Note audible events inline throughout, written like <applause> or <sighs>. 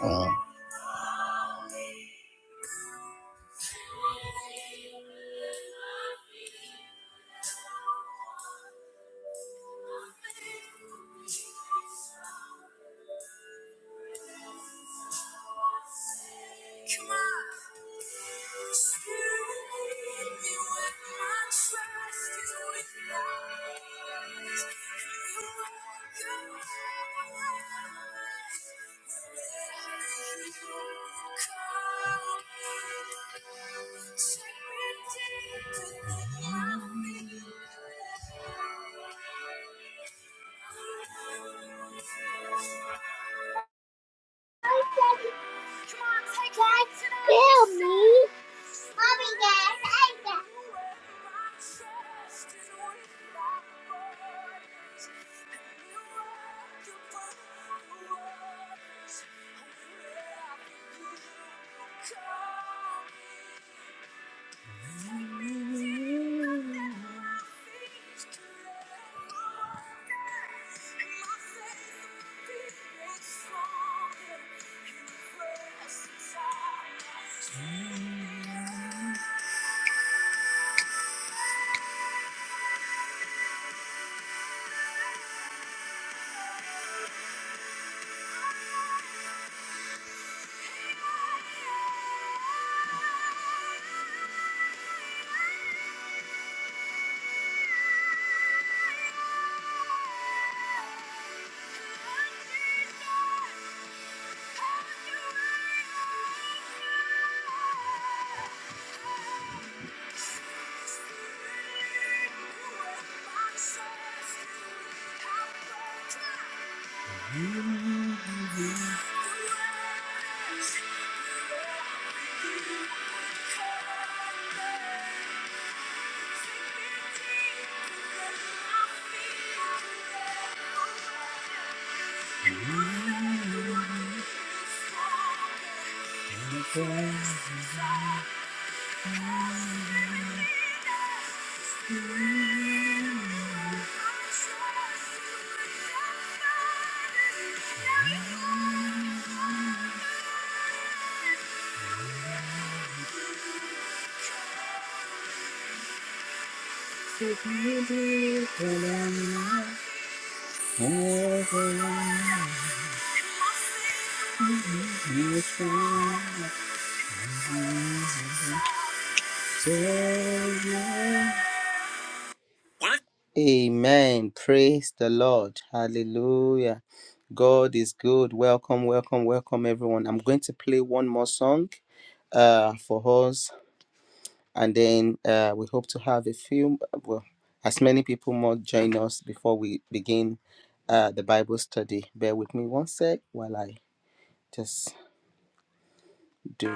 Oh. Amen. Praise the Lord. Hallelujah. God is good. Welcome, welcome, welcome, everyone. I'm going to play one more song. uh, for us. And then uh, we hope to have a few, well, as many people more join us before we begin uh, the Bible study. Bear with me one sec while I just do.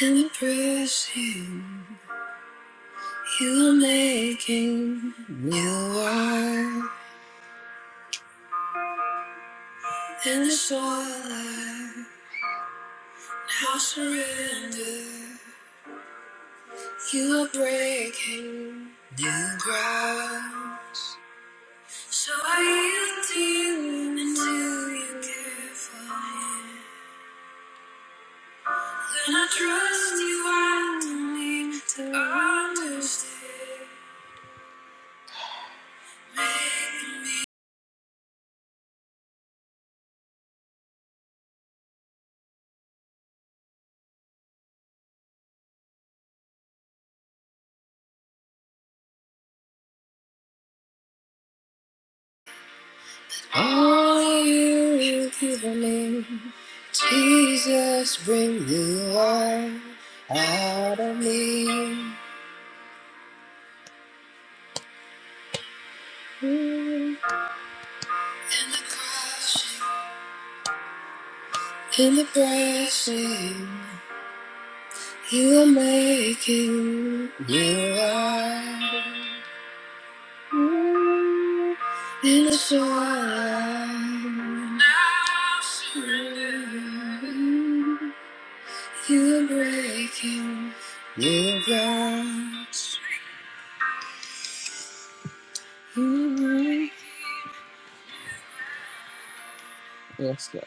Impressive name, Jesus, bring the life out of me. In the crushing, in the pressing, you are making new life. In the storm. Yes, God.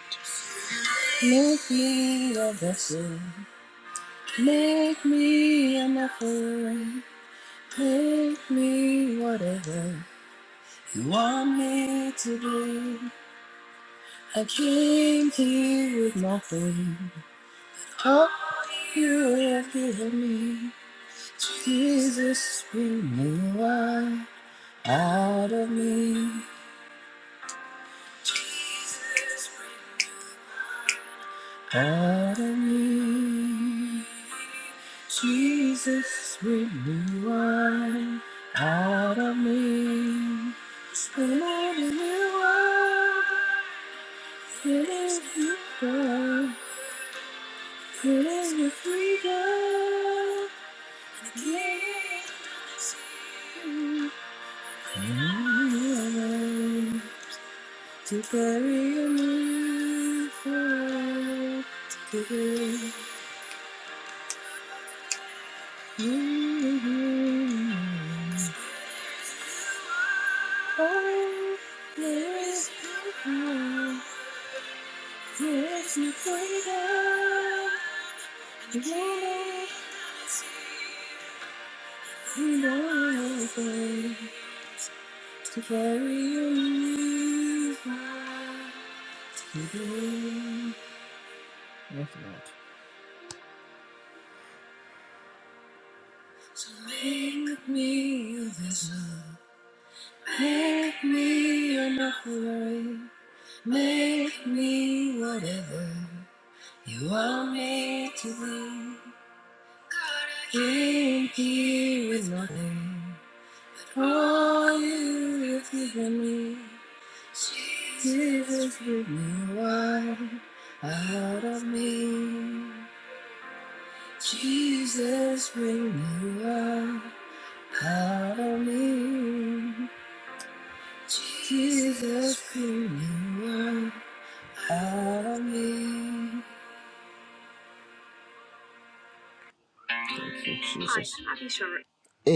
Yes, Lord.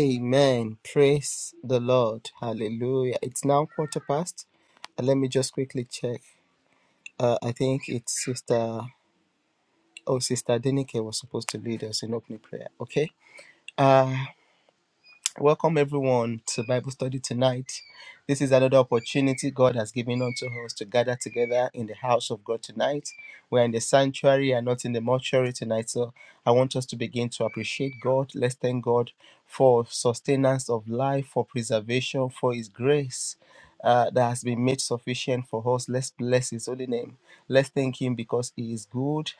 Amen. Praise the Lord. Hallelujah. It's now quarter past. Uh, Let me just quickly check. Uh, I think it's Sister. Oh, Sister Denike was supposed to lead us in opening prayer. Okay. Uh, Welcome everyone to Bible study tonight. This is another opportunity God has given unto us to gather together in the house of God tonight. We're in the sanctuary and not in the mortuary tonight. So I want us to begin to appreciate God. Let's thank God for sustenance of life, for preservation, for His grace. uh, that has been made sufficient for us. Let's bless His holy name. Let's thank Him because He is good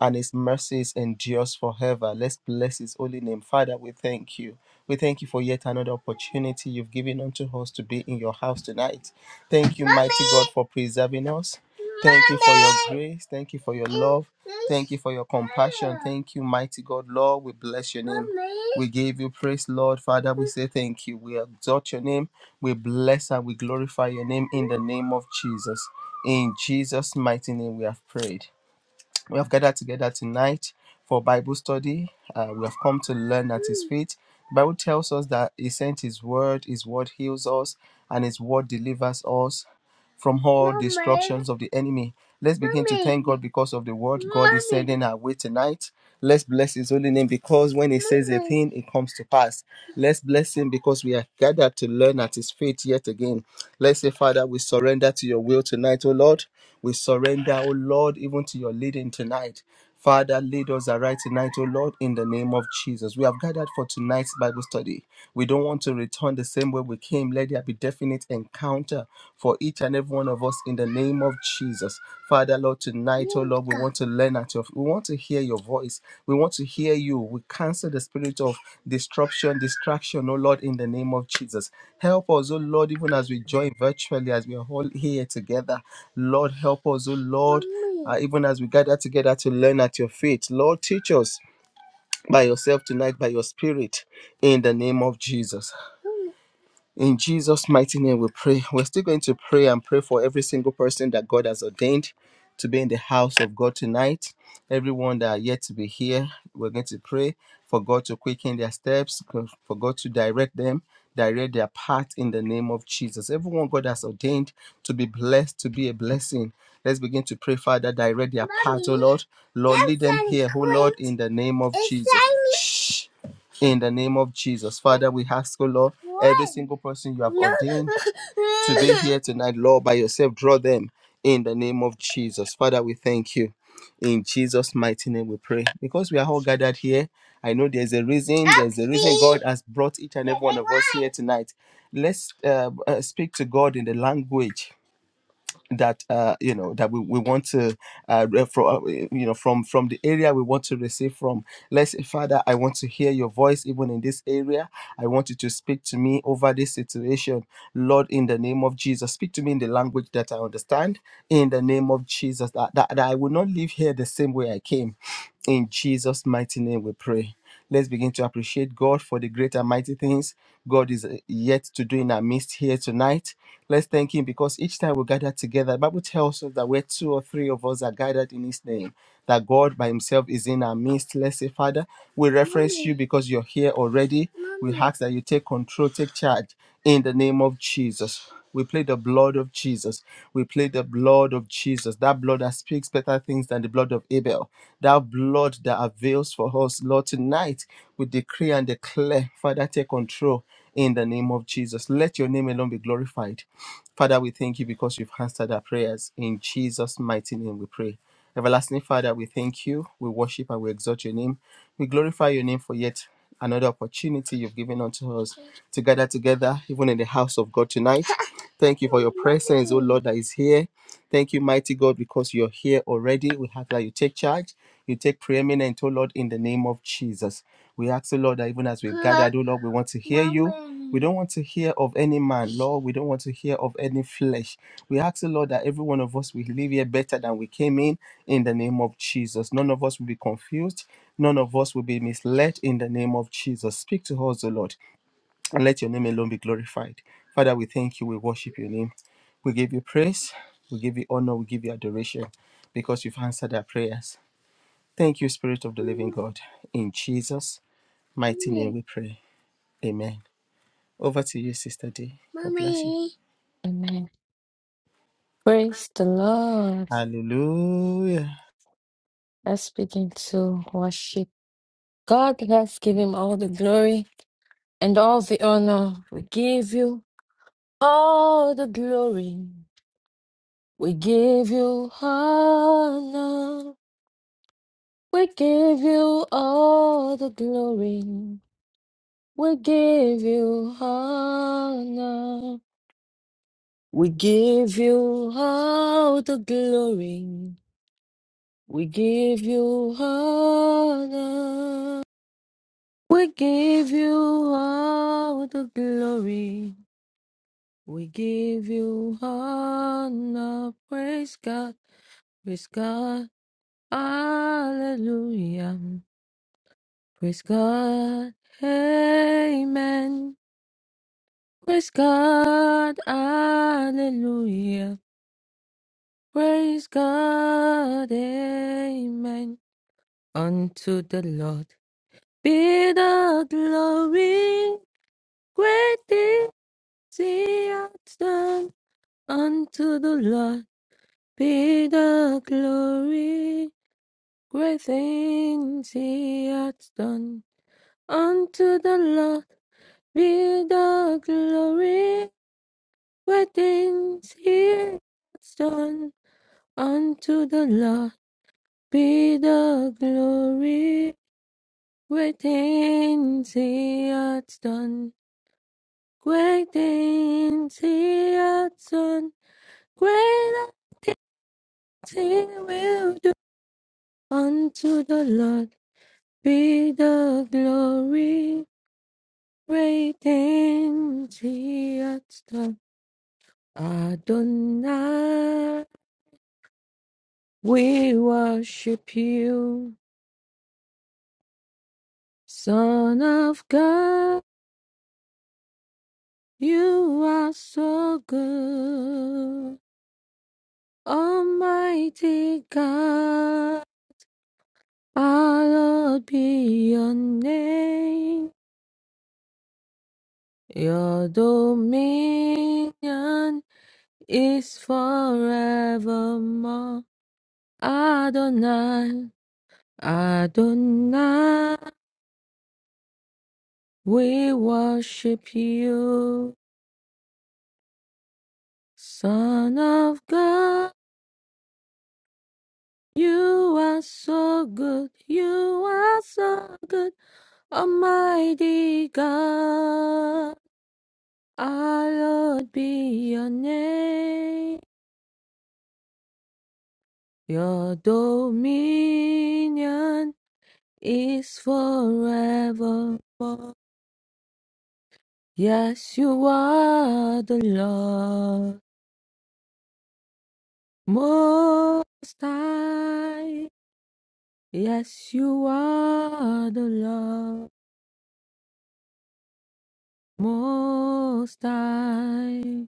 and his mercies endures forever. Let's bless his holy name. Father, we thank you. We thank you for yet another opportunity you've given unto us to be in your house tonight. Thank you, mighty God, for preserving us. Thank you for your grace. Thank you for your love. Thank you for your compassion. Thank you, mighty God. Lord, we bless your name. We give you praise, Lord. Father, we say thank you. We exalt your name. We bless and we glorify your name in the name of Jesus. In Jesus' mighty name, we have prayed. We have gathered together tonight for Bible study. Uh, we have come to learn at His feet. The Bible tells us that He sent His word, His word heals us, and His word delivers us from all Mommy. destructions of the enemy. Let's begin Mommy. to thank God because of the word God is Mommy. sending our way tonight. Let's bless His holy name because when He says a thing, it comes to pass. Let's bless Him because we are gathered to learn at His feet yet again. Let's say, Father, we surrender to your will tonight, O Lord. We surrender, O Lord, even to your leading tonight. Father, lead us aright tonight, O Lord, in the name of Jesus. We have gathered for tonight's Bible study. We don't want to return the same way we came. Let there be definite encounter for each and every one of us in the name of Jesus. Father, Lord, tonight, O Lord, we want to to learn at your we want to hear your voice we want to hear you we cancel the spirit of disruption distraction oh lord in the name of jesus help us oh lord even as we join virtually as we are all here together lord help us oh lord uh, even as we gather together to learn at your feet lord teach us by yourself tonight by your spirit in the name of jesus in Jesus' mighty name, we pray. We're still going to pray and pray for every single person that God has ordained to be in the house of God tonight. Everyone that are yet to be here, we're going to pray for God to quicken their steps, for God to direct them, direct their path in the name of Jesus. Everyone God has ordained to be blessed, to be a blessing. Let's begin to pray, Father, direct their path, oh Lord. Lord, lead them here, oh Lord, in the name of Jesus. Shh in the name of Jesus. Father, we ask, oh Lord, every single person you have ordained to be here tonight, Lord, by yourself, draw them in the name of Jesus. Father, we thank you. In Jesus' mighty name we pray. Because we are all gathered here, I know there's a reason, there's a reason God has brought each and every one of us here tonight. Let's uh, uh, speak to God in the language that uh, you know that we, we want to uh, from you know from from the area we want to receive from let's say father i want to hear your voice even in this area i want you to speak to me over this situation lord in the name of jesus speak to me in the language that i understand in the name of jesus that, that, that i will not leave here the same way i came in Jesus' mighty name we pray. Let's begin to appreciate God for the great and mighty things God is uh, yet to do in our midst here tonight. Let's thank Him because each time we gather together, the Bible tells us that where two or three of us are gathered in His name, that God by Himself is in our midst. Let's say, Father, we reference Mommy. you because you're here already. We Mommy. ask that you take control, take charge in the name of Jesus. We play the blood of Jesus. We play the blood of Jesus. That blood that speaks better things than the blood of Abel. That blood that avails for us. Lord, tonight we decree and declare, Father, take control in the name of Jesus. Let your name alone be glorified. Father, we thank you because you've answered our prayers. In Jesus' mighty name we pray. Everlasting Father, we thank you. We worship and we exalt your name. We glorify your name for yet another opportunity you've given unto us to gather together, even in the house of God tonight. Thank you for your presence, oh Lord, that is here. Thank you, mighty God, because you're here already. We have that you take charge, you take preeminent, oh Lord, in the name of Jesus. We ask, oh Lord, that even as we've gathered, oh Lord, we want to hear you. We don't want to hear of any man, Lord. We don't want to hear of any flesh. We ask, oh Lord, that every one of us will leave here better than we came in, in the name of Jesus. None of us will be confused. None of us will be misled in the name of Jesus. Speak to us, O Lord and let your name alone be glorified. Father, we thank you. We worship your name. We give you praise. We give you honor. We give you adoration because you've answered our prayers. Thank you, Spirit of the Living God. In Jesus' mighty name we pray. Amen. Over to you, Sister D. God bless you. Amen. Praise the Lord. Mommy. Hallelujah. Let's begin to worship. God Let's give him all the glory and all the honor. We give you all the glory. We give you honor. We give you all the glory. We give you honor. We give you all the glory. We give you honor. We give you all the glory. We give you honor. Praise God. Praise God. Hallelujah. Praise God. Amen. Praise God. Hallelujah. Praise God. Amen. Unto the Lord be the glory. Great is the Unto the Lord be the glory, great things he hath done. Unto the Lord be the glory, great things he hath done. Unto the Lord be the glory, great things he hath done. Great things he hath done, great things he will do. Unto the Lord Be the glory, great and the Adonai. We worship you, Son of God. You are so good, Almighty God. Hallowed be your name. Your dominion is forevermore. Adonai, Adonai, we worship you. Son of God, you are so good, you are so good, Almighty God. Hallowed be your name, your dominion is forevermore. Yes, you are the Lord. Most High, yes, you are the Lord. Most High,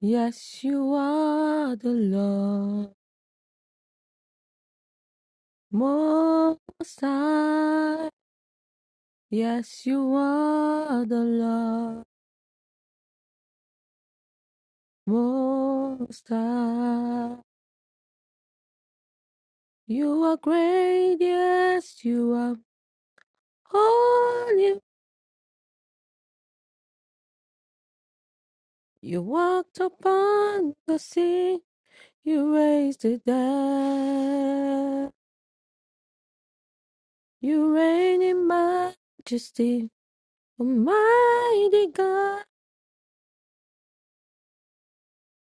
yes, you are the Lord. Most High, yes, you are the Lord. Most High, you are great, yes, you are holy. You walked upon the sea. You raise the dead. You reign in majesty. Almighty God,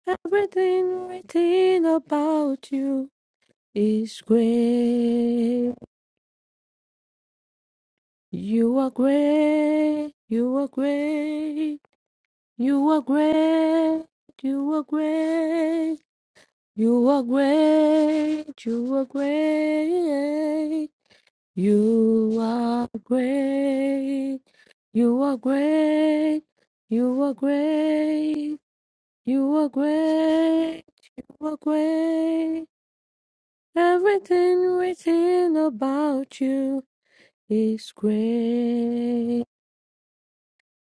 everything written about you is great. You are great. You are great. You are great. You are great. You are great. You are great. You are great. You are great. You are great. You are great. You are great. Everything written about you is great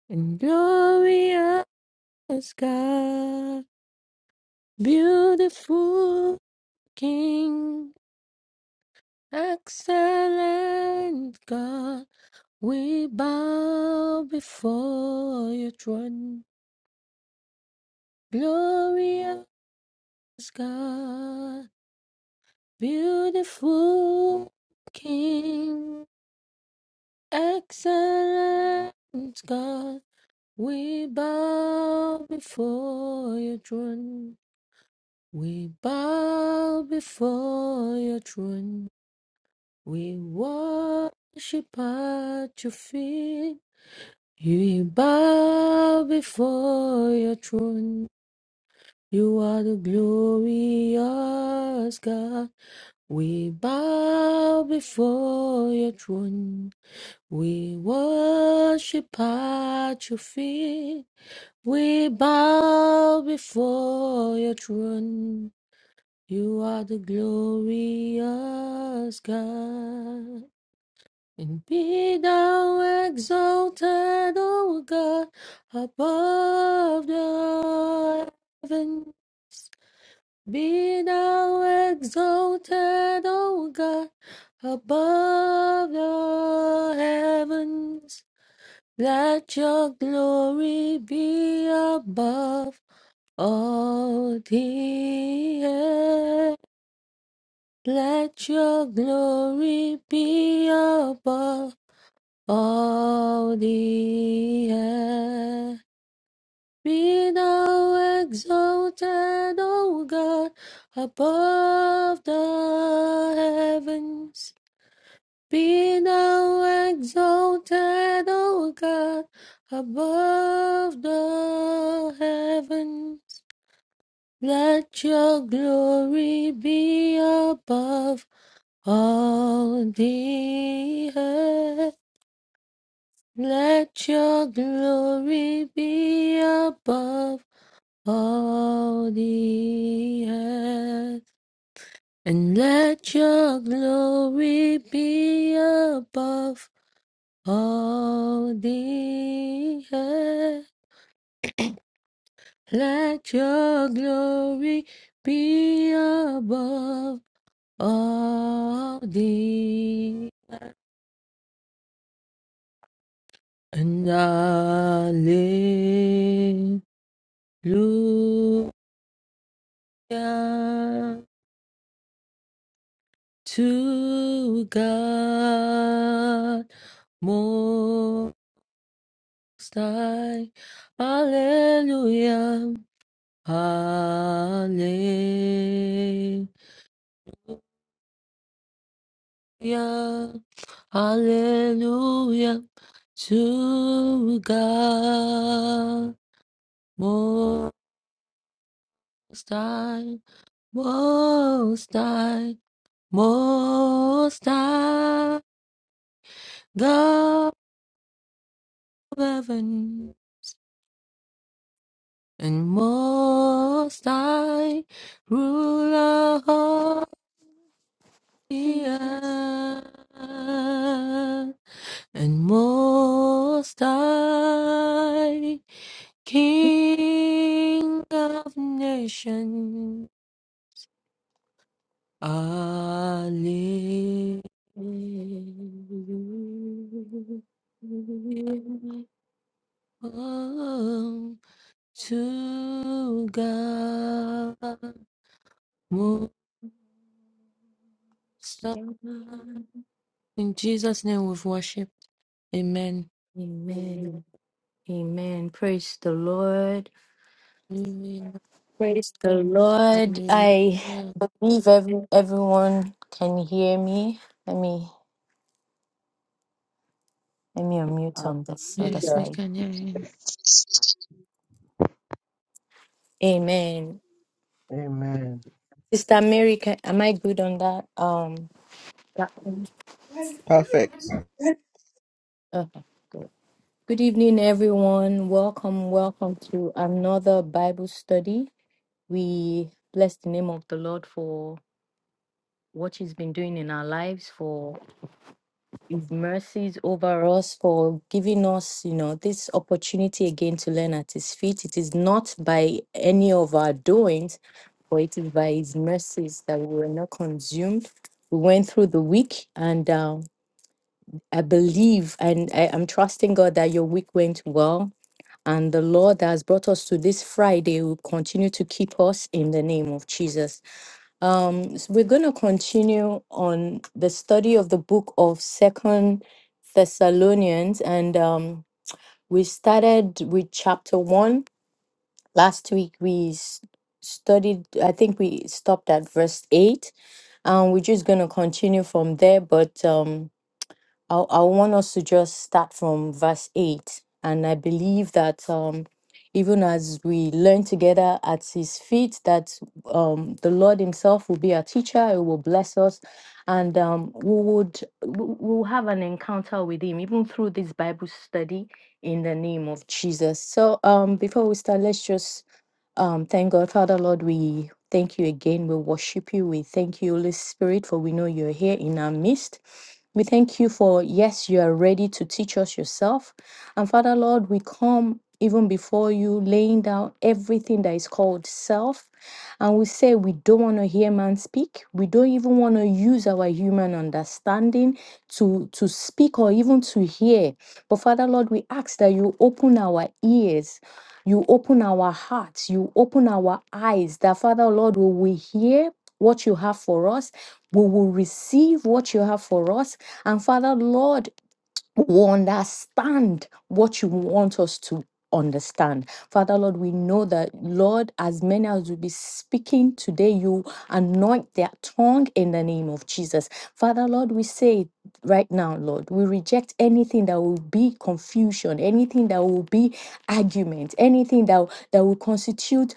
and glorious God. Beautiful King, excellent God, we bow before your throne. Glorious God. Beautiful King, excellent God, we bow before your throne. We bow before your throne. We worship at your feet. We bow before your throne. You are the glorious God. We bow before your throne. We worship at your feet. We bow before your throne. You are the glorious God. And be thou exalted, O God, above the heavens. Be thou exalted, O God, above the heavens. Let your glory be above all the earth. Let your glory be above all the earth. Be thou exalted, O God, above the heavens. Be thou exalted, O God, above the heavens. Let your glory be above all the earth. Let your glory be above all the earth. And let your glory be above All the earth, let your glory be above all the and hallelujah to God most high. Hallelujah, hallelujah. Hallelujah, hallelujah to God most high, most high, most high, God of heaven and most high, ruler of the earth and most high. King of nations, I live Amen. um, to God. Most High. In Jesus' name we've worshipped. Amen. Amen. Praise the Lord. Amen. Praise the Lord. Amen. I believe every, everyone can hear me. Let me let me unmute on this other Yes, Hallelujah. we side. can hear you. Yes. Amen. Amen. Sister Mary, can, am I good on that? Um. that one? Perfect. Okay. Good evening, everyone. Welcome, welcome to another Bible study. We bless the name of the Lord for what He's been doing in our lives, for His mercies over us, for giving us, you know, this opportunity again to learn at His feet. It is not by any of our doings, for it is by His mercies that we were not consumed. We went through the week, and uh, I believe and I, I'm trusting God that your week went well And the Lord that has brought us to this Friday will continue to keep us in the name of Jesus. Um, so we're going to continue on the study of the book of Second Thessalonians, and um, we started with chapter one last week. We s- studied, I think we stopped at verse eight, and we're just going to continue from there. But um, I, I want us to just start from verse 8. And I believe that um, even as we learn together at his feet, that um, the Lord himself will be our teacher, he will bless us, and um, we would we- we'll have an encounter with him, even through this Bible study in the name of Jesus. So um, before we start, let's just um, thank God, Father Lord, we thank you again. We worship you. We thank you, Holy Spirit, for we know you're here in our midst. We thank you for, yes, you are ready to teach us yourself. And Father, Lord, we come even before you, laying down everything that is called self. And we say we don't want to hear man speak. We don't even want to use our human understanding to, to speak or even to hear. But Father, Lord, we ask that you open our ears, you open our hearts, you open our eyes, that Father, Lord, will we hear what you have for us. We will receive what you have for us and Father, Lord, we understand what you want us to understand. Father, Lord, we know that, Lord, as many as will be speaking today, you anoint their tongue in the name of Jesus. Father, Lord, we say right now, Lord, we reject anything that will be confusion, anything that will be argument, anything that, that will constitute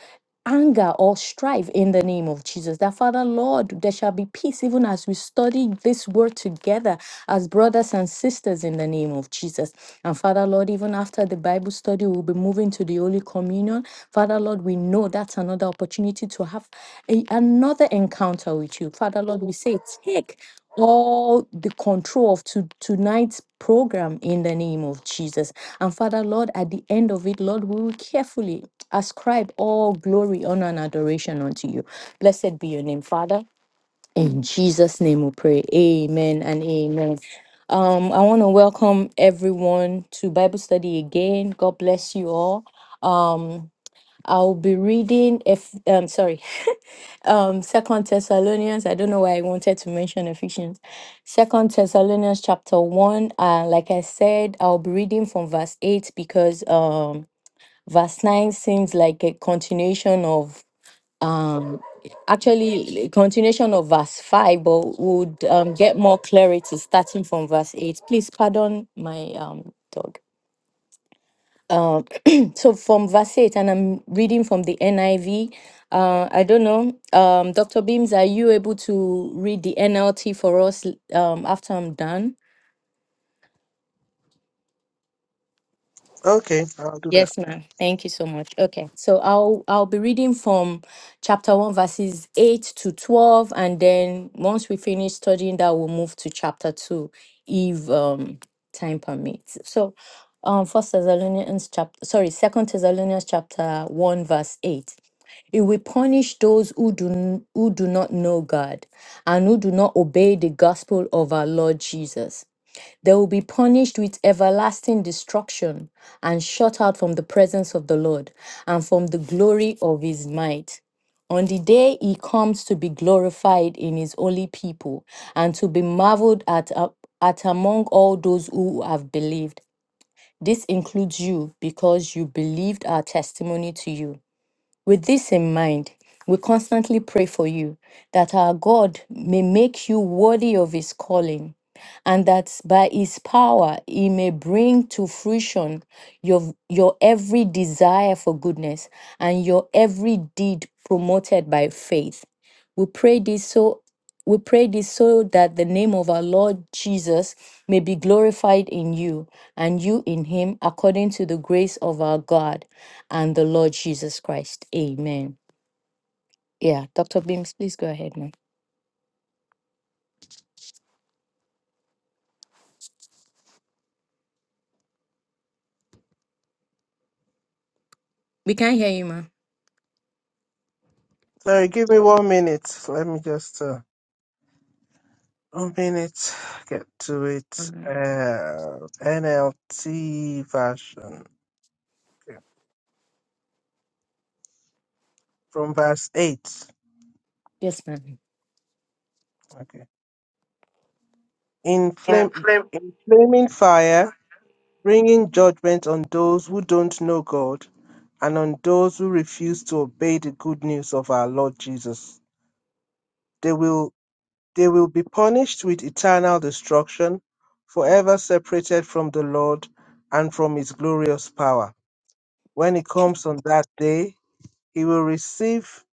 anger or strife in the name of Jesus. That Father, Lord, there shall be peace even as we study this word together as brothers and sisters in the name of Jesus. And Father, Lord, even after the Bible study, we'll be moving to the Holy Communion. Father, Lord, we know that's another opportunity to have a- another encounter with you. Father, Lord, we say, take all the control of to, tonight's program in the name of Jesus. And Father, Lord, at the end of it, Lord, we will carefully ascribe all glory, honor, and adoration unto you. Blessed be your name, Father. In Jesus' name we pray. Amen and amen. Um, I want to welcome everyone to Bible study again. God bless you all. Um, I'll be reading if um sorry, <laughs> um Second Thessalonians. I don't know why I wanted to mention Ephesians. Second Thessalonians chapter one. Uh, like I said, I'll be reading from verse eight because um verse nine seems like a continuation of um actually continuation of verse 5 but would um, get more clarity starting from verse 8 please pardon my um dog um <clears throat> so from verse 8 and i'm reading from the niv uh i don't know um dr beams are you able to read the nlt for us um after i'm done Okay, I'll do that. Yes, ma'am. Thank you so much. Okay, so I'll I'll be reading from chapter one, verses eight to twelve, and then once we finish studying that, we'll move to chapter two, if um time permits. So, um, First Thessalonians chapter, sorry, Second Thessalonians chapter one, verse eight. It will punish those who do n- who do not know God and who do not obey the gospel of our Lord Jesus. They will be punished with everlasting destruction and shut out from the presence of the Lord and from the glory of his might. On the day he comes to be glorified in his holy people and to be marveled at, uh, at among all those who have believed. This includes you because you believed our testimony to you. With this in mind, we constantly pray for you that our God may make you worthy of his calling and that by his power he may bring to fruition your, your every desire for goodness and your every deed promoted by faith. We pray this so we pray this so that the name of our Lord Jesus may be glorified in you and you in him according to the grace of our God and the Lord Jesus Christ. Amen. Yeah, Dr. Beams, please go ahead, ma'am. We can not hear you, ma'am. Sorry, give me one minute. Let me just uh, one minute get to All it. right. Uh, NLT version okay. from verse eight. Yes, ma'am. Okay, in Yeah, flame, flip. in flaming fire, bringing judgment on those who don't know God and on those who refuse to obey the good news of our Lord Jesus. They will. They will be punished with eternal destruction, forever separated from the Lord and from his glorious power. When he comes on that day, he will receive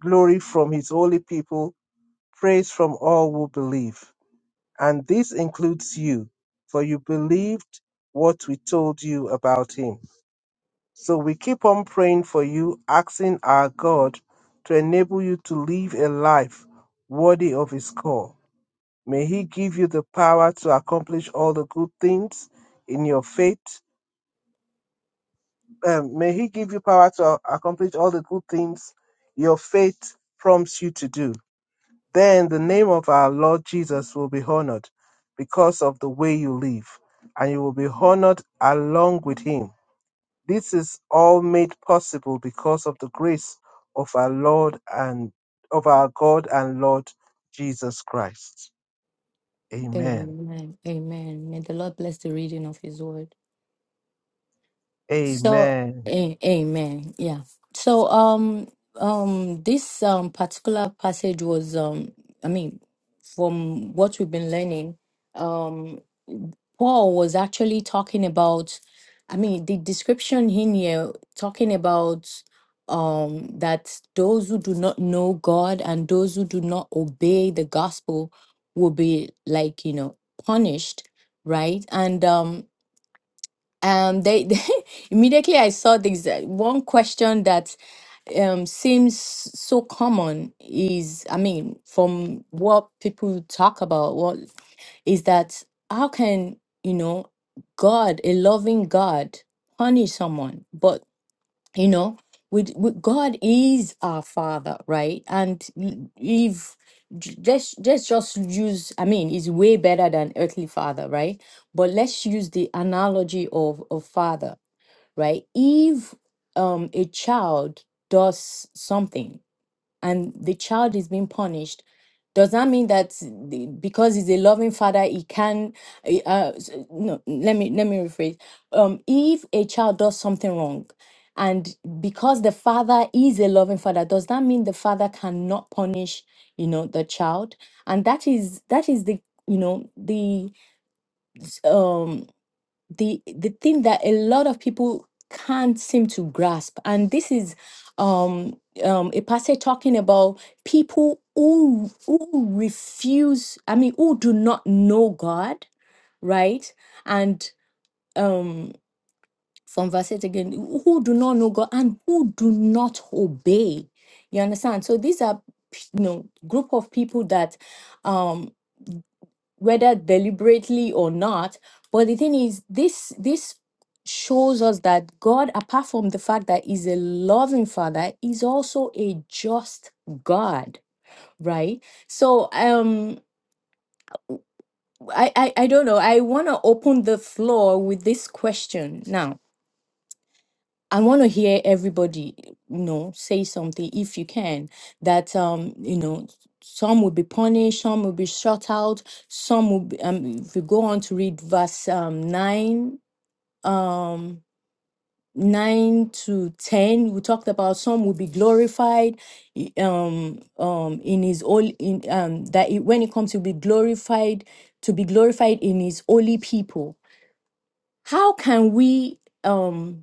glory from his holy people, praise from all who believe. And this includes you, for you believed what we told you about him. So we keep on praying for you, asking our God to enable you to live a life worthy of his call May He give you the power to accomplish all the good things in your faith. Um, may He give you power to accomplish all the good things your faith prompts you to do. Then the name of our Lord Jesus will be honored because of the way you live, and you will be honored along with Him. This is all made possible because of the grace of our Lord and of our God and Lord Jesus Christ. Amen. Amen. Amen. May the Lord bless the reading of his word. So, Amen. a- amen. Yeah. So, um, um, this um particular passage was, um, I mean, from what we've been learning, um, Paul was actually talking about, I mean, the description in here talking about, um, that those who do not know God and those who do not obey the gospel will be like, you know, punished, right? And um, um they, <laughs> they- immediately i saw this uh, one question that um seems so common is i mean from what people talk about what is that how can you know god a loving god punish someone but you know with, with god is our father right and l- if j- just just just use i mean is way better than earthly father right but let's use the analogy of of father right? If um, a child does something and the child is being punished, does that mean that the, because he's a loving father, he can? eh, Uh, s- no, let me let me rephrase. Um, if a child does something wrong, and because the father is a loving father, does that mean the father cannot punish, you know, the child? And that is that is the you know the um the the thing that a lot of people can't seem to grasp and this is um um a passage talking about people who who refuse i mean who do not know god right and um from verse 8 again who do not know god and who do not obey you understand so these are p- you know group of people that um, whether deliberately or not. But the thing is, this this shows us that God, apart from the fact that He's a loving Father, is also a just God, right? So um I, I, I don't know. I want to open the floor with this question now I want to hear everybody, you know, say something if you can. That um, you know, some will be punished, some will be shut out, some will. Be, um, if you go on to read verse um nine, um nine to ten, we talked about some will be glorified, i- um, um, in his holy, in um, that it, when it comes to be glorified, to be glorified in his holy people. How can we um?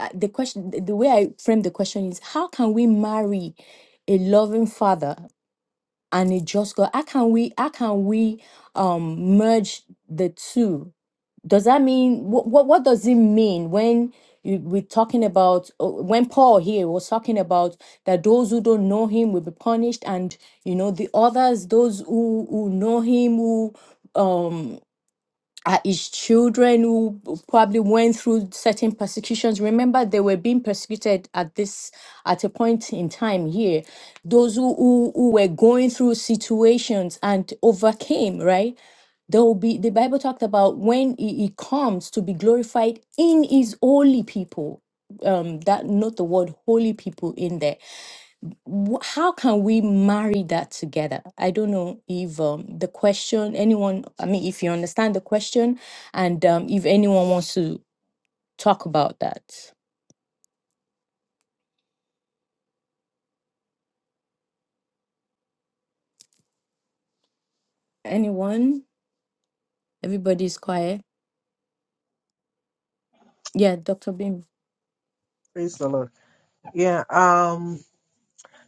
uh, the question the the way i frame the question is how can we marry a loving father and a just god how can we how can we um merge the two does that mean what what, what does it mean when you, we're talking about uh, when paul here was talking about that those who don't know him will be punished and you know the others those who who know him who um uh, his children who probably went through certain persecutions. Remember, they were being persecuted at this at a point in time here. Those who who, who were going through situations and overcame, right? There will be the Bible talked about when he, he comes to be glorified in his holy people. Um, that note the word holy people in there wh- how can we marry that together? I don't know if um, the question, anyone, I mean, if you understand the question and um, if anyone wants to talk about that. Anyone? Everybody's quiet. Yeah, Dr. Bim. Praise the Lord. Yeah. Um.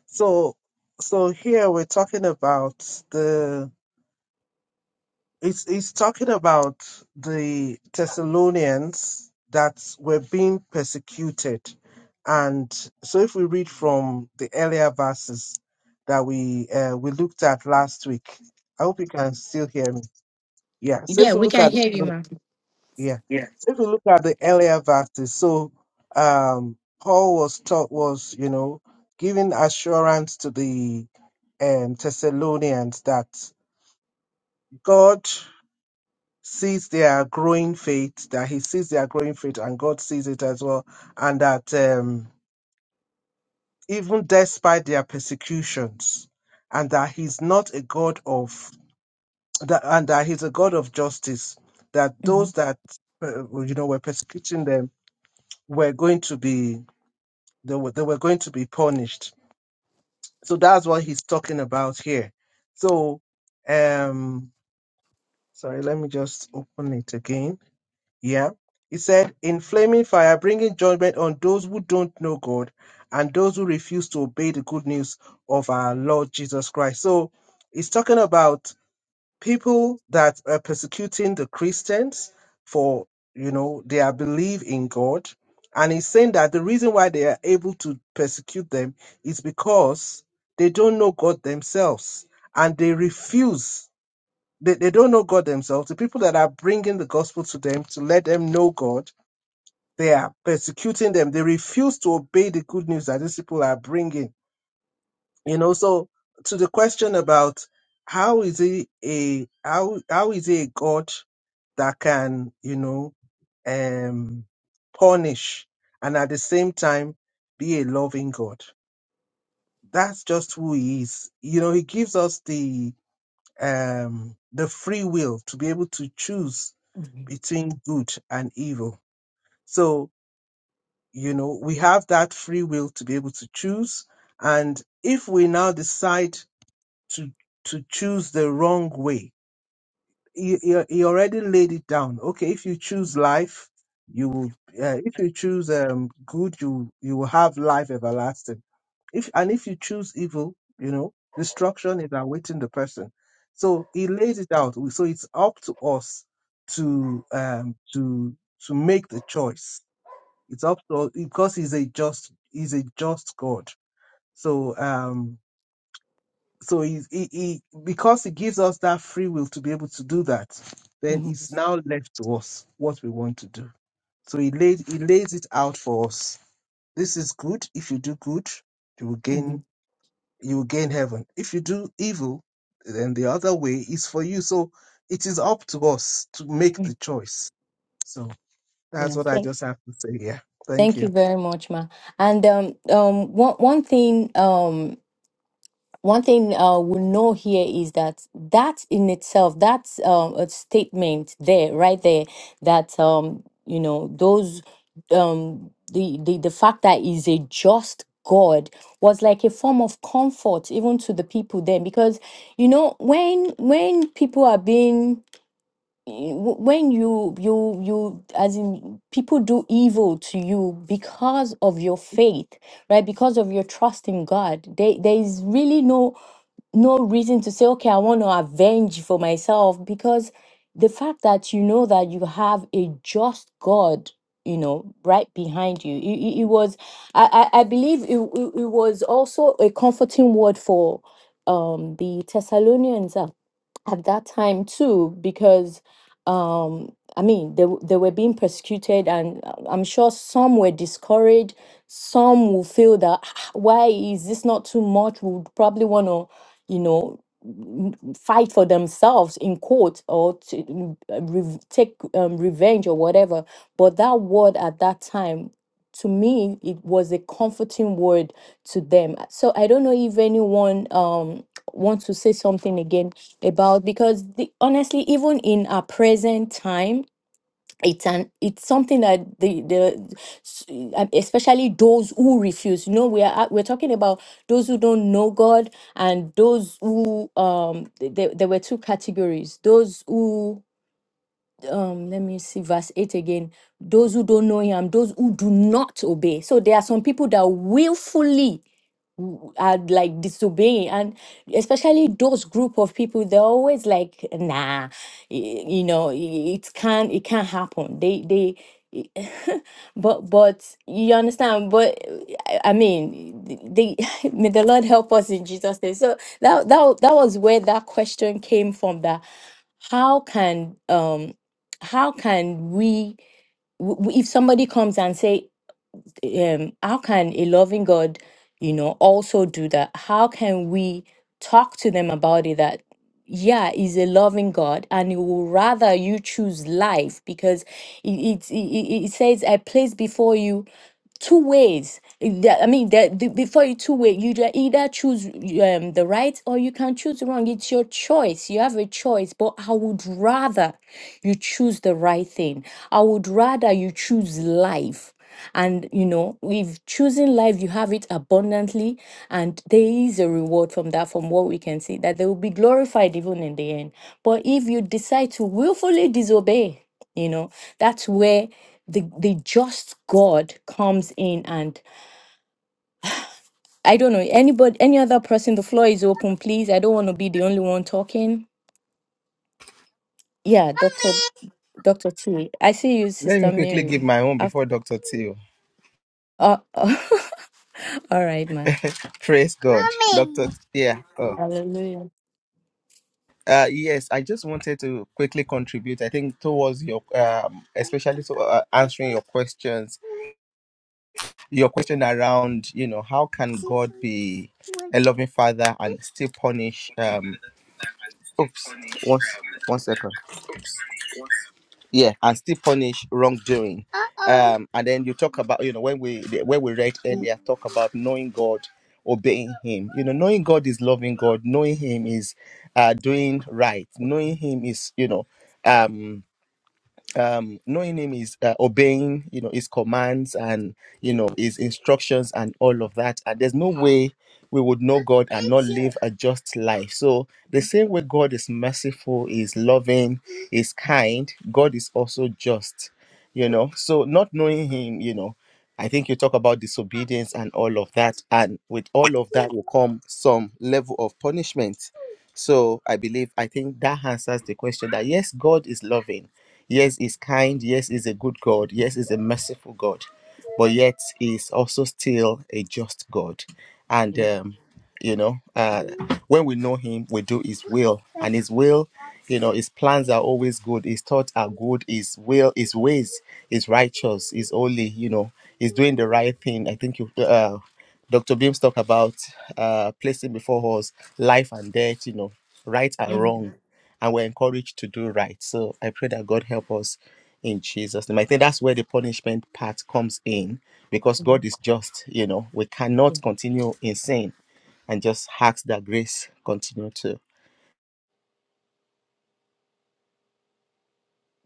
So, so here we're talking about the. It's it's talking about the Thessalonians that were being persecuted, and so if we read from the earlier verses that we uh, we looked at last week, I hope you can still hear me. Yeah. So if Yeah, we we look can at hear you, ma'am. Yeah. Yeah. So if you look at the earlier verses, so um, Paul was taught was you know giving assurance to the um, Thessalonians that God sees their growing faith, that He sees their growing faith, and God sees it as well, and that um, even despite their persecutions, and that He's not a God of that, and that He's a God of justice. That hmm those that uh, you know were persecuting them were going to be They were, they were going to be punished. So that's what he's talking about here. So, um, sorry, let me just open it again. Yeah. He said, in flaming fire, bringing judgment on those who don't know God and those who refuse to obey the good news of our Lord Jesus Christ. So he's talking about people that are persecuting the Christians for you know their belief in God, and he's saying that the reason why they are able to persecute them is because they don't know God themselves and they refuse. They, they don't know God themselves. The people that are bringing the gospel to them to let them know God, they are persecuting them. They refuse to obey the good news that these people are bringing you know so to the question about how is he a how how is he a god that can you know um punish and at the same time be a loving god that's just who he is you know he gives us the um the free will to be able to choose between good and evil so you know we have that free will to be able to choose and if we now decide to to choose the wrong way. He, he, he already laid it down. Okay, if you choose life, you will. Uh, if you choose um good, you you will have life everlasting. If and if you choose evil, you know destruction is awaiting the person. So he laid it out. So it's up to us to um to to make the choice. It's up to us because he's a just he's a just God. So um so he, he, he because he gives us that free will to be able to do that then hmm it's now left to us what we want to do so he laid he lays it out for us this is good if you do good you will gain hmm you will gain heaven if you do evil then the other way is for you so it is up to us to make the choice so that's Yeah. what i Thank, just have to say here thank thank you you very much, ma. And um, um, one, one thing, um. one thing uh, we know here is that that in itself, that's um, a statement there, right there, that um, you know those um, the, the the fact that is a just God was like a form of comfort even to the people then, because you know when when people are being wh- when you you you as in people do evil to you because of your faith right because of your trust in god there, there is really no no reason to say, okay, I want to avenge for myself because the fact that you know that you have a just God, you know, right behind you. It, it- it was, I, I I believe it, it, it was also a comforting word for um the Thessalonians uh, at that time too because um i mean they, w- they were being persecuted and uh, i'm sure some were discouraged some will feel that "Ah, ah, why is this not too much would probably want to you know n- fight for themselves in court or to n- uh, rev take um, revenge or whatever but that word at that time to me it was a comforting word to them so i don't know if anyone um want to say something again about because the, honestly, even in our present time, it's an it's something that the the s- um, especially those who refuse. You know, we are at- we're talking about those who don't know God and those who um th- there, there were two categories: those who um let me see verse 8 again those who don't know him those who do not obey so there are some people that willfully w- are like disobeying and especially those group of people they're always like nah y- you know i- it can't it can't happen they they i- <laughs> but but you understand but i I mean they <laughs> may the lord help us in jesus name so that that, that was where that question came from that how can um how can we w- w- if somebody comes and say um, how can a loving God, you know, also do that? How can we talk to them about it that, yeah, he's a loving God and he will rather you choose life because it, it, it, it it says, I place before you two ways. If there- I mean, that the, before you two way, you ju- either choose um, the right or you can choose the wrong. It's your choice. You have a choice, but I would rather you choose the right thing. I would rather you choose life and you know if choosing life you have it abundantly and there is a reward from that from what we can see that they will be glorified even in the end but if you decide to willfully disobey you know that's where the, the just god comes in and i don't know anybody any other person the floor is open please i don't want to be the only one talking yeah dr dr t i see you Let me sister quickly give mary my own Af- before Dr. T. uh, <laughs> all right ma Praise God. Dr. T- Yeah. Oh. hallelujah Uh, yes, I just wanted to quickly contribute. I think towards your, um, especially to uh, answering your questions, your question around, you know, how can God be a loving father and still punish? Um, oops, one, one second. Yeah, and still punish wrongdoing. Um, and then you talk about, you know, when we when we read earlier, talk about knowing God, obeying Him. You know, knowing God is loving God. Knowing Him is uh, doing right. Knowing Him is, you know, um um knowing him is uh, obeying you know his commands and you know his instructions and all of that and there's no way we would know god and not live a just life so the same way god is merciful is loving is kind god is also just you know so not knowing him you know i think you talk about disobedience and all of that and with all of that will come some level of punishment so I believe, I think that answers the question that yes, God is loving. Yes, He's kind. Yes, He's a good God. Yes, He's a merciful God. But yet, He's also still a just God. And, um, you know, uh, when we know Him, we do His will. And His will, you know, His plans are always good. His thoughts are good. His will, His ways is righteous, is holy, you know, is doing the right thing. I think you. Uh, Dr. Beams talked about uh, placing before us life and death, you know, right and Mhm, wrong. And we're encouraged to do right. So I pray that God help us in Jesus' name. I think that's where the punishment part comes in because God mhm, is just, you know, we cannot mhm. continue in sin and just ask that grace continue to.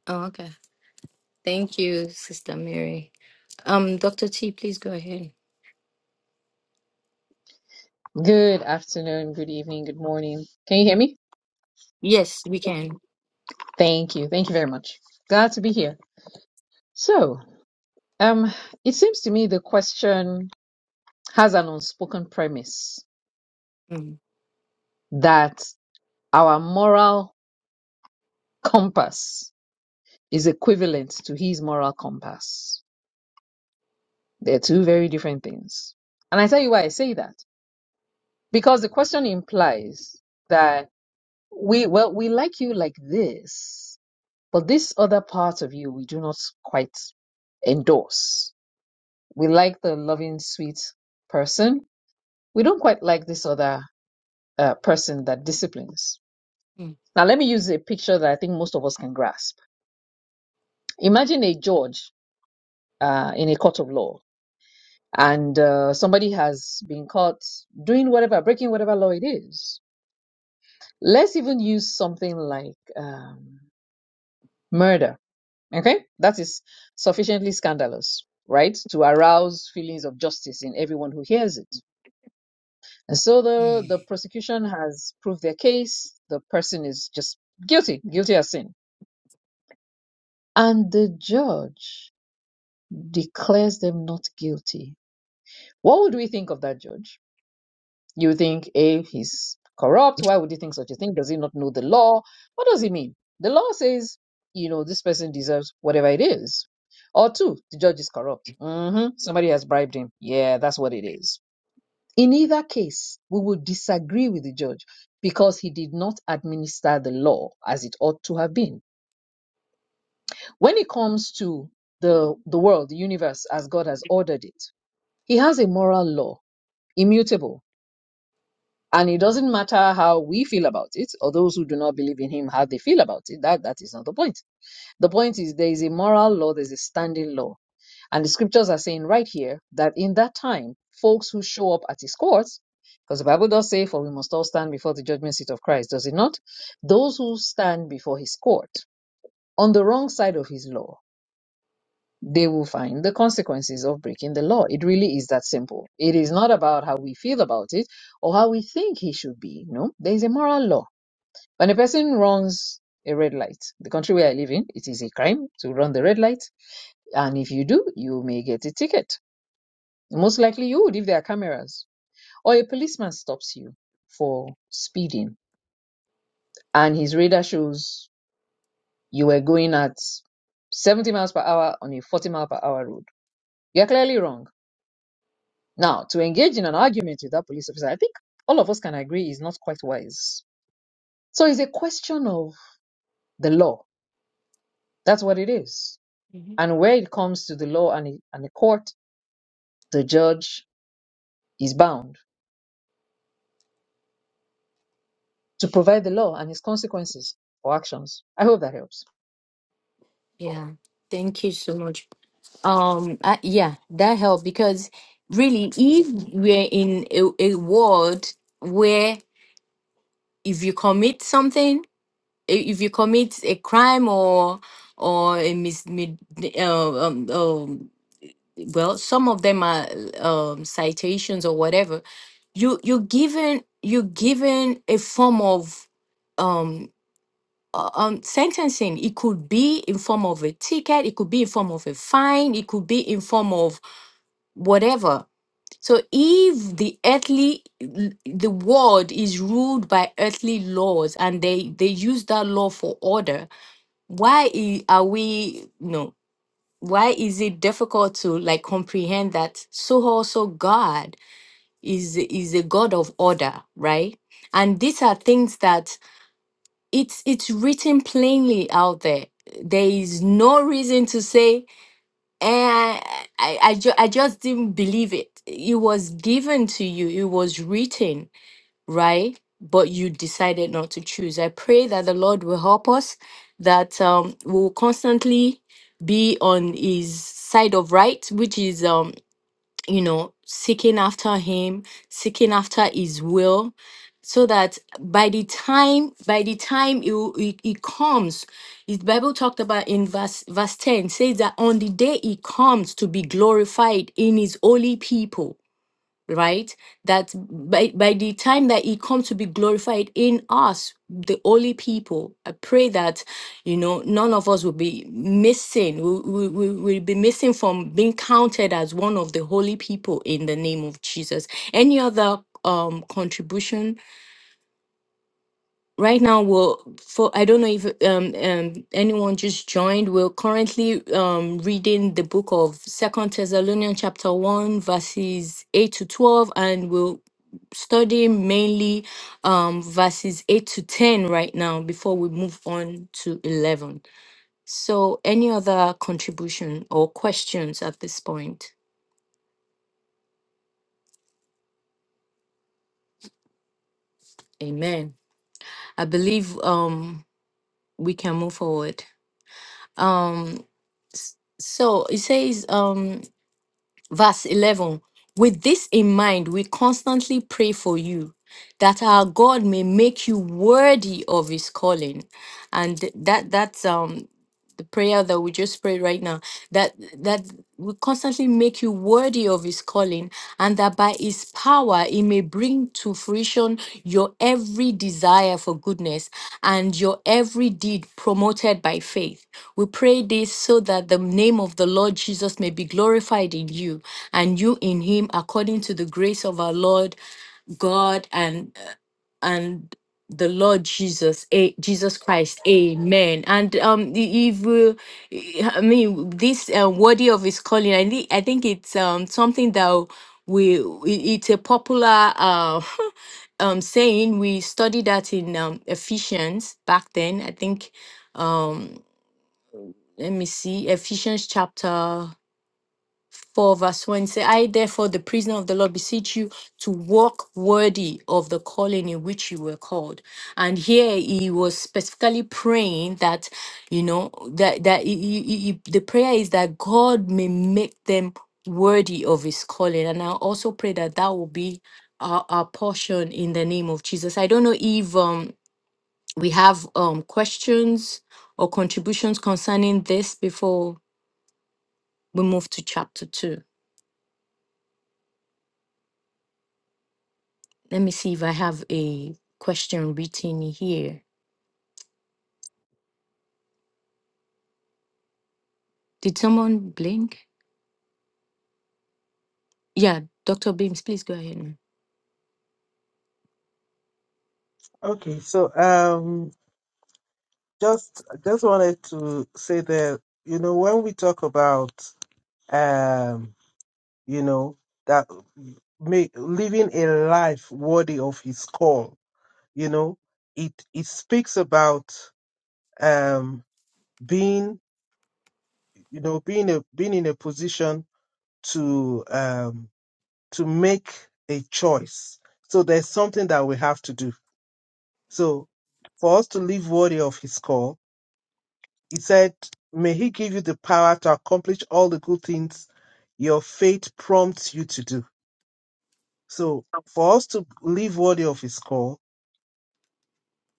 Oh, okay. Thank you, Sister Mary. Um, Dr. T, please go ahead. Good afternoon, good evening, good morning. Can you hear me? Yes, we can. Thank you. Thank you very much. Glad to be here. So, um, it seems to me the question has an unspoken premise Mm, that our moral compass is equivalent to his moral compass. They're two very different things. And I tell you why I say that. Because the question implies that we, well, we like you like this. But this other part of you, we do not quite endorse. We like the loving, sweet person. We don't quite like this other uh, person that disciplines. mm, Now, let me use a picture that I think most of us can grasp. Imagine a judge uh, in a court of law, and uh, somebody has been caught doing whatever, breaking whatever law it is. Let's even use something like um, murder Okay? That is sufficiently scandalous, right? To arouse feelings of justice in everyone who hears it. And so the, mm. the prosecution has proved their case. The person is just guilty, guilty as sin. And the judge declares them not guilty. What would we think of that judge? You think, A, he's corrupt. Why would he think such a thing? Does he not know the law? What does he mean? The law says, you know, this person deserves whatever it is. Or two, the judge is corrupt. hmm Somebody has bribed him. Yeah, that's what it is. In either case, we would disagree with the judge because he did not administer the law as it ought to have been. When it comes to the, the world, the universe, as God has ordered it, he has a moral law, immutable And it doesn't matter how we feel about it, or those who do not believe in him, how they feel about it. That that is not the point. The point is there is a moral law, there's a standing law. And the scriptures are saying right here that in that time, folks who show up at his courts, because the Bible does say, for we must all stand before the judgment seat of Christ, does it not? Those who stand before his court on the wrong side of his law they will find the consequences of breaking the law. It really is that simple. It is not about how we feel about it or how we think he should be. No, there is a moral law. When a person runs a red light, the country where I live in, it is a crime to run the red light. And if you do, you may get a ticket. Most likely you would if there are cameras. Or a policeman stops you for speeding and his radar shows you were going at 70 miles per hour on a 40 mile per hour road. You're clearly wrong Now, to engage in an argument with that police officer, I think all of us can agree is not quite wise. So it's a question of the law. That's what it is. Mhm. And where it comes to the law and, and the court, the judge is bound to provide the law and its consequences for actions. I hope that helps. Yeah. Thank you so much. Um, I, yeah, that helped because really, if we're in a, a world where if you commit something, i- if you commit a crime or or a mis mid, uh, um, um, well some of them are um, citations or whatever you you're given you're given a form of um, uh, um sentencing it could be in form of a ticket it could be in form of a fine it could be in form of whatever so if the earthly l- the world is ruled by earthly laws and they they use that law for order why i- are we no why is it difficult to like comprehend that so also god is is a god of order right and these are things that it's it's written plainly out there there is no reason to say eh, I, I, ju- I just didn't believe it it was given to you it was written right? But you decided not to choose. I pray that the Lord will help us, that um, we'll constantly be on His side of right, which is, um, you know, seeking after Him, seeking after His will, so that by the time by the time it, will- it, it comes, the Bible talked about in verse verse ten says that on the day He comes to be glorified in His holy people right? That by, by the time that He come to be glorified in us, the holy people, I pray that, you know, none of us will be missing, we, we, we will be missing from being counted as one of the holy people in the name of Jesus. Any other um contribution Right now, we're for I don't know if um, um anyone just joined. We're currently um reading the book of Second Thessalonians chapter one verses eight to twelve, and we'll study mainly um verses eight to ten right now before we move on to eleven. So, any other contribution or questions at this point? Amen. I believe um we can move forward. Um, s- so it says um Verse 11 With this in mind, we constantly pray for you that our God may make you worthy of his calling. And th- that that's um the prayer that we just prayed right now that that we constantly make you worthy of his calling and that by his power he may bring to fruition your every desire for goodness and your every deed promoted by faith we pray this so that the name of the lord jesus may be glorified in you and you in him according to the grace of our Lord God and and the Lord Jesus, a, Jesus Christ, Amen. And um, i- if uh, I mean this uh, worthy of His calling, I think I think it's um something that we i- it's a popular uh <laughs> um saying. We studied that in um, Ephesians back then. I think um let me see Ephesians chapter 4 verse 1 say i therefore the prisoner of the lord beseech you to walk worthy of the calling in which you were called and here he was specifically praying that you know that that he, he- he- he- the prayer is that god may make them worthy of his calling and i also pray that that will be our, our portion in the name of jesus i don't know if um we have um questions or contributions concerning this before we move to chapter 2 Let me see if I have a question written here. Did someone blink? Yeah, Dr. Beams, please go ahead. ma'am. okay so um just just wanted to say that you know when we talk about um, you know, that make, living a life worthy of his call, you know, it, it speaks about, um, being, you know, being a, being in a position to, um, to make a choice. So there's something that we have to do. So for us to live worthy of his call, he said, may he give you the power to accomplish all the good things your faith prompts you to do So for us to live worthy of his call,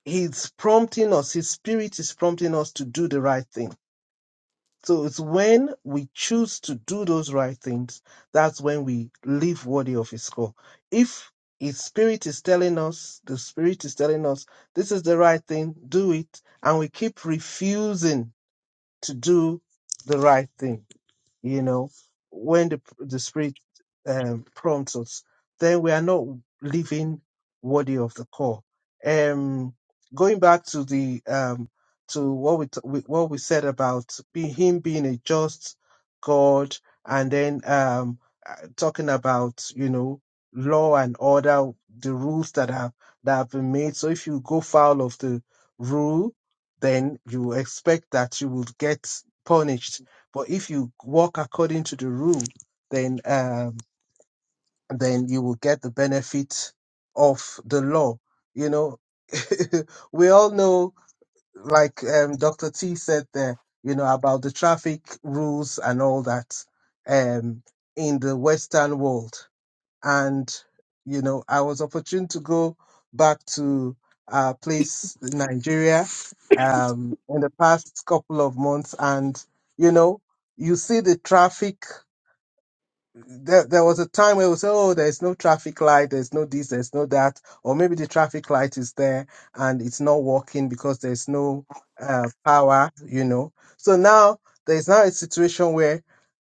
he's prompting us, his spirit is prompting us to do the right thing. So it's when we choose to do those right things, that's when we live worthy of his call. If his spirit is telling us, the spirit is telling us, this is the right thing, do it, and we keep refusing to do the right thing you know, when the the Spirit um, prompts us, then we are not living worthy of the call. Um, going back to the um, to what we, t- we what we said about be, him being a just God, and then um, uh, talking about you know law and order, the rules that have that have been made. So if you go foul of the rule, then you expect that you would get punished but if you walk according to the rule, then um, then you will get the benefit of the law. You know, <laughs> we all know, like um, Dr. T said there, you know, about the traffic rules and all that um, in the Western world and you know I was opportune to go back to a place in Nigeria um, in the past couple of months, and you know you see the traffic there, there was a time where we say, oh, there's no traffic light, there's no this, there's no that, or maybe the traffic light is there and it's not working because there's no uh, power, you know. So now there's now a situation where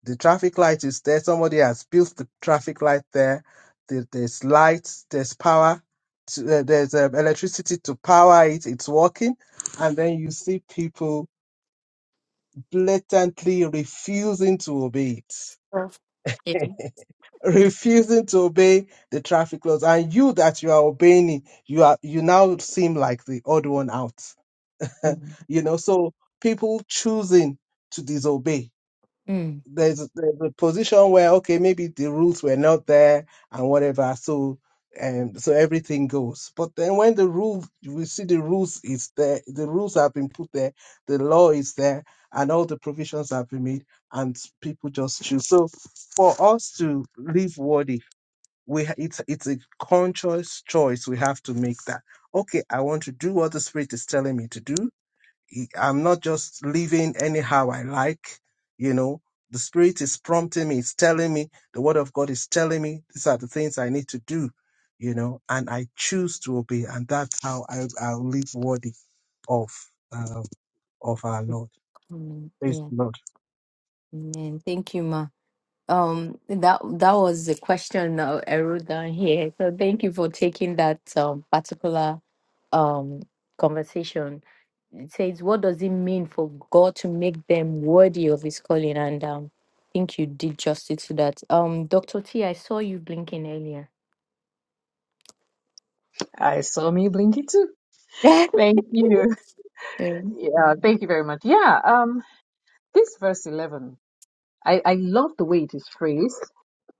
the traffic light is there, somebody has built the traffic light there, there there's light, there's power, to, uh, there's uh, electricity to power it, it's working, and then you see people blatantly refusing to obey it Sure. Yeah. refusing to obey the traffic laws and you that you are obeying it, you are you now seem like the odd one out <laughs> Mm. you know so people choosing to disobey Mm. there's, there's a position where okay maybe the rules were not there and whatever so um so everything goes but then when the rule we see the rules is there the rules have been put there the law is there and all the provisions have been made and people just choose so for us to live worthy we ha- it's it's a conscious choice we have to make that okay i want to do what the spirit is telling me to do I- i'm not just living anyhow i like you know the spirit is prompting me it's telling me the word of god is telling me these are the things i need to do you know and i choose to obey and that's how i i'll live worthy of uh, of our lord Amen. Praise Yeah. the Lord. Amen. Thank you, Ma. Um, that that was the question uh, I wrote down here. So thank you for taking that um, particular um conversation. It says, "What does it mean for God to make them worthy of His calling?" And um, I think you did justice to that. Um, Doctor T, I saw you blinking earlier. I saw me blinky too. <laughs> Thank you. Yeah. Yeah, thank you very much. Yeah, um, this verse 11, I, I love the way it is phrased.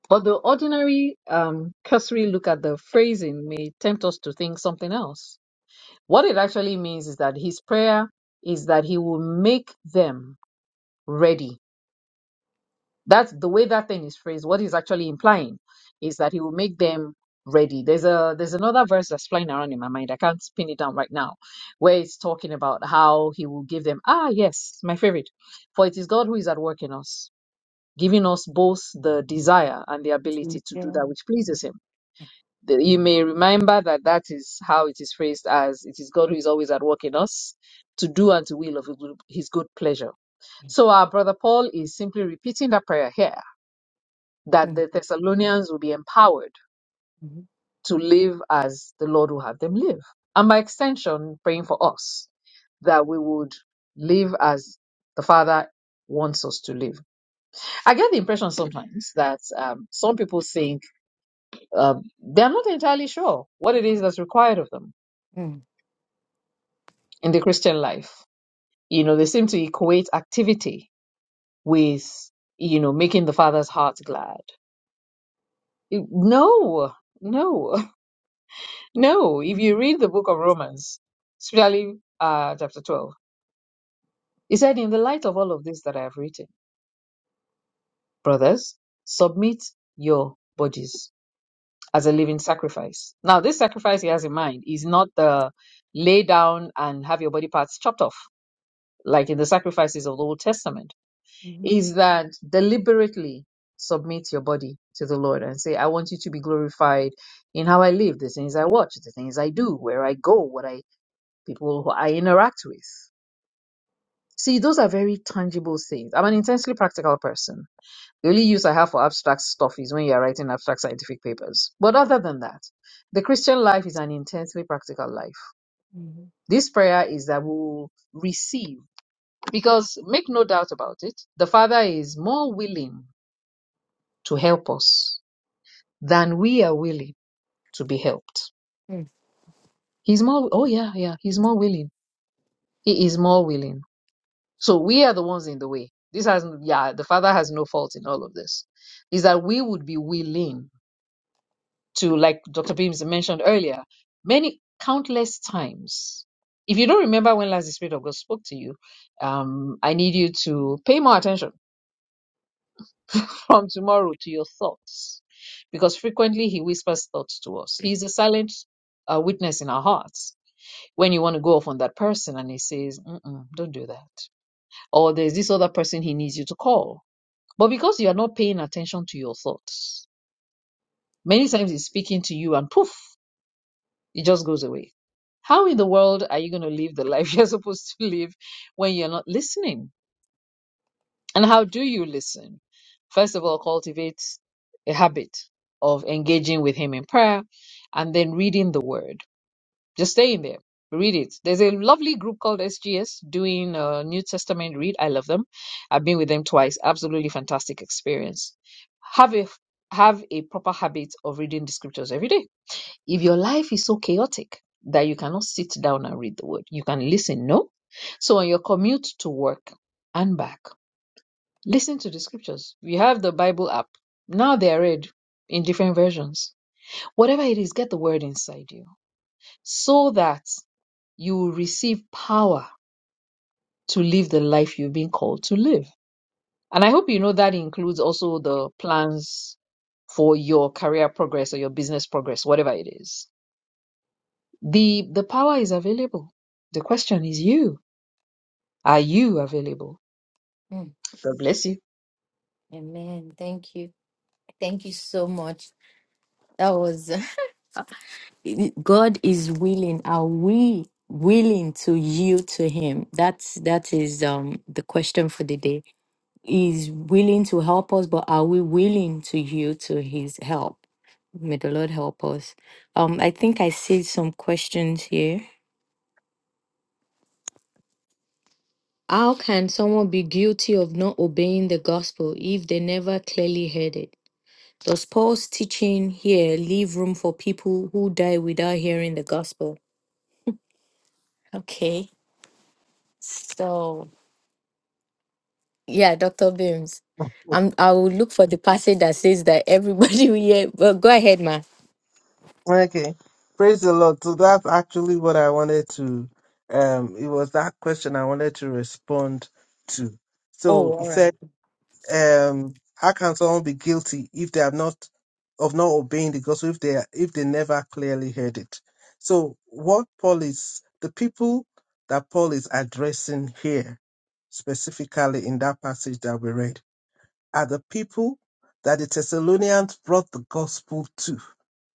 Although ordinary, um, cursory look at the phrasing may tempt us to think something else. What it actually means is that his prayer is that he will make them ready. That's the way that thing is phrased. What he's actually implying is that he will make them ready. There's a there's another verse that's flying around in my mind. I can't pin it down right now, where it's talking about how he will give them. Ah, yes, my favorite. For it is God who is at work in us, giving us both the desire and the Mm, ability to do Yeah. that which pleases him. The- You may remember that that is how it is phrased as it is God who is always at work in us to do and to will of his good his good pleasure. So our brother Paul is simply repeating that prayer here that Mm, the Thessalonians will be empowered mhm, to live as the Lord will have them live. And by extension, praying for us that we would live as the Father wants us to live. I get the impression sometimes that um, some people think um, they're not entirely sure what it is that's required of them mm, in the Christian life. You know, they seem to equate activity with, you know, making the Father's heart glad. It- No, no, <laughs> no. If you read the book of Romans, especially uh, chapter 12, it said, In the light of all of this that I have written, brothers, submit your bodies as a living sacrifice. Now, this sacrifice he has in mind is not the lay down and have your body parts chopped off, like in the sacrifices of the Old Testament mhm, is that deliberately submit your body to the Lord and say, I want you to be glorified in how I live, the things I watch, the things I do, where I go, what I people who I interact with. See, those are very tangible things. I'm an intensely practical person. The only use I have for abstract stuff is when you're writing abstract scientific papers. But other than that, the Christian life is an intensely practical life. mhm, This prayer is that we will receive because make no doubt about it, the Father is more willing to help us than we are willing to be helped. mm, He's more, oh yeah, yeah, he's more willing. He is more willing. So we are the ones in the way. This has, yeah, the Father has no fault in all of this. Is that we would be willing to, like Dr. Beams mentioned earlier, many countless times. If you don't remember when last the Spirit of God spoke to you, um, I need you to pay more attention from tomorrow to your thoughts. Because frequently he whispers thoughts to us. He's a silent uh, witness in our hearts. When you want to go off on that person and he says, Mm-mm, don't do that. Or there's this other person he needs you to call. But because you are not paying attention to your thoughts, many times he's speaking to you and poof, it just goes away. How in the world are you going to live the life <laughs> you're supposed to live when you're not listening? And how do you listen? First of all, cultivate a habit of engaging with Him in prayer and then reading the Word. Just stay in there. Read it. There's a lovely group called SGS doing a New Testament read. I love them. I've been with them twice. Absolutely fantastic experience. Have a have a proper habit of reading the scriptures every day. If your life is so chaotic that you cannot sit down and read the word, you can listen, no? So on your commute to work and back, Listen to the scriptures. We have the Bible app. Now they are read in different versions. Whatever it is, get the word inside you so that you will receive power to live the life you've been called to live. And I hope you know that includes also the plans for your career progress or your business progress, whatever it is. The the power is available. The question is you. Are you available? mm. God bless you. Amen. Thank you. Thank you so much. That was God is willing. Are we willing to yield to Him? That's that is um the question for the day. He's willing to help us, but are we willing to yield to His help? May the Lord help us. Um, I think I see some questions here. How can someone be guilty of not obeying the gospel if they never clearly heard it? Does Paul's teaching here leave room for people who die without hearing the gospel? Okay, so Yeah, Dr. Beams. I'm, I will look for the passage that says that everybody <laughs> will hear. But go ahead, ma. Okay. Praise the Lord. So that's actually what I wanted to um it was that question I wanted to respond to. Oh, So he all right. said, um, how can someone be guilty if they have not of not obeying the gospel if they are- if they never clearly heard it? So what Paul is the people that Paul is addressing here specifically in that passage that we read are the people that the Thessalonians brought the gospel to.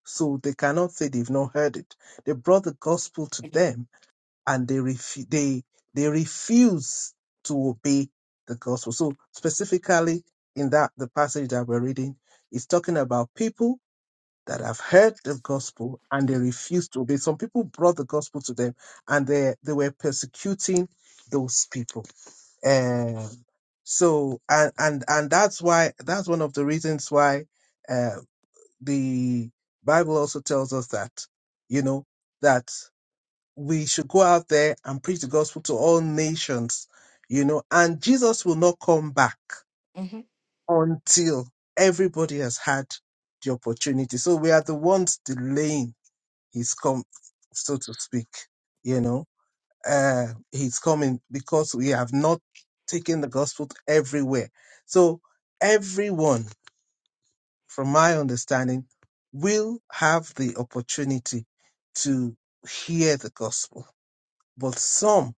So they cannot say they've not heard it. They brought the gospel to them and they refu- they they refuse to obey the gospel. So specifically in that the passage that we're reading is talking about people that have heard the gospel and they refuse to obey. Some people brought the gospel to them and they they were persecuting those people um so and and and that's why that's one of the reasons why uh the bible also tells us that you know that we should go out there and preach the gospel to all nations you know and jesus will not come back hmm until everybody has had the opportunity so we are the ones delaying his come so to speak you know uh, he's coming because we have not taken the gospel to everywhere. So everyone, from my understanding, will have the opportunity to hear the gospel, but some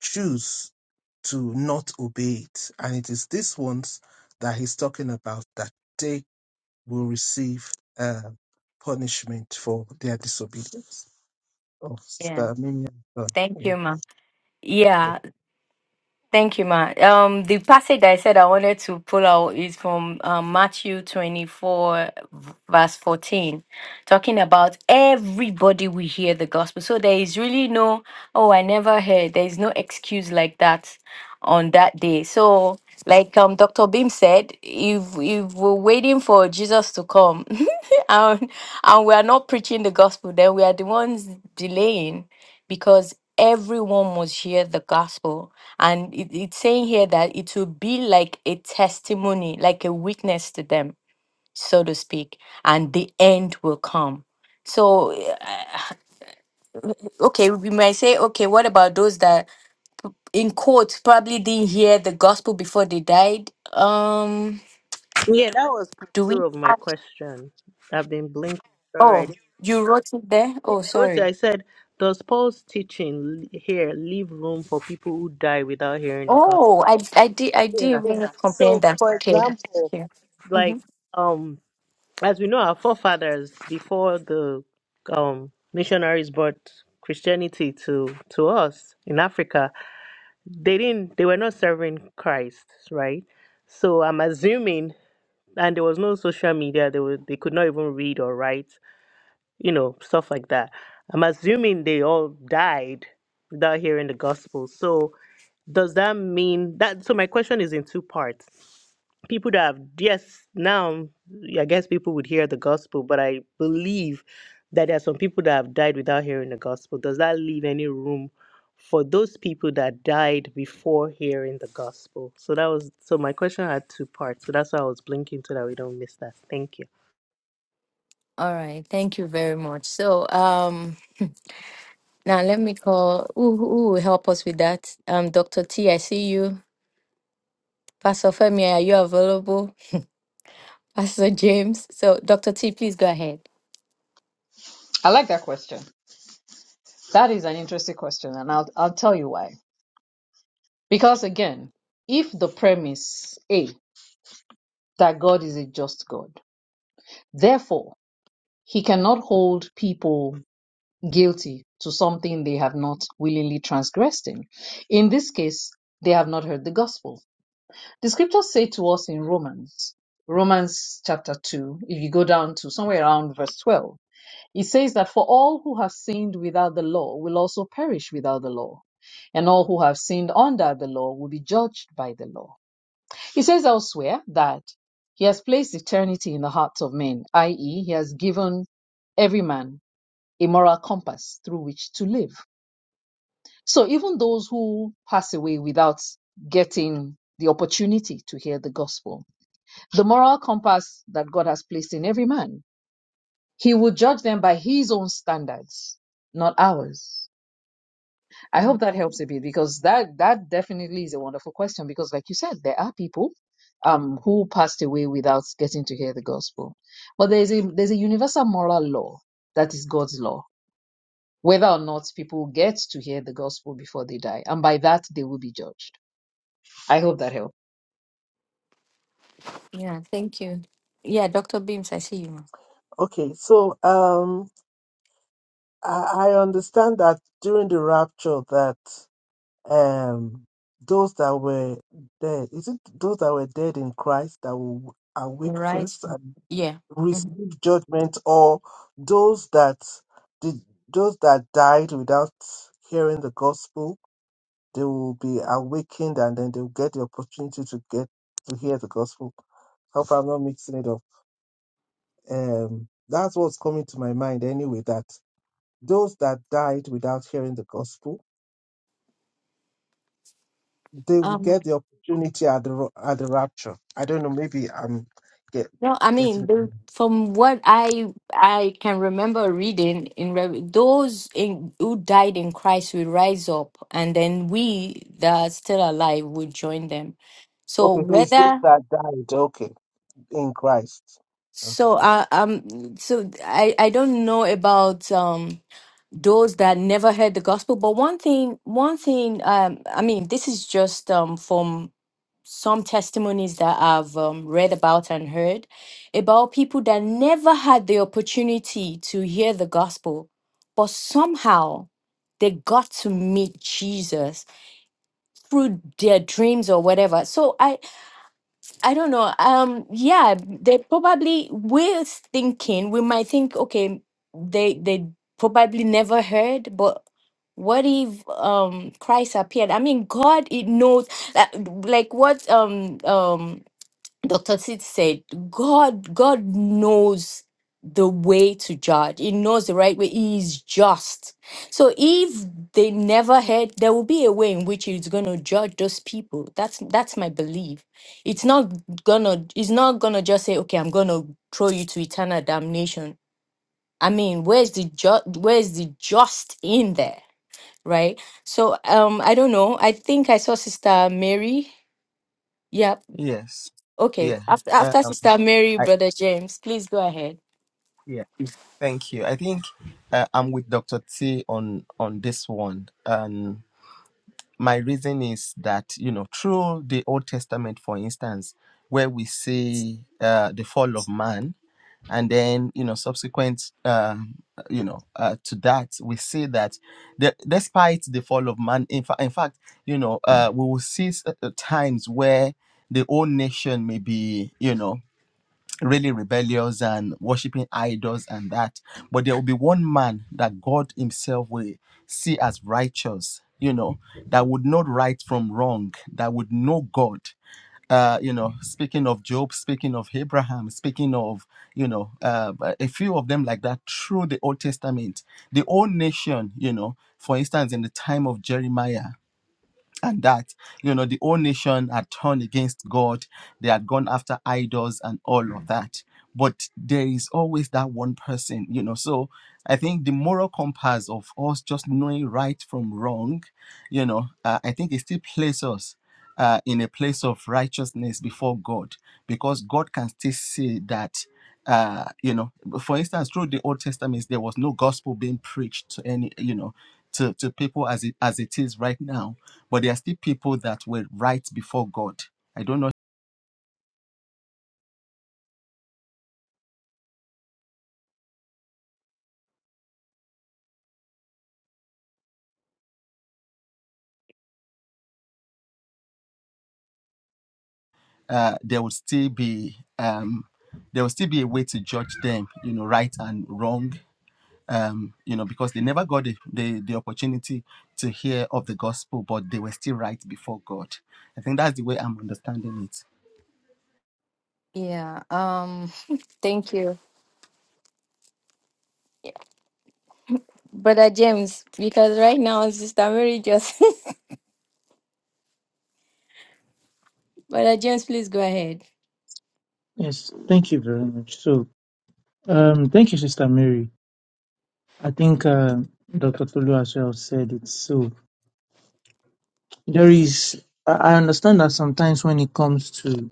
choose to not obey it. And it is these ones that he's talking about that they will receive uh, punishment for their disobedience. Oh, Yeah. Sister Miriam. done. Thank Yeah, you, ma. yeah. Yeah. Thank you, Ma. Um, the passage that I said I wanted to pull out is from um, Matthew 24, v- verse 14, talking about everybody will hear the gospel. So there is really no, oh, I never heard. There is no excuse like that on that day. So, like um, Dr. Beam said, if, if we're waiting for Jesus to come <laughs> and, and we are not preaching the gospel, then we are the ones delaying because everyone must hear the gospel and it, it's saying here that it will be like a testimony, like a witness to them, so to speak, and the end will come. So, uh, okay, we might say, okay, what about those that, in quotes, probably didn't hear the gospel before they died? Um, Yeah, that was part do we? two of my act- question. I've been blinking Oh, already. you wrote it there. Yeah, Oh, I wrote it. sorry. I said, Does Paul's teaching l- here leave room for people who die without hearing the gospel? Oh, I I did I Yeah. didn't really Yeah. comprehend So, that. for Okay, thank example, you. like, Mhm. um, as we know, our forefathers before the um missionaries brought Christianity to to us in Africa, they didn't. They were not serving Christ, right? So I'm assuming, and there was no social media. They were they could not even read or write you know, stuff like that. I'm assuming they all died without hearing the gospel. So does that mean that? So my question is in two parts. People that have yes, now I guess people would hear the gospel, but I believe that there are some people that have died without hearing the gospel. Does that leave any room for those people that died before hearing the gospel? So that was so my question had two parts. So that's why I was blinking so that we don't miss that. Thank you. All right, thank you very much. So, um. Now let me call who who will help us with that? Um, Dr. T, I see you. Pastor Femi, are you available? Pastor James. So Dr. T, please go ahead. I like that question. That is an interesting question, and I'll I'll tell you why. Because again, if the premise A that God is a just God, therefore he cannot hold people guilty to something they have not willingly transgressed in. In this case, they have not heard the gospel. The scriptures say to us in Romans, Romans chapter 2, if you go down to somewhere around verse 12, it says that for all who have sinned without the law will also perish without the law, and all who have sinned under the law will be judged by the law. He says elsewhere that he has placed eternity in the hearts of men, i.e., he has given every man a moral compass through which to live. So even those who pass away without getting the opportunity to hear the gospel, the moral compass that God has placed in every man, he will judge them by his own standards, not ours. I Mm, hope that helps a bit because that that definitely is a wonderful question because like you said there are people um who passed away without getting to hear the gospel. But there's a there's a universal moral law that is God's law whether or not people get to hear the gospel before they die and by that they will be judged. I hope that helped. Yeah, thank you. Yeah, Dr. Beams, I see you. Okay, so. um. I I understand that during the rapture that um those that were dead, is it those that were dead in Christ that will All awake right. first and Yeah. mhm. receive judgment, or those that did those that died without hearing the gospel, they will be awakened and then they'll get the opportunity to get to hear the gospel. Hope I'm not mixing it up. Um that's what's coming to my mind anyway, that those that died without hearing the gospel they will Um, get the opportunity at the ro- at the rapture. I don't know. Maybe I'm get no, I mean, getting. the, from what I I can remember reading in Re- those in, who died in Christ will rise up, and then we that are still alive will join them. So Okay, so it's those whether that died. Okay, in Christ. Okay. So uh, um so I I don't know about um those that never heard the gospel, but one thing one thing um I mean this is just um from some testimonies that I've um, read about and heard about people that never had the opportunity to hear the gospel, but somehow they got to meet Jesus through their dreams or whatever. So I I don't know. Um, yeah, they probably we're thinking we might think, okay, they they probably never heard, but what if um Christ appeared? I mean, God, it knows like like what um um Dr. Sid said, God, God knows the way to judge. He knows the right way. He is just. So if they never heard, there will be a way in which he's gonna judge those people. That's that's my belief. It's not gonna it's not gonna just say, okay, I'm gonna throw you to eternal damnation. I mean, where's the ju- where's the just in there? Right? So um I don't know. I think I saw Sister Mary. Yeah, Yes. Okay, Yeah. after after Um, Sister Mary, I, Brother James, please go ahead. yeah. Thank you. I think uh, I'm with Dr. T on on this one. my reason is that you know through the old testament for instance where we see uh, the fall of man and then you know subsequent uh, you know uh, to that we see that the, despite the fall of man in, fa- in fact you know uh, we will see s- uh, times where the whole nation may be you know really rebellious and worshiping idols and that. But there will be one man that God Himself will see as righteous, you know, that would know right from wrong, that would know God. Uh, you know, speaking of Job, speaking of Abraham, speaking of, you know, uh, a few of them like that through the Old Testament. The whole nation, you know, for instance, in the time of Jeremiah, and that you know the whole nation had turned against god they had gone after idols and all of that but there is always that one person you know so i think the moral compass of us just knowing right from wrong you know uh, i think it still places us uh, in a place of righteousness before god because god can still see that uh, you know for instance through the old testament there was no gospel being preached to any you know to, to people as it as it is right now but there are still people that were right before God. I don't know. Uh, there will still be um, there will still be a way to judge them, you know, right and wrong, um, you know, because they never got the, the the opportunity to hear of the gospel, but they were still right before God. I think that's the way I'm understanding it. Yeah. Um. <laughs> Thank you, Brother James, because right now Sister Mary just <laughs> Brother James, please go ahead. Yes, thank you very much. So, um, thank you, Sister Mary. I think uh, Dr. Tolu as well said it. So, there is, I I understand that sometimes when it comes to,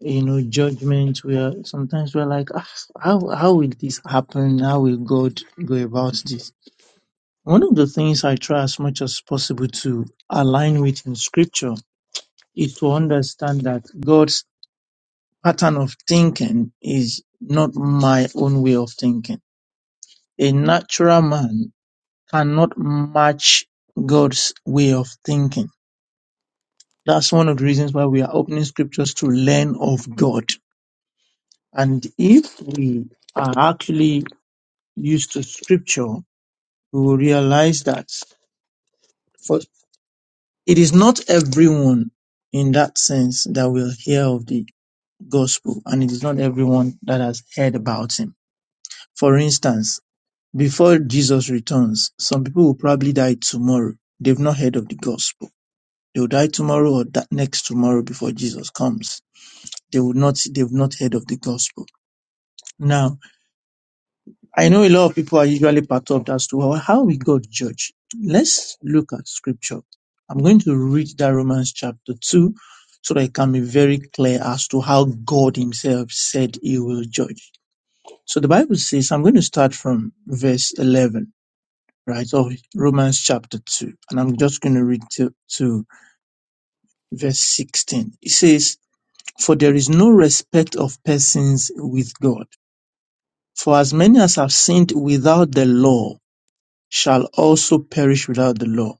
you know, judgment, we are sometimes we're like, ah, how, how will this happen? How will God go about this? One of the things I try as much as possible to align with in scripture is to understand that God's pattern of thinking is not my own way of thinking A natural man cannot match God's way of thinking. That's one of the reasons why we are opening scriptures to learn of God. And if we are actually used to scripture, we will realize that for it is not everyone in that sense that will hear of the gospel, and it is not everyone that has heard about him. For instance, before Jesus returns, some people will probably die tomorrow. They've not heard of the gospel They will die tomorrow or that next tomorrow before Jesus comes. They will not, they've not heard of the gospel. Now, I know a lot of people are usually perturbed as to how how we got judged. Let's look at scripture. I'm going to read that Romans chapter 2 so that it can be very clear as to how God himself said he will judge. So the Bible says, I'm going to start from verse 11, right, of Romans chapter 2, and I'm just going to read to, to verse 16. It says, For there is no respect of persons with God. For as many as have sinned without the law shall also perish without the law.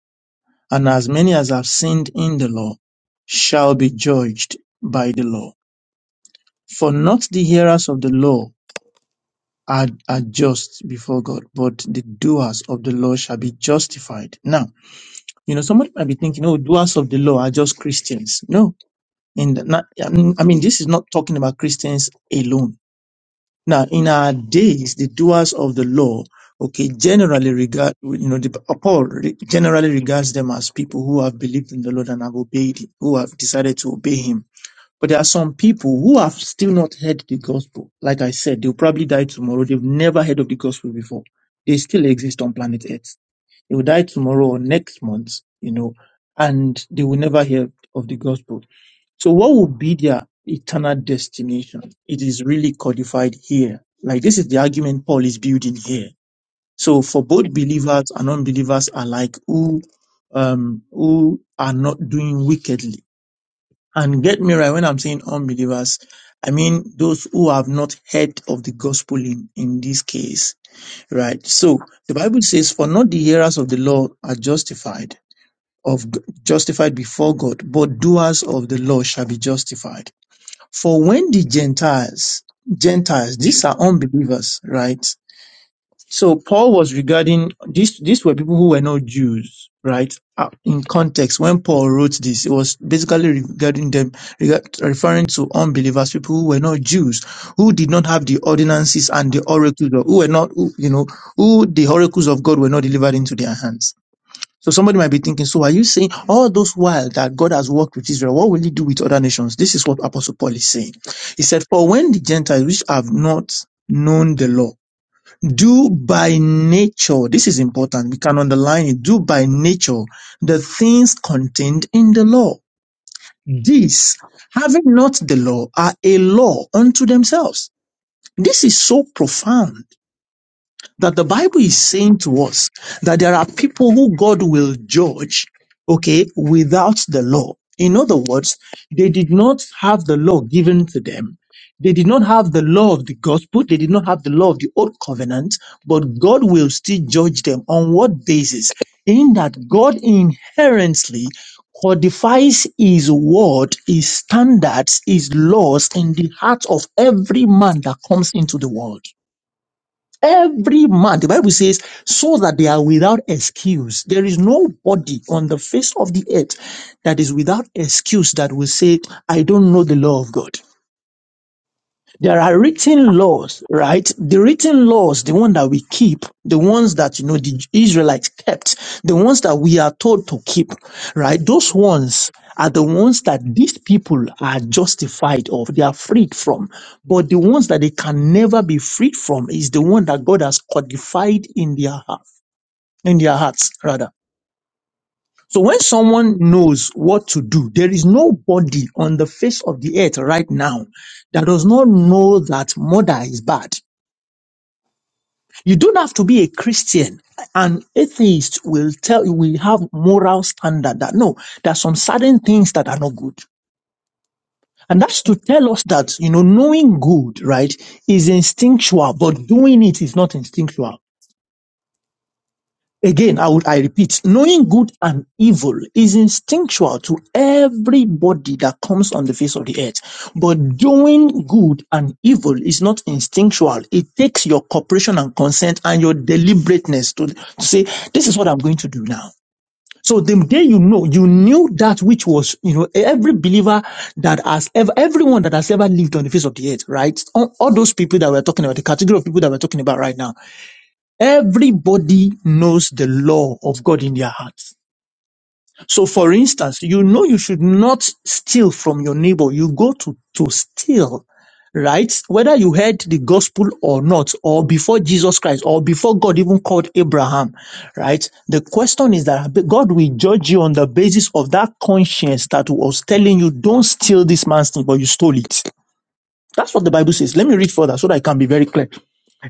And as many as have sinned in the law shall be judged by the law. For not the hearers of the law are, are just before God, but the doers of the law shall be justified. Now, you know, somebody might be thinking, oh, doers of the law are just Christians. No. And not, I mean, I mean, this is not talking about Christians alone Now, in our days, the doers of the law, okay, generally regard, you know, the, Paul re- generally regards them as people who have believed in the Lord and have obeyed, him, who have decided to obey him. But there are some people who have still not heard the gospel. Like I said, they'll probably die tomorrow. They've never heard of the gospel before. They still exist on planet Earth. They will die tomorrow or next month, you know, and they will never hear of the gospel. So what would be their eternal destination? It is really codified here. Like this is the argument Paul is building here. So for both believers and unbelievers alike who, um, who are not doing wickedly. And get me right when I'm saying unbelievers, I mean those who have not heard of the gospel in, in this case, right? So the Bible says, for not the hearers of the law are justified of justified before God, but doers of the law shall be justified. For when the Gentiles, Gentiles, these are unbelievers, right? So Paul was regarding these, these were people who were not Jews, right? Uh, In context, when Paul wrote this, it was basically regarding them, regard, referring to unbelievers, people who were not Jews, who did not have the ordinances and the oracles, of, who were not, who, you know, who the oracles of God were not delivered into their hands. So somebody might be thinking, so are you saying all those while that God has worked with Israel, what will he do with other nations? This is what Apostle Paul is saying. He said, for when the Gentiles which have not known the law do by nature, this is important. We can underline it. Do by nature the things contained in the law. These, having not the law, are a law unto themselves. This is so profound that the Bible is saying to us that there are people who God will judge, okay, without the law. In other words, they did not have the law given to them. They did not have the law of the gospel. They did not have the law of the old covenant, but God will still judge them on what basis? In that God inherently codifies his word, his standards, his laws in the heart of every man that comes into the world. Every man, the Bible says, so that they are without excuse. There is nobody on the face of the earth that is without excuse that will say, I don't know the law of God. There are written laws, right? The written laws, the one that we keep, the ones that, you know, the Israelites kept, the ones that we are told to keep, right? Those ones are the ones that these people are justified of. They are freed from. But the ones that they can never be freed from is the one that God has codified in their heart, in their hearts, rather. So when someone knows what to do, there is nobody on the face of the earth right now that does not know that murder is bad. You don't have to be a Christian. An atheist will tell you we have moral standard that no, there are some certain things that are not good. And that's to tell us that, you know, knowing good, right, is instinctual, but doing it is not instinctual. Again, I would, I repeat, knowing good and evil is instinctual to everybody that comes on the face of the earth. But doing good and evil is not instinctual. It takes your cooperation and consent and your deliberateness to, to say, this is what I'm going to do now. So the day you know, you knew that which was, you know, every believer that has ever, everyone that has ever lived on the face of the earth, right? All, all those people that we're talking about, the category of people that we're talking about right now Everybody knows the law of God in their hearts. So for instance, you know you should not steal from your neighbor. You go to, to steal, right? Whether you heard the gospel or not, or before Jesus Christ, or before God even called Abraham, right? The question is that God will judge you on the basis of that conscience that was telling you, don't steal this man's thing, but you stole it. That's what the Bible says. Let me read further so that I can be very clear.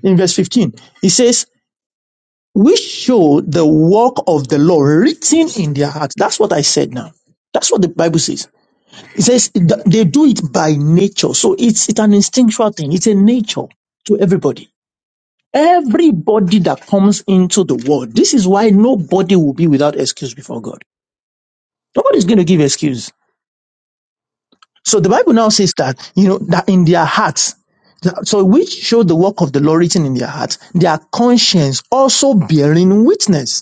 In verse 15, it says, we show the work of the law written in their hearts. That's what I said now. That's what the Bible says. It says th- they do it by nature. So it's, it's an instinctual thing. It's a nature to everybody. Everybody that comes into the world, this is why nobody will be without excuse before God. Nobody's going to give excuse. So the Bible now says that, you know, that in their hearts, that- so which show the work of the law written in their hearts, their conscience also bearing witness.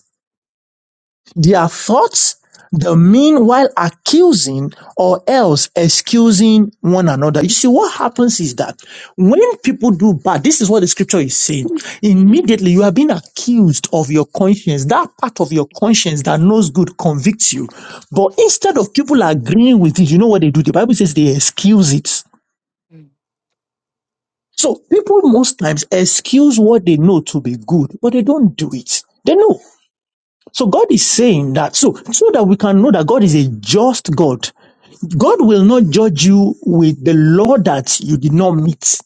Their thoughts demean while accusing or else excusing one another. You see, what happens is that when people do bad, this is what the scripture is saying. Immediately you are being accused of your conscience. That part of your conscience that knows good convicts you. But instead of people agreeing with it, you know what they do? The Bible says they excuse it. Mm, So people most times excuse what they know to be good, but they don't do it. They know. So God is saying that so so that we can know that God is a just God. God will not judge you with the law that you did not meet.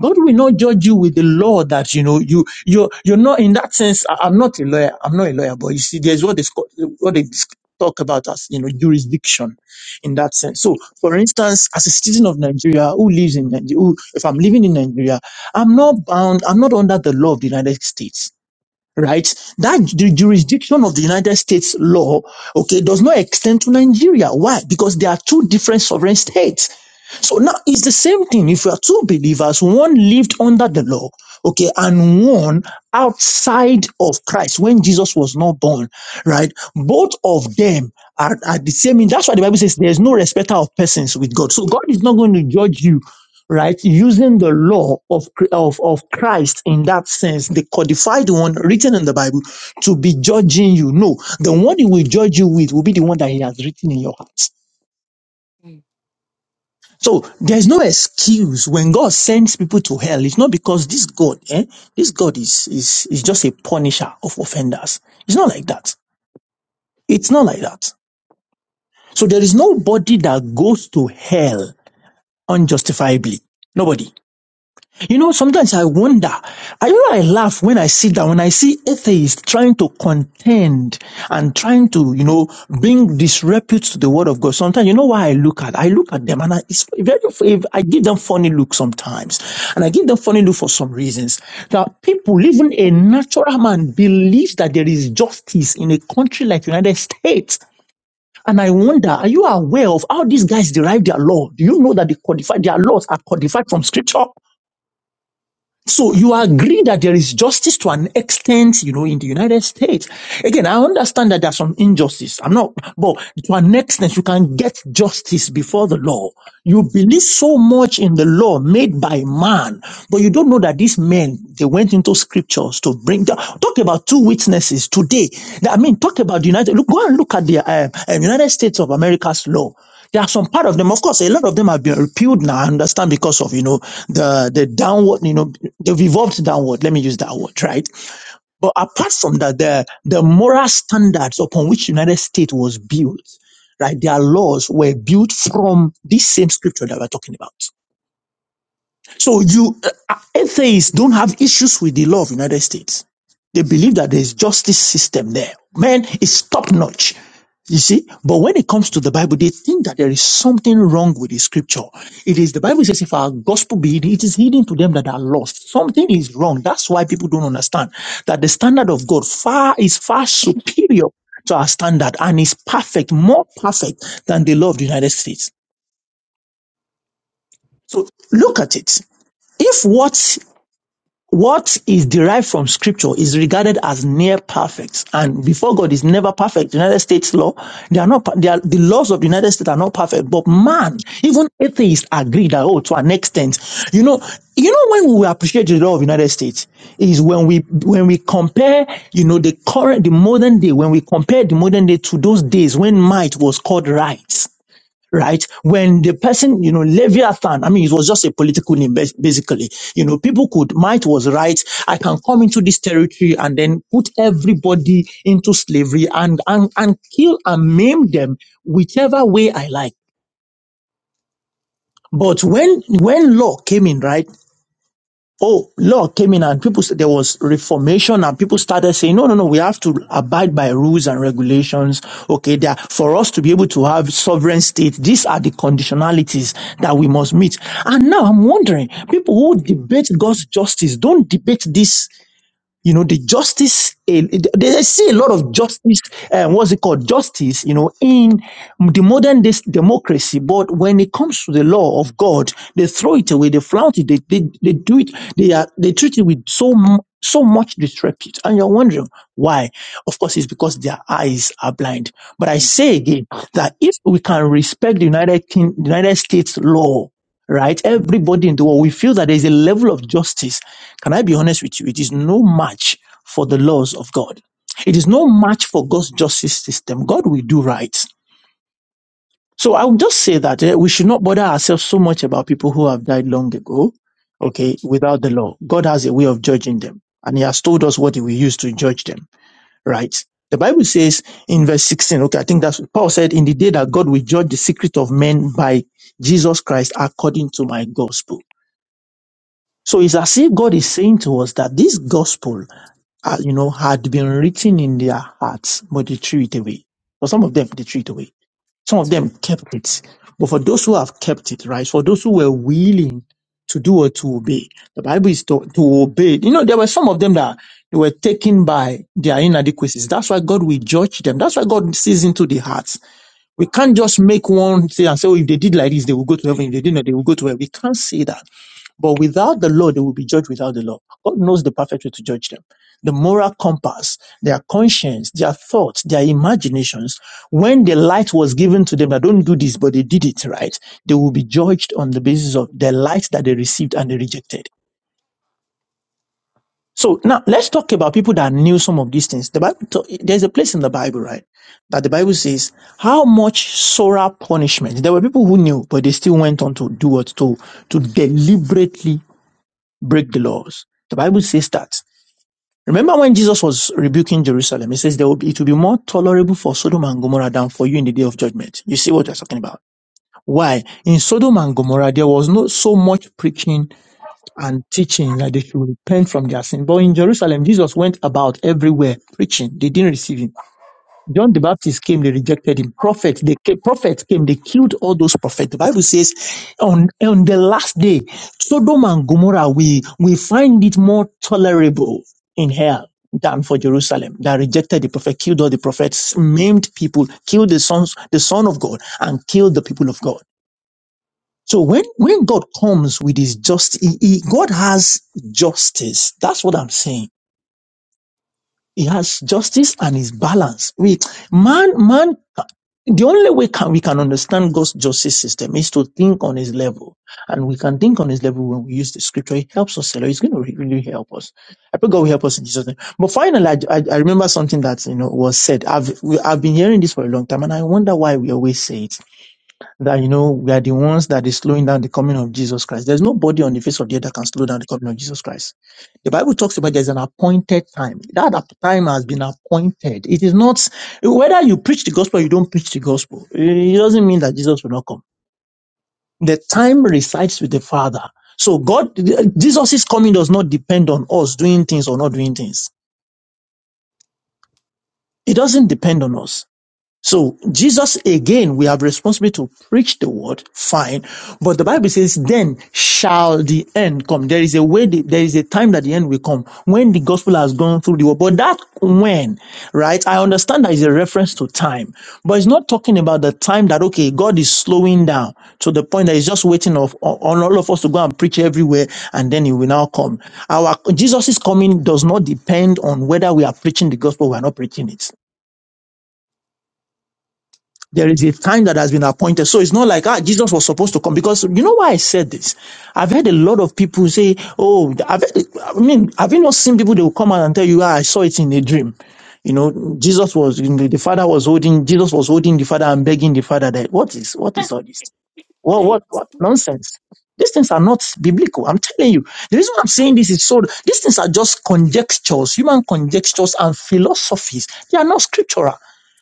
God will not judge you with the law that you know you you you're not in that sense. I, am not a lawyer. I'm not a lawyer, but you see, there's what they sc- what they dis- talk about as you know jurisdiction in that sense. So, for instance, as a citizen of Nigeria who lives in Nigeria, who, if I'm living in Nigeria, I'm not bound. I'm not under the law of the United States right? That the jurisdiction of the United States law, okay, does not extend to Nigeria. Why? Because they are two different sovereign states. So now it's the same thing. If you are two believers, one lived under the law, okay, and one outside of Christ when Jesus was not born, right? Both of them are, are the same. That's why the Bible says there's no respecter of persons with God. So God is not going to judge you. Right, using the law of, of of Christ in that sense, the codified one written in the Bible, to be judging you. No, the one he will judge you with will be the one that he has written in your heart. mm. So there's no excuse when God sends people to hell. It's not because this God, eh, this God is, is, is just a punisher of offenders. It's not like that. It's not like that. So there is nobody that goes to hell unjustifiably. Nobody. You know, sometimes I wonder. I you know I laugh when I see that when I see atheists trying to contend and trying to, you know, bring disrepute to the word of God. Sometimes you know why I look at I look at them and I it's very if I give them funny look sometimes. And I give them funny look for some reasons. That people, even a natural man, believes that there is justice in a country like United States. And I wonder, are you aware of how these guys derive their law? Do you know that they codify their laws are codified from scripture? So you agree that there is justice to an extent, you know, in the United States. Again, I understand that there's some injustice. I'm not, but to an extent, you can get justice before the law. You believe so much in the law made by man, but you don't know that these men, they went into scriptures to bring, talk about two witnesses today. I mean, talk about the United, look, go and look at the uh, uh, United States of America's law. There are some part of them, of course, a lot of them have been repealed now. I understand because of you know the the downward, you know, they've evolved downward. Let me use that word, right? But apart from that, the the moral standards upon which United States was built, right? Their laws were built from this same scripture that we're talking about. So you uh, atheists don't have issues with the law of United States. They believe that there's justice system there. Man, it's top notch. You see, but when it comes to the Bible, they think that there is something wrong with the scripture. It is the Bible says, if our gospel be hidden, it is hidden to them that are lost. Something is wrong. That's why people don't understand that the standard of God far is far superior to our standard and is perfect, more perfect than the law of the United States. So look at it. If what What is derived from scripture is regarded as near perfect. And before God is never perfect. United States law, they are not, per- they are, the laws of the United States are not perfect. But man, even atheists agree that, oh, to an extent, you know, you know, when we appreciate the law of United States is when we, when we compare, you know, the current, the modern day, when we compare the modern day to those days when might was called right right? When the person, you know, Leviathan, I mean, it was just a political name, bas- basically. You know, people could, might was right. I can come into this territory and then put everybody into slavery and, and, and kill and maim them whichever way I like. But when, when law came in, right? Oh, law came in and people, s- there was reformation and people started saying, no, no, no, we have to abide by rules and regulations. Okay. There, for us to be able to have sovereign state, these are the conditionalities that we must meet. And now I'm wondering, people who debate God's justice don't debate this you know the justice eh, they see a lot of justice uh, what's it called justice you know in the modern day democracy but when it comes to the law of god they throw it away they flout it they, they, they do it they are they treat it with so mu- so much disrepute and you're wondering why of course it's because their eyes are blind but i say again that if we can respect the united King, united states law right everybody in the world we feel that there's a level of justice can I be honest with you? It is no match for the laws of God. It is no match for God's justice system. God will do right. So I would just say that eh, we should not bother ourselves so much about people who have died long ago, okay, without the law. God has a way of judging them, and He has told us what He will use to judge them, right? The Bible says in verse 16, okay, I think that's what Paul said, in the day that God will judge the secret of men by Jesus Christ according to my gospel. So it's as if God is saying to us that this gospel, uh, you know, had been written in their hearts, but they threw it away. For some of them, they threw it away. Some of them kept it. But for those who have kept it, right? For those who were willing to do or to obey, the Bible is to, to obey. You know, there were some of them that they were taken by their inadequacies. That's why God will judge them. That's why God sees into the hearts. We can't just make one say and say, oh, if they did like this, they will go to heaven. If they did not, they will go to hell. We can't say that. But without the law, they will be judged without the law. God knows the perfect way to judge them. The moral compass, their conscience, their thoughts, their imaginations. When the light was given to them, that don't do this, but they did it right, they will be judged on the basis of the light that they received and they rejected. So now let's talk about people that knew some of these things. The Bible, ta- there's a place in the Bible, right, that the Bible says how much sorrow punishment. There were people who knew, but they still went on to do what to to deliberately break the laws. The Bible says that. Remember when Jesus was rebuking Jerusalem, he says there will be, it will be more tolerable for Sodom and Gomorrah than for you in the day of judgment. You see what we're talking about. Why? In Sodom and Gomorrah, there was not so much preaching and teaching that they should repent from their sin. But in Jerusalem, Jesus went about everywhere preaching. They didn't receive him. John the Baptist came, they rejected him. Prophets, they came, prophets came, they killed all those prophets. The Bible says, on, on the last day, Sodom and Gomorrah, we, we find it more tolerable in hell than for Jerusalem. That rejected the prophet, killed all the prophets, maimed people, killed the sons, the son of God, and killed the people of God. So when, when God comes with his justice, God has justice. That's what I'm saying he has justice and his balance. We man, man, the only way can, we can understand God's justice system is to think on his level. And we can think on his level when we use the scripture. It helps us a lot. It's going to really help us. I pray God will help us in Jesus' name. But finally, I, I, I remember something that, you know, was said. I've, we, I've been hearing this for a long time and I wonder why we always say it that you know we are the ones that is slowing down the coming of Jesus Christ. There's nobody on the face of the earth that can slow down the coming of Jesus Christ. The Bible talks about there's an appointed time. That ap- time has been appointed. It is not whether you preach the gospel or you don't preach the gospel. It doesn't mean that Jesus will not come. The time resides with the Father. So God, Jesus' coming does not depend on us doing things or not doing things. It doesn't depend on us. So Jesus again, we have responsibility to preach the word, fine. But the Bible says, then shall the end come. There is a way, the- there is a time that the end will come when the gospel has gone through the world. But that when, right? I understand that is a reference to time, but it's not talking about the time that, okay, God is slowing down to the point that he's just waiting of, on on all of us to go and preach everywhere and then he will now come. Our Jesus' coming does not depend on whether we are preaching the gospel or we are not preaching it there is a time that has been appointed. So it's not like, ah, Jesus was supposed to come. Because you know why I said this? I've heard a lot of people say, oh, I've, I mean, have you not seen people that will come out and tell you, ah, I saw it in a dream? You know, Jesus was, the father was holding, Jesus was holding the father and begging the father that, what is, what is all this? What, Hi. what, what nonsense? These things are not biblical. I'm telling you. The reason I'm saying this is so, these things are just conjectures, human conjectures and philosophies. They are not scriptural.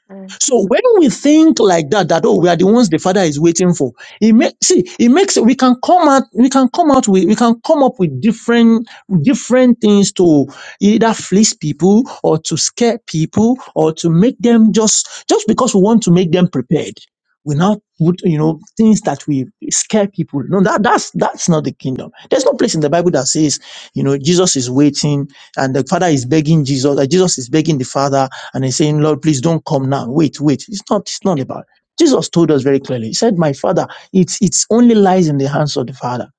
Uh, So when we think like that, that oh, we are the ones the Father is waiting for, it makes see, it makes we can come out, we can come out with, we can come up with different different things to either fleece people or to scare people or to make them just just because we want to make them prepared. We now put you know things that we scare people. No, that that's that's not the kingdom. There's no place in the Bible that says you know Jesus is waiting and the Father is begging Jesus, that Jesus is begging the Father and he's saying, Lord, please don't come now. Wait, wait. It's not, it's not about. Jesus told us very clearly. He said, My father, it's it's only lies in the hands of the Father.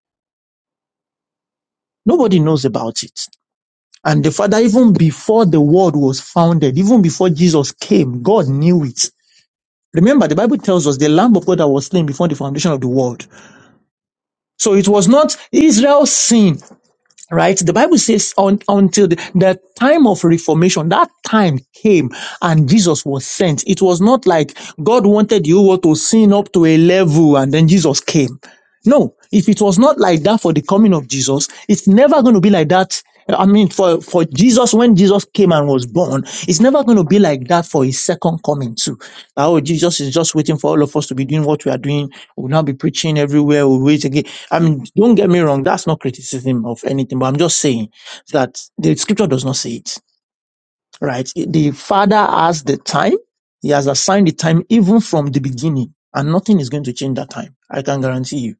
Nobody knows about it. And the Father, even before the world was founded, even before Jesus came, God knew it. Remember, the Bible tells us the Lamb of God that was slain before the foundation of the world. So it was not Israel's sin right? The Bible says un, until the, the time of reformation, that time came and Jesus was sent. It was not like God wanted you all to sin up to a level and then Jesus came. No, if it was not like that for the coming of Jesus, it's never going to be like that. I mean, for, for Jesus, when Jesus came and was born, it's never going to be like that for his second coming, too. Oh, Jesus is just waiting for all of us to be doing what we are doing. We'll not be preaching everywhere. We'll wait again. I mean, don't get me wrong, that's not criticism of anything, but I'm just saying that the scripture does not say it, right? The Father has the time, He has assigned the time even from the beginning, and nothing is going to change that time. I can guarantee you.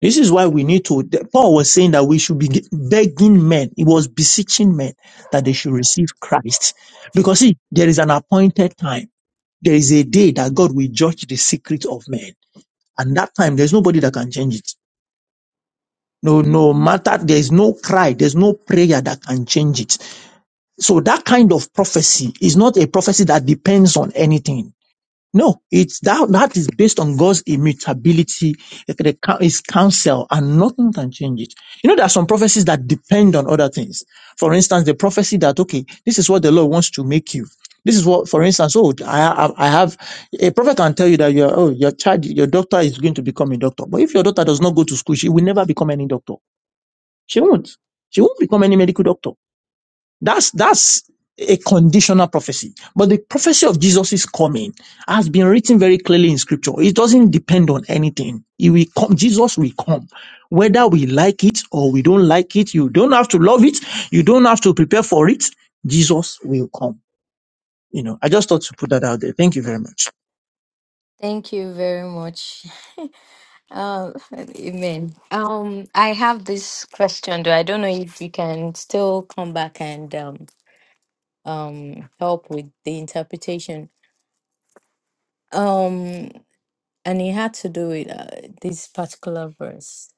This is why we need to, the- Paul was saying that we should be begging men, he was beseeching men that they should receive Christ. Because see, there is an appointed time. There is a day that God will judge the secret of men. And that time, there's nobody that can change it. No, no matter, there's no cry, there's no prayer that can change it. So that kind of prophecy is not a prophecy that depends on anything. No, it's that, that is based on God's immutability, the coun- his counsel, and nothing can change it. You know, there are some prophecies that depend on other things. For instance, the prophecy that, okay, this is what the Lord wants to make you. This is what, for instance, oh, I, I I have a prophet can tell you that your oh your child, your doctor is going to become a doctor. But if your daughter does not go to school, she will never become any doctor she won't. She won't become any medical doctor. That's that's a conditional prophecy. But the prophecy of Jesus' coming has been written very clearly in scripture. It doesn't depend on anything. He will come, Jesus will come. Whether we like it or we don't like it, you don't have to love it, you don't have to prepare for it. Jesus will come. You know, I just thought to put that out there. Thank you very much. Thank you very much. Uh, <laughs> amen. Um, I have this question though. I don't know if you can still come back and um, um, help with the interpretation. Um, and it had to do with uh, this particular verse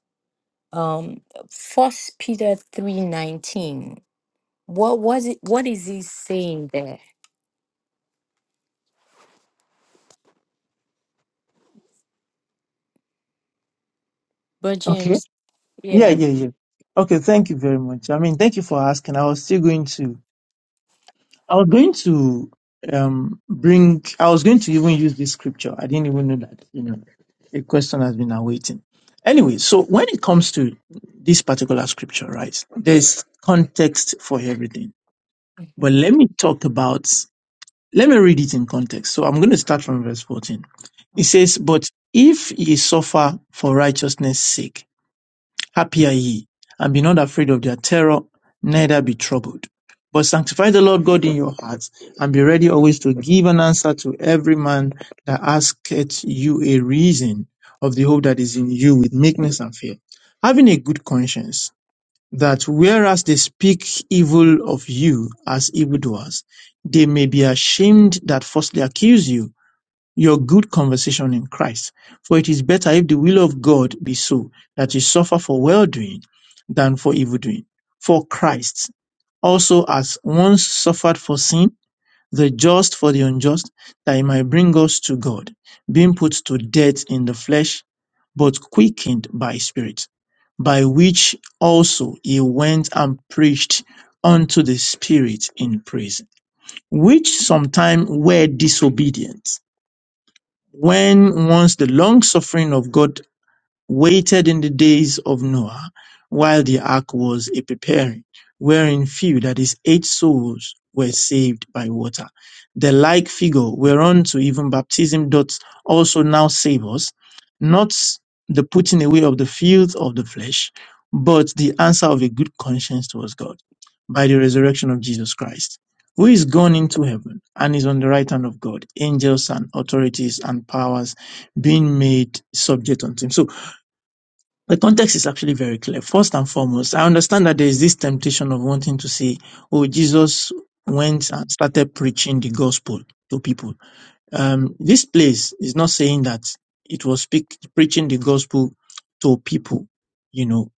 um first peter 3:19 what was it what is he saying there but Okay. james Yeah, yeah yeah, yeah. Okay, thank you very much. I mean, thank you for asking. I was still going to I was going to um bring I was going to even use this scripture. I didn't even know that, you know, a question has been awaiting. Anyway, so when it comes to this particular scripture, right, there's context for everything. But Mhm, let me talk about let me read it in context. So I'm going to start from verse 14. It says, But if ye suffer for righteousness' sake, Happy are ye, and be not afraid of their terror, neither be troubled. But sanctify the Lord God in your hearts, and be ready always to give an answer to every man that asketh you a reason of the hope that is in you with meekness and fear, having a good conscience, that whereas they speak evil of you as evildoers, they may be ashamed that falsely accuse you your good conversation in Christ. For it is better if the will of God be so that you suffer for well doing than for evil doing. For Christ also has once suffered for sin, the just for the unjust, that he might bring us to God, being put to death in the flesh, but quickened by spirit, by which also he went and preached unto the spirit in prison, which sometime were disobedient when once the long suffering of God waited in the days of Noah, while the ark was a preparing, wherein few, that is, eight souls, were saved by water. The like figure whereunto even baptism doth also now save us, not the putting away of the filth of the flesh, but the answer of a good conscience towards God by the resurrection of Jesus Christ, who is gone into heaven and is on the right hand of God, angels and authorities and powers being made subject unto him. So the context is actually very clear. First and foremost, I understand that there is this temptation of wanting to say, oh, Jesus went and started preaching the gospel to people. Um, this place is not saying that it was speak, preaching the gospel to people, you know,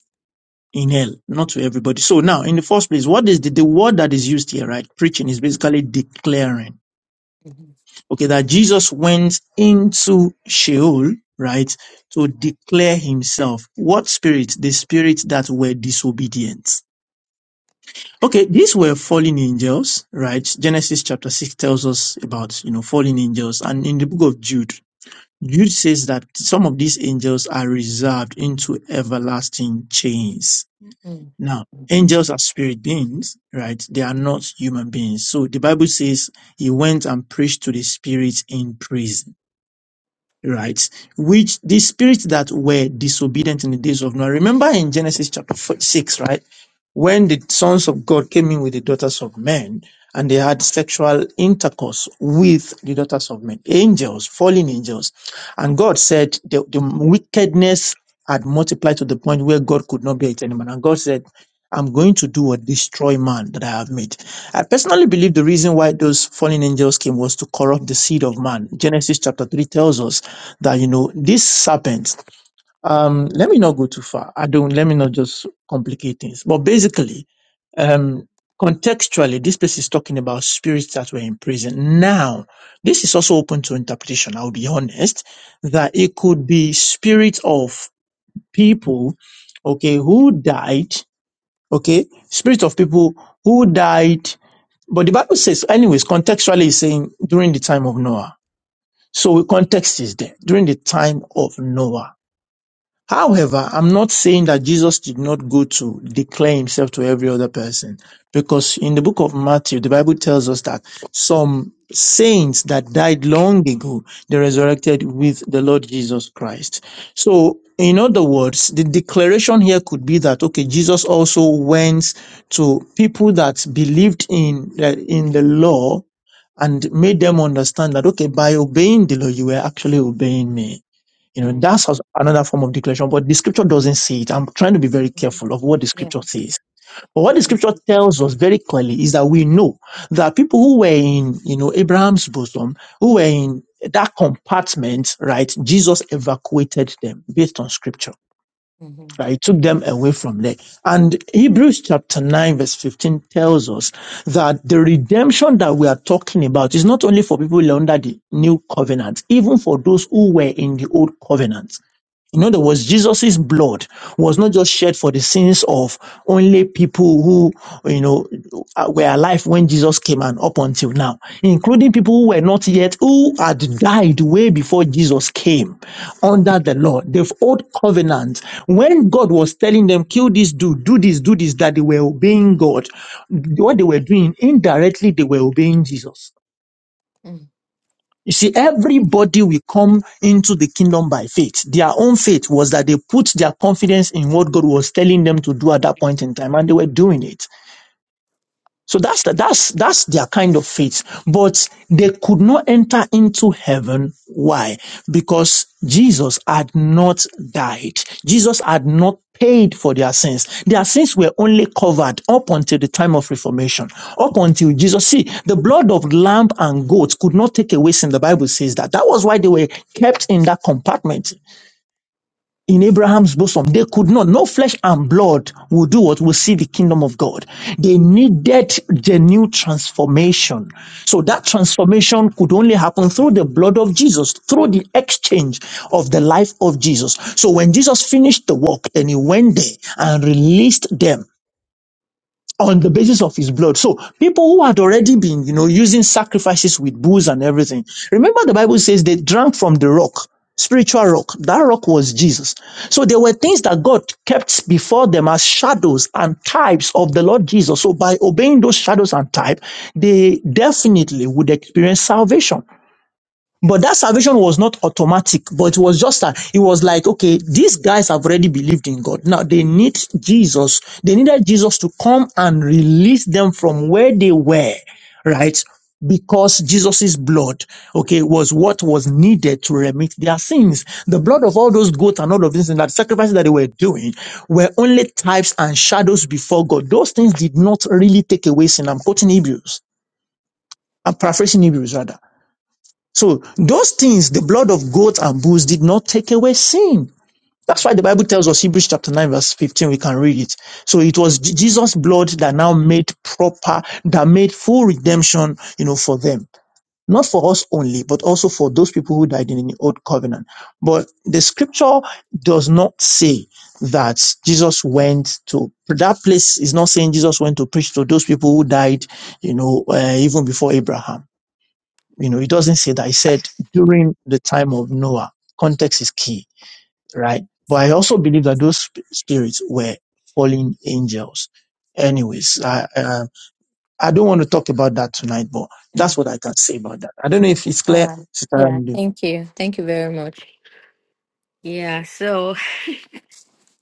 in hell, not to everybody. So now, in the first place, what is the, the word that is used here, right? Preaching is basically declaring mhm, okay, that Jesus went into Sheol, right, to declare himself. What spirit? The spirit that were disobedient. Okay, these were fallen angels, right? Genesis chapter 6 tells us about, you know, fallen angels. And in the book of Jude, Jude says that some of these angels are reserved into everlasting chains. mm, Now, angels are spirit beings, right? They are not human beings. So the Bible says he went and preached to the spirits in prison right? Which the spirits that were disobedient in the days of Noah. Remember in Genesis chapter four- 6, right? When the sons of God came in with the daughters of men and they had sexual intercourse with the daughters of men, angels, fallen angels. And God said the, the wickedness had multiplied to the point where God could not bear it anymore. And God said, I'm going to do what destroy man that I have made. I personally believe the reason why those fallen angels came was to corrupt the seed of man. Genesis chapter 3 tells us that you know this serpent um let me not go too far i don't let me not just complicate things but basically um contextually this place is talking about spirits that were in prison now this is also open to interpretation i'll be honest that it could be spirits of people okay who died okay spirits of people who died but the bible says anyways contextually it's saying during the time of noah so context is there during the time of noah However, I'm not saying that Jesus did not go to declare himself to every other person because in the book of Matthew, the Bible tells us that some saints that died long ago, they resurrected with the Lord Jesus Christ. So, in other words, the declaration here could be that, okay, Jesus also went to people that believed in, uh, in the law and made them understand that, okay, by obeying the law, you were actually obeying me. You know, mm, that's also another form of declaration, but the scripture doesn't say it. I'm trying to be very mhm. careful of what the yeah scripture says. But what the okay scripture tells us very clearly is that we know that people who were in, you know, Abraham's bosom, who were in that compartment, right? Jesus evacuated them based on scripture, Mhm, right? He took them away from there. And Hebrews chapter 9, verse 15 tells us that the redemption that we are talking about is not only for people under the new covenant, even for those who were in the old covenant in other words, Jesus' blood was not just shed for the sins of only people who, you know, uh, were alive when Jesus came and up until now, including people who were not yet, who had died way before Jesus came under the law, the old covenant. When God was telling them, kill this dude, do this, do this, that they were obeying God, what they were doing, indirectly, they were obeying Jesus. mm, You see, everybody will come into the kingdom by faith. Their own faith was that they put their confidence in what God was telling them to do at that point in time, and they were doing it. So that's the, that's that's their kind of faith. But they could not enter into heaven. Why? Because Jesus had not died. Jesus had not paid for their sins. Their sins were only covered up until the time of reformation. Up until Jesus. See, the blood of lamb and goats could not take away sin. The Bible says that. That was why they were kept in that compartment in Abraham's bosom. They could not, no flesh and blood will do what will see the kingdom of God. They needed the new transformation. So mm, that transformation could only happen through the blood of Jesus, through the exchange of the life of Jesus. So when Jesus finished the work, then he went there and released them on the basis of his blood. So people who had already been, you know, using sacrifices with bulls and everything. Remember the Bible says they drank from the rock, spiritual rock. That rock was Jesus. So there were things that God kept before them as shadows and types of the Lord Jesus. So by obeying those shadows and type, they definitely would experience salvation. But that salvation was not automatic, but it was just a, it was like, okay, these guys have already believed in God. Now they need Jesus. They needed Jesus to come and release them from where they were, right? Because Jesus's blood, okay, was what was needed to remit their sins. The blood of all those goats and all of these things, that sacrifices that they were doing were only types and shadows before God. Those things did not really take away sin. I'm quoting Hebrews. I'm paraphrasing Hebrews rather. So those things, the blood of goats and bulls did not take away sin. That's mm, why the Bible tells us Hebrews chapter 9 verse 15, we can read it. So it was Je- Jesus' blood that now made proper, that made full redemption, you know, for them. Not for us only, but also for those people who died in the old covenant. But the scripture does not say that Jesus went to that place is not saying Jesus went to preach to those people who died, you know, uh, even before Abraham you know, it doesn't say that. He said during the time of Noah, context is key, right? But I also believe that those sp- spirits were fallen angels. Anyways, I, uh, I don't want to talk about that tonight, but that's mm. what I can say about that. I don't know if it's all clear, right Sister yeah Andy. thank you thank you very much yeah so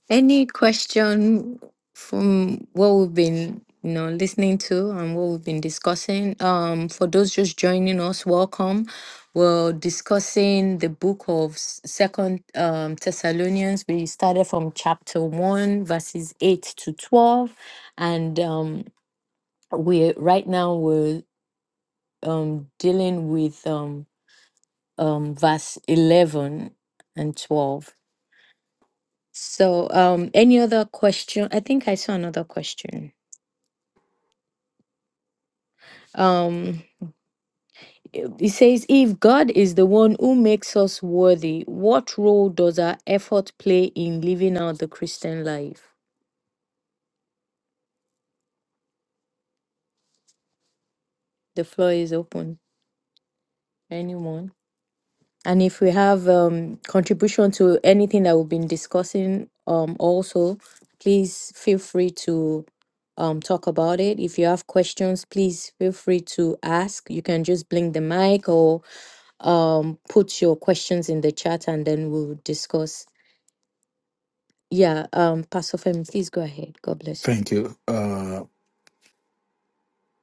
Any question from what we've been, you know, listening to and what we've been discussing? Um, for those just joining us, welcome. We're discussing the book of S- Second um, Thessalonians. We started from chapter one, verses eight to twelve, and um, we're right now we're um, dealing with um, um, verse eleven and twelve. So, um, any other question? I think I saw another question. Um, it says, if God is the one who makes us worthy, what role does our effort play in living out the Christian life? The floor is open. Anyone? And if we have um, contribution to anything that we've been discussing, um, also, please feel free to um, talk about it. If you have questions, please feel free to ask. You can just blink the mic or um, put your questions in the chat and then we'll discuss. Yeah, um, Pastor Femi, please go ahead. God bless you. Thank you. Uh,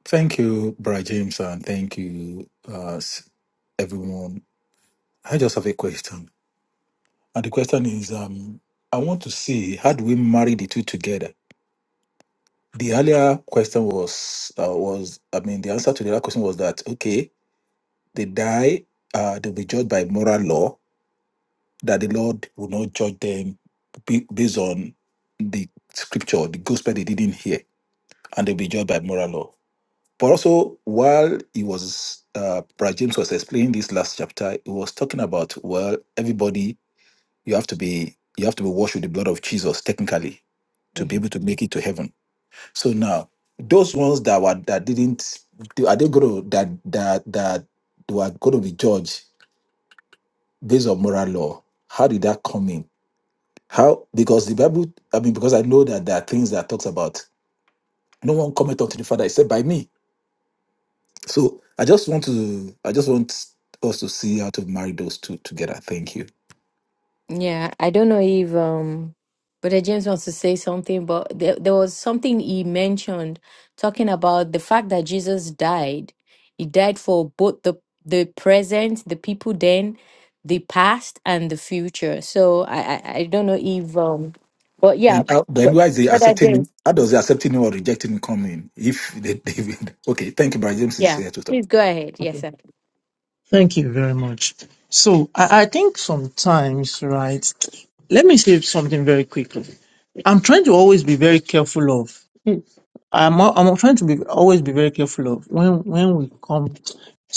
thank you, Brad James, and thank you, uh, s- everyone. I just have a question. And the question is um, I want to see how do we marry the two together? The earlier question was, uh, was I mean, the answer to the other question was that, okay, they die, uh, they'll be judged by moral law, that the Lord will not judge them be- based on the scripture, the gospel they didn't hear, and they'll be judged by moral law. But also, while he was, uh, Brad James was explaining this last chapter, he was talking about, well, everybody, you have to be, you have to be washed with the blood of Jesus, technically, to be Mm-hmm. able to make it to heaven. So now, those ones that were that didn't, are they going to that that that were going to be judged based on moral law? How did that come in? How because the Bible, I mean, because I know that there are things that talks about no one cometh unto the Father except by me. So I just want to, I just want us to see how to marry those two together. Thank you. Yeah, I don't know if um Brother James wants to say something, but there, there was something he mentioned talking about the fact that Jesus died. He died for both the the present, the people then, the past and the future. So I I, I don't know if um but Then, yeah, how then but why is he Brother accepting him? James, How does he accepting him or rejecting him come in? If they, <laughs> they okay, thank you, Brother James is yeah. here to talk. Please go ahead. Yes, sir. Thank you very much. So I, I think sometimes, right? Let me say something very quickly. I'm trying to always be very careful of. I'm al- I'm trying to be always be very careful of when when we come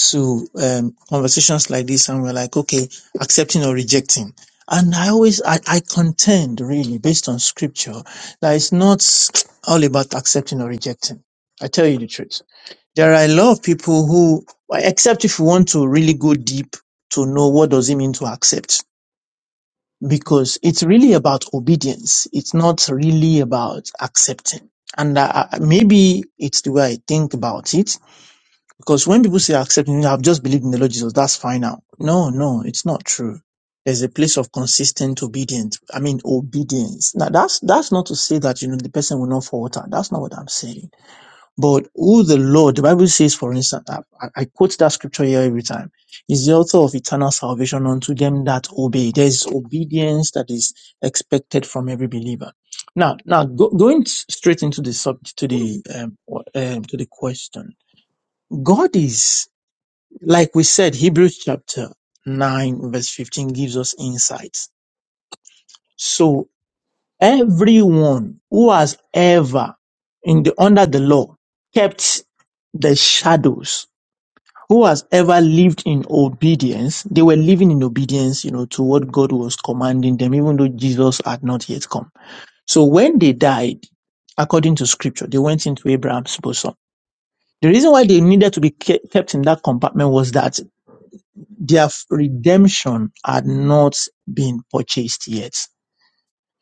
to um, conversations like this and we're like, okay, accepting or rejecting. And I always I, I contend really based on scripture that it's not all about accepting or rejecting. I tell you the truth there are a lot of people who, well, except if you want to really go deep to know what does it mean to accept, because it's really about obedience. It's not really about accepting. And uh, uh, maybe it's the way I think about it, because when people say accepting, I've just believed in the Lord Jesus, that's fine now. No, no, it's not true there's a place of consistent obedience. I mean, obedience. Now, that's that's not to say that you know the person will not falter. That's not what I'm saying but who the Lord, the Bible says, for instance, I, I I quote that scripture here every time, is the author of eternal salvation unto them that obey. There's obedience that is expected from every believer. Now, now go, going s- straight into the subject, to the um, wa- um, to the question. God is, like we said, Hebrews chapter nine verse fifteen gives us insights. So everyone who has ever in the under the law kept the shadows who has ever lived in obedience, they were living in obedience, you know, to what God was commanding them, even though Jesus had not yet come. So when they died, according to scripture, they went into Abraham's bosom. The reason why they needed to be ke- kept in that compartment was that their f- redemption had not been purchased yet.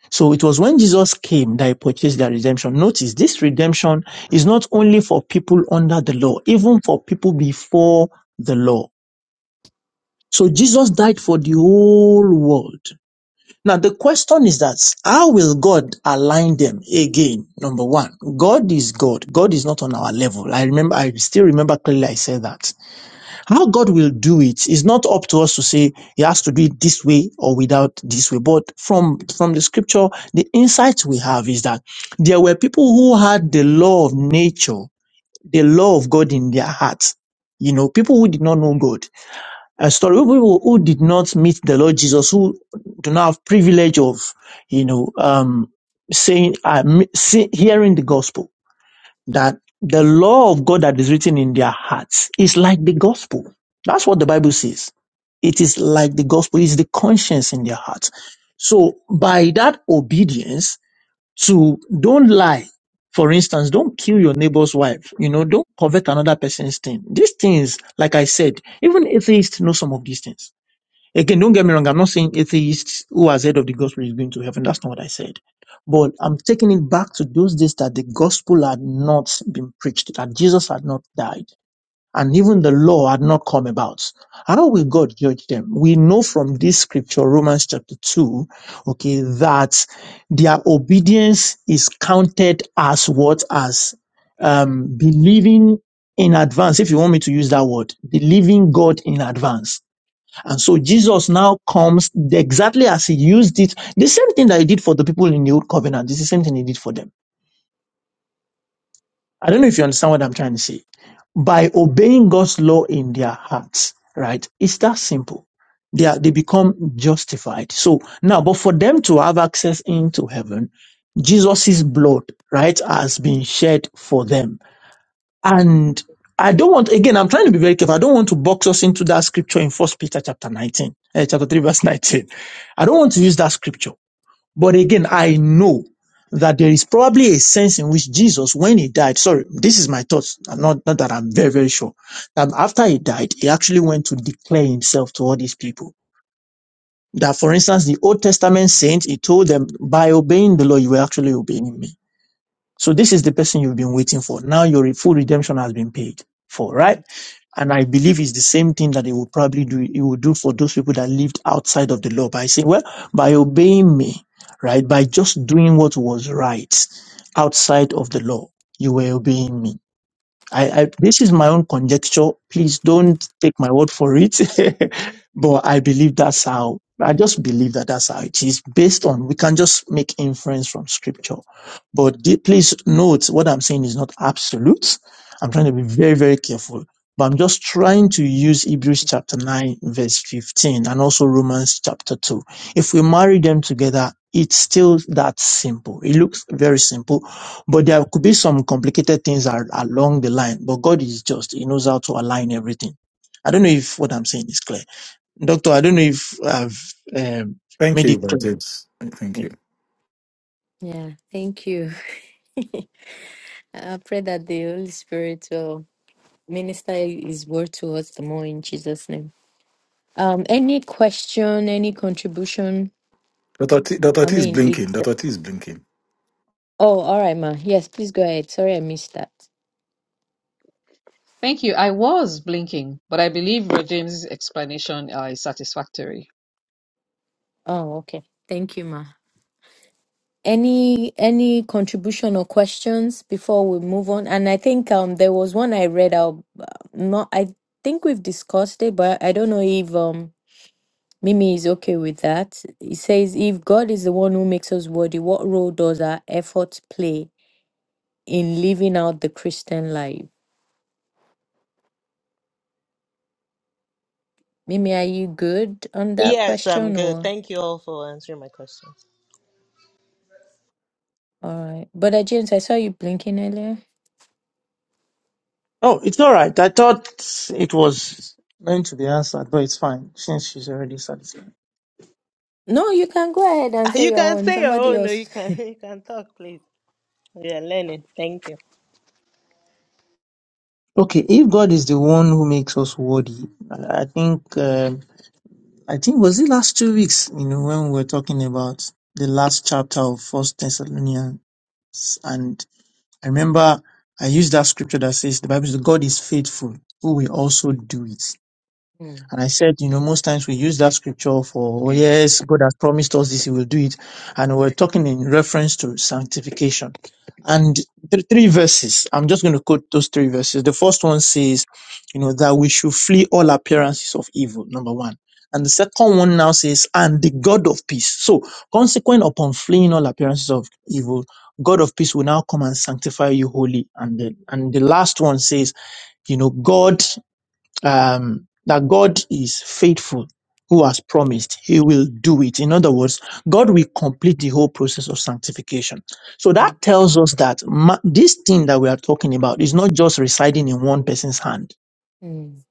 So it was when Jesus came that he purchased their redemption. Notice this redemption is not only for people under the law, even for people before the law So Jesus died for the whole world. Now the question is that how will God align them again? Number one, God is God. God is not on our level. I remember, I still remember clearly I said that. How God will do it is not up to us to say he has to do it this way or without this way. But from, from the scripture, the insight we have is that there were people who had the law of nature, the law of God in their hearts. You know, people who did not know God a story of people who did not meet the Lord Jesus, who do not have privilege of, you know, um, saying, uh, me- see, hearing the gospel, that the law of God that is written in their hearts is like the gospel. That's what the Bible says. It is like the gospel, it's the conscience in their hearts. So by that obedience to don't lie, for instance, don't kill your neighbor's wife. You know, don't covet another person's thing. These things, like I said, even atheists know some of these things Again, don't get me wrong. I'm not saying atheists who has heard of the gospel is going to heaven. That's not what I said. But I'm taking it back to those days that the gospel had not been preached, that Jesus had not died, and even the law had not come about. How will God judge them? We know from this scripture, Romans chapter 2, okay, that their obedience is counted as what? As um, believing in advance, if you want me to use that word, believing God in advance and so Jesus now comes exactly as he used it. The same thing that he did for the people in the old covenant This is the same thing he did for them. I don't know if you understand what I'm trying to say. By obeying God's law in their hearts, right? It's that simple. They are, they become justified. So now, but for them to have access into heaven, Jesus' blood, right, has been shed for them and I don't want, again, I'm trying to be very careful. I don't want to box us into that scripture in First Peter chapter 19, eh, chapter 3, verse 19. I don't want to use that scripture. But again, I know that there is probably a sense in which Jesus, when he died, sorry, this is my thoughts, I'm not, not that I'm very, very sure, that after he died, he actually went to declare himself to all these people. That, for instance, the Old Testament saints, he told them, by obeying the law, you were actually obeying me. So this is the person you've been waiting for. Now your full redemption has been paid for, right? And I believe it's the same thing that he will probably do. He will do for those people that lived outside of the law by saying, well, by obeying me, right? By just doing what was right outside of the law, you were obeying me I, I this is my own conjecture. Please don't take my word for it, <laughs> but I believe that's how. I just believe that that's how it is based on. We can just make inference from scripture, but the- please note what I'm saying is not absolute. I'm trying to be very very careful, but I'm just trying to use Hebrews chapter nine verse fifteen and also Romans chapter two. If we marry them together, it's still that simple. It looks very simple, but there could be some complicated things are, along the line. But God is just; He knows how to align everything. I don't know if what I'm saying is clear, Doctor. I don't know if I've um, Thank made you, it Brother clear. James. Thank Yeah. you. Yeah, thank you. I pray that the Holy Spirit will minister his word to us the more in Jesus' name. Um, any question, any contribution? Dr. T, Dr. I T is mean, blinking. it's Dr. T is blinking. oh, all right, ma. Yes, please go ahead. Sorry, I missed that. Thank you. I was blinking, but I believe Brother James's explanation uh, is satisfactory. Oh, okay. Thank you, ma. Any any contribution or questions before we move on? And I think um there was one I read out. uh, Not I think we've discussed it, but I don't know if um Mimi is okay with that. It says if God is the one who makes us worthy, what role does our efforts play in living out the Christian life? Mimi, are you good on that Yes, I'm question good. or Thank you all for answering my questions. all right? But uh, James, I saw you blinking earlier. Oh, it's all right. I thought it was meant to be answered, but it's fine since she's already satisfied. No, you can go ahead and say You your can own. say, Somebody oh no, you else. <sighs> can <laughs> you can talk, please. We are learning. Thank you. Okay, if God is the one who makes us worthy, I I think um I think was it last two weeks, you know, when we were talking about the last chapter of First Thessalonians, and. I remember I used that scripture that says the Bible says God is faithful who will also do it. And I said, you know, most times we use that scripture for, oh <laughs> yes, God has promised us this, He will do it. And we're talking in reference to sanctification. And th- three verses, I'm just going to quote those three verses. The first one says, you know, that we should flee all appearances of evil, number one. And the second one now says, and the God of peace. So, consequent upon fleeing all appearances of evil, God of peace will now come and sanctify you wholly. And the, and the last one says, you know, God um, that God is faithful, who has promised he will do it. In other words, God will complete the whole process of sanctification. So that tells us that ma- this thing that we are talking about is not just residing in one person's hand. Mm,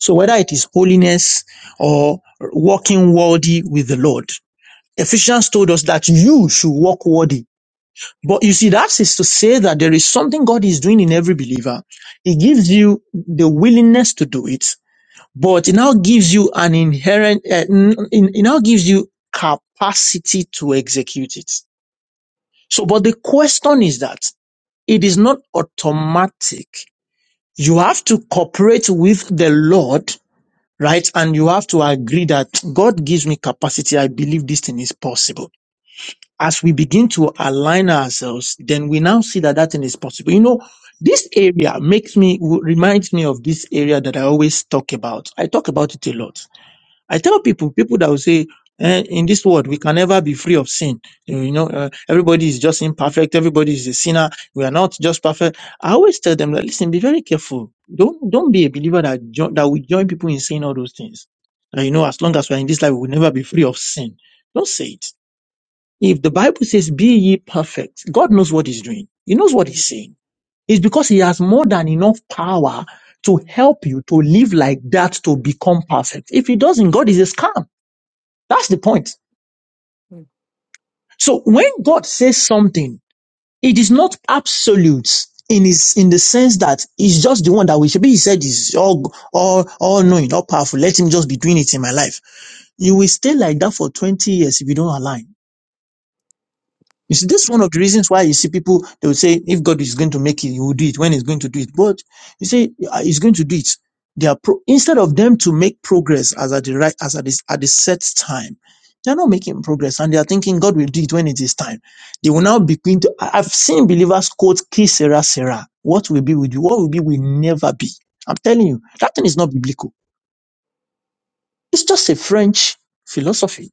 So whether it is holiness or walking worthy with the Lord, Ephesians told us that you should walk worthy. But you see, that is to say that there is something God is doing in every believer. He gives you the willingness to do it but it now gives you an inherent, uh, n- n- it now gives you capacity to execute it. So, but the question is that it is not automatic. You have to cooperate with the Lord, right? And you have to agree that God gives me capacity. I believe this thing is possible. As we begin to align ourselves, then we now see that that thing is possible. You know, this area makes me, reminds me of this area that I always talk about. I talk about it a lot I tell people, people that will say, eh, in this world, we can never be free of sin. You know, uh, everybody is just imperfect. Everybody is a sinner. We are not just perfect. I always tell them that, listen, be very careful. Don't, don't be a believer that, jo- that will join people in saying all those things. That, you know, as long as we're in this life, we'll never be free of sin. Don't say it. If the Bible says, be ye perfect, God knows what he's doing. He knows what he's mm, saying. It's because he has more than enough power to mm, help you to live like that to become perfect. If he doesn't, God is a scam. That's the point. mm, So when God says something, it is not absolute in his in the sense that he's just the one that we should be. He said is all all all knowing, all powerful. Let him just be doing it in my life. You will stay like that for 20 years if you don't align. You see, mm, this is one of the reasons why you see people, they will say, if God is going to make it, he will do it when he's going to do it. But you say, "Ah, he's going to do it. They are pro- instead of them to make progress as at the right, as at this, at the set time, they are not making progress and they are thinking God will do it when it is time. They will now begin to, I- I've seen believers quote, Ki sera sera. What will be with you? What will be will never be. I'm telling you, that thing is not biblical. It's just a French philosophy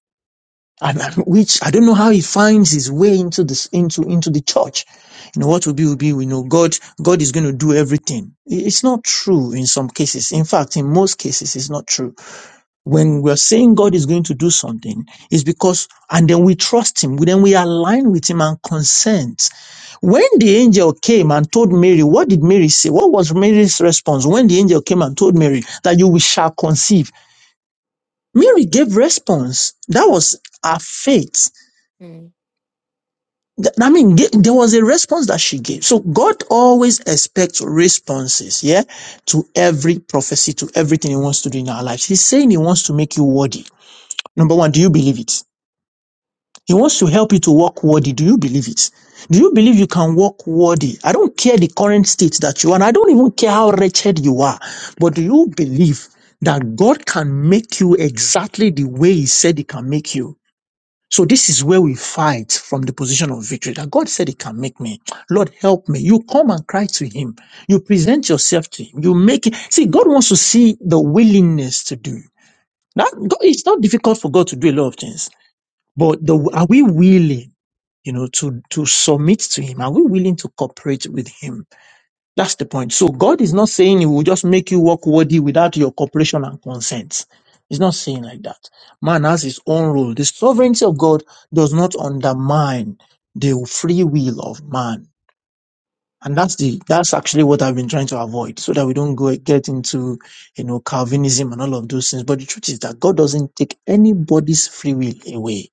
I- which I don't know how he finds his way into this into into the church. You know what will be will be. We know God God is going to do everything. It's not true in some cases. In fact, in most cases, it's not true. When we're saying God is going to do something, it's because and then we trust Him. Then we align with Him and consent. When the angel came and told Mary, what did Mary say? What was Mary's response when the angel came and told Mary that you shall conceive? Mary gave response. That mm, mm, was her faith. mm, mm, Th- I mean, th- there was a response that she gave. So God always expects responses, yeah, to every prophecy, to everything He wants to do in our lives. He's saying He wants to make you worthy. Number one, do you believe it? He wants to help you to walk worthy. Do you believe it? Do you believe you can walk worthy? I don't care the current state that you are, and I don't even care how wretched you are, but do you believe that God can make you exactly the way He said He can make you? So this is where we fight from the position of victory that God said he can make me. Lord, help me. You come and cry to him. You present yourself to him. You make it. See, God wants to see the willingness to do. That God- it's not difficult for God to do a lot of things, but the, are we willing, you know, to, to submit to him? Are we willing to cooperate with him? That's the point. So God is not saying He will just make you walk worthy without your cooperation and consent. He's not saying like that. Man has his own rule. The sovereignty of God does not undermine the free will of man. And mm. that's the that's actually what I've been trying to avoid, so that we don't go get into you know Calvinism and all of those things. But the truth is that God doesn't take anybody's free will away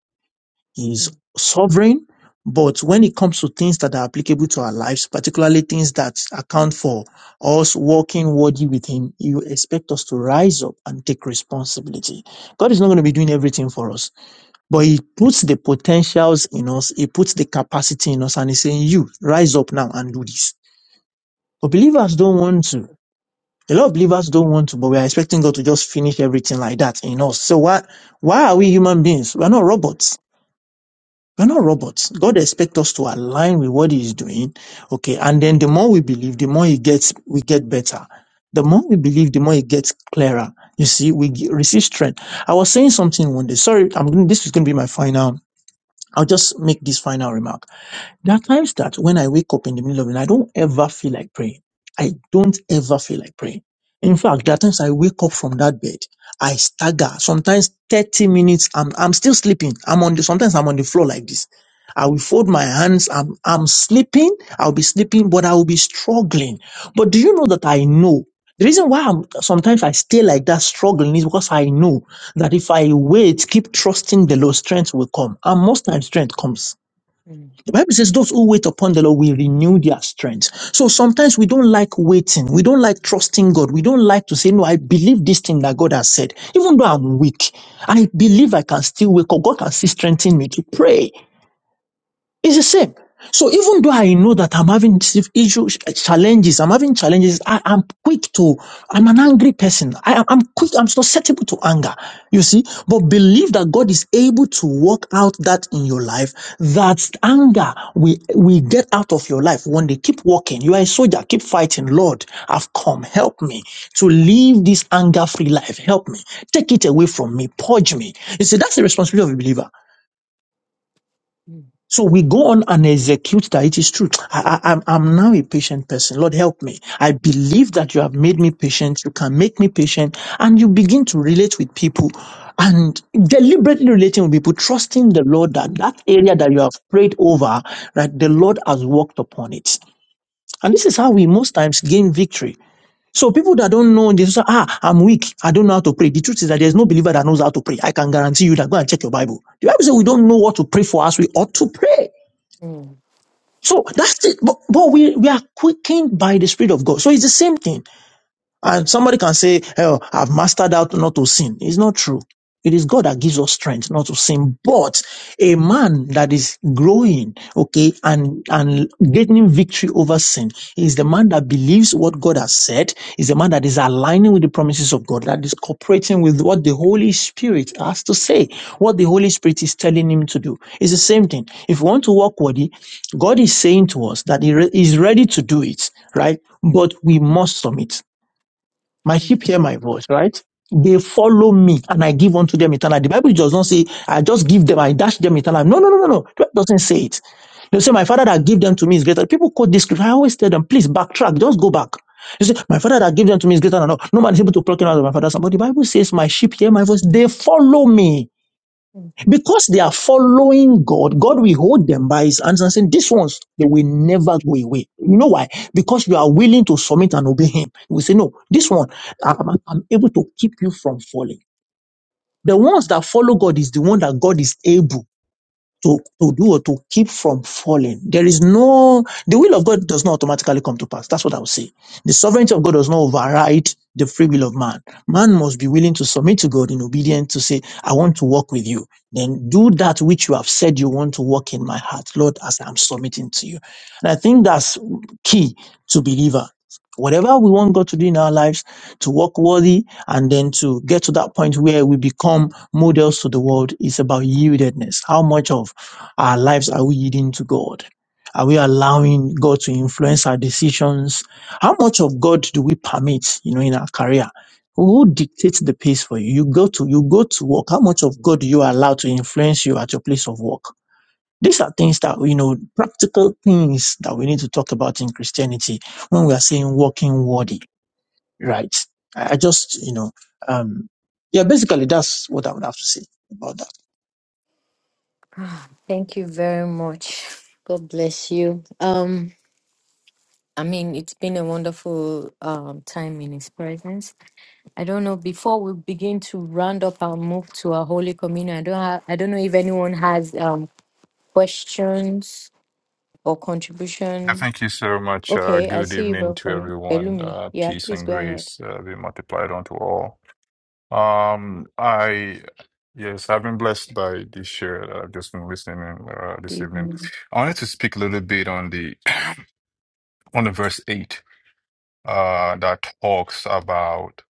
he is sovereign, but when it comes to things that are applicable to our lives, particularly things that account for us walking worthy with Him, you expect us to rise up and take responsibility. God is not going to be doing everything for us, but He puts the potentials in us, He puts the capacity in us, and He's saying, You rise up now and do this. But believers don't want to. A lot of believers don't want to, but we are expecting God to just finish everything like that in us. So why why are we human beings? We are not robots we're not robots. God expects us to align with what He is doing. Okay. And then the more we believe, the more He gets, we get better. The more we believe, the more it gets clearer. You see, we g- receive strength. I was saying something one day. Sorry, I'm, this is going to be my final. I'll just make this final remark. There are times that when I wake up in the middle of the night, I don't ever feel like praying. I don't ever feel like praying. In fact, there are times I wake up from that bed, I stagger. Sometimes 30 minutes, I'm, I'm still sleeping. I'm on the, sometimes I'm on the floor like this. I will fold my hands. I'm, I'm sleeping. I'll be sleeping, but I will be struggling. But do you know that I know? The reason why I'm, sometimes I stay like that struggling is because I know that if I wait, keep trusting the Lord, strength will come. And most times strength comes Mm, the Bible says, Those who wait upon the Lord will renew their strength. So sometimes we don't like waiting. We don't like trusting God. We don't like to say, No, I believe this thing that God has said. Even though I'm weak, I believe I can still wake up. God can still strengthen me to pray. It's the same. So even though I know that I'm having dis- issues, uh, challenges, I'm having challenges, I am quick to, I'm an angry person. I am I'm quick, I'm susceptible to anger, you see. But believe that God is able to work out that in your life, that anger we we get out of your life one day. keep walking. You are a soldier, keep fighting. Lord, I've come, help me to live this anger-free life. Help me. Take it away from me, purge me. You see, that's the responsibility of a believer. mm, So we go on and execute that it is true. I, I, I'm, I'm now a patient person. Lord, help me. I believe that you have made me patient. You can make me patient. And you begin to relate with people and deliberately relating with people, trusting the Lord that that area that you have prayed over, that the Lord has worked upon it. And this is how we most times gain victory. So people that don't know, they say, ah, I'm weak. I don't know how to pray. The truth is that there's no believer that knows how to pray. I can guarantee you that. Go and check your Bible. The Bible says we don't know what to pray for as we ought to pray. mm, So that's it. But, but we, we are quickened by the Spirit of God. So it's the same thing. And somebody can say, Oh, I've mastered out not to sin. It's not true. It is God that gives us strength not to sin. But a man that is growing, okay, and, and gaining victory over sin is the man that believes what God has said, is the man that is aligning with the promises of God, that is cooperating with what the Holy Spirit has to say, what the Holy Spirit is telling him to do. It's the same thing. If we want to walk worthy, God is saying to us that He re- is ready to do it, right? But we must submit. My sheep hear my voice, right? They follow me and I give unto them eternal. life. The Bible does not say, I just give them, I dash them eternal. life." No, no, no, no, no. It doesn't say it. They say, My father that give them to me is greater. People quote this scripture. I always tell them, please backtrack, just go back. You say, My father that give them to me is greater than all. No man is able to pluck him out of my father's hand. But the Bible says, My sheep hear my voice, they follow me. mm. Because they are following God, God will hold them by his hands and saying, These ones, they will never go away. You know why? Because you are willing to submit and obey him. We say, No, this one, I'm, I'm able to keep you from falling. The ones that follow God is the one that God is able to, to do or to keep from falling. There is no, the will of God does not automatically come to pass. That's what I would say. The sovereignty of God does not override the free will of man. Man must be willing to submit to God in obedience to say, I want to walk with you. Then do that which you have said you want to walk in my heart, Lord, as I'm submitting to you. And I think that's key to believer. Whatever we want God to do in our lives, to walk worthy and then to get to that point where we become models to the world is about yieldedness. How much of our lives, are we yielding to God? Are we allowing God to influence our decisions? How much of God do we permit, you know, in our career? Who dictates the pace for you? You go to, you go to work. How much of God do you allow to influence you at your place of work? These are things that, you know, practical things that we need to talk about in Christianity when we are saying walking worthy right? I I just, you know, um, yeah, basically that's what I would have to say about that. Ah, Thank you very much. God bless you. Um, I mean, it's been a wonderful um, time in His presence. I don't know. Before we begin to round up our move to our Holy Communion, I don't have. I don't know if anyone has um, questions or Yeah, contribution. thank you so much. Uh, Okay, I good see you, evening bro. to Paul- everyone. Pelumi. Uh, Yeah, peace please and go ahead. grace uh, be multiplied unto all. Um, I, yes, I've been blessed by this share. that I've just been listening uh, Good this evening. evening. I wanted to speak a little bit on the <clears throat> on the verse eight uh, that talks about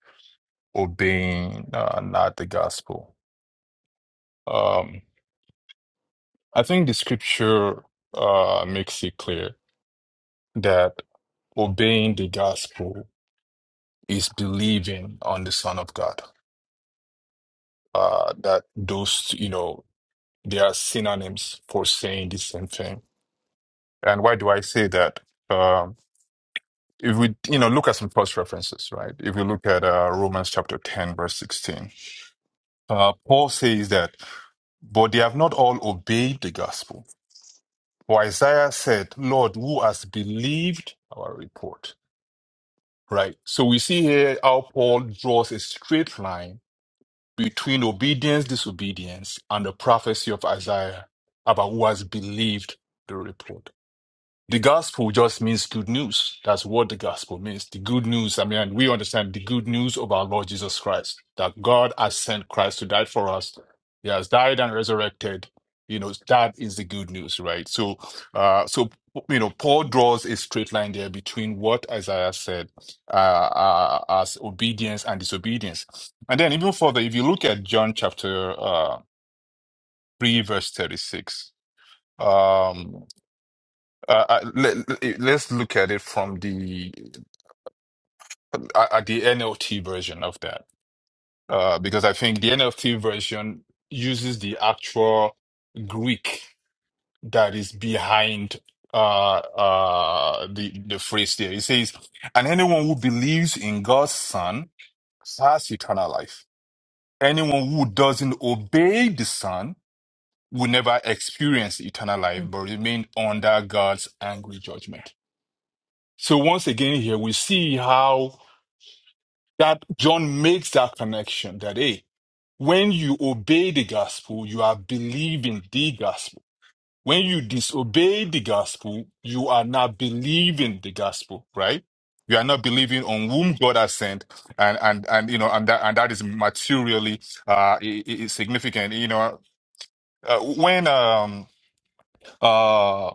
obeying uh, not the gospel. Um, I think the scripture uh, makes it clear that obeying the gospel. is believing on the Son of God. Uh, that those, you know, they are synonyms for saying the same thing. And why do I say that? Um, if we, you know, look at some cross references, right? If we look at uh, Romans chapter 10, verse 16, uh, Paul says that, but they have not all obeyed the gospel. For Isaiah said, Lord, who has believed our report? Right. So we see here how Paul draws a straight line between obedience, disobedience, and the prophecy of Isaiah about who has believed the report. The gospel just means good news. That's what the gospel means. The good news. I mean, we understand the good news of our Lord Jesus Christ, that God has sent Christ to die for us. He has died and resurrected. You know, that is the good news, right? So, uh, so, you know, Paul draws a straight line there between what Isaiah said, uh, uh, as obedience and disobedience. And then even further, if you look at John chapter, uh, 3 verse 36, um, uh, I- let, let's look at it from the uh, at the NLT version of that, uh, because I think the NLT version uses the actual Greek that is behind uh, uh, the the phrase there. It says, "And anyone who believes in God's Son has eternal life. Anyone who doesn't obey the Son will never experience eternal life, Mm, but remain under God's angry judgment." So once again here, we see how that John makes that connection that, hey, when you obey the gospel, you are believing the gospel. When you disobey the gospel, you are not believing the gospel, right? You are not believing on whom God has sent, and and and you know, and that and that is materially uh i- i- significant. You know, uh, when um uh,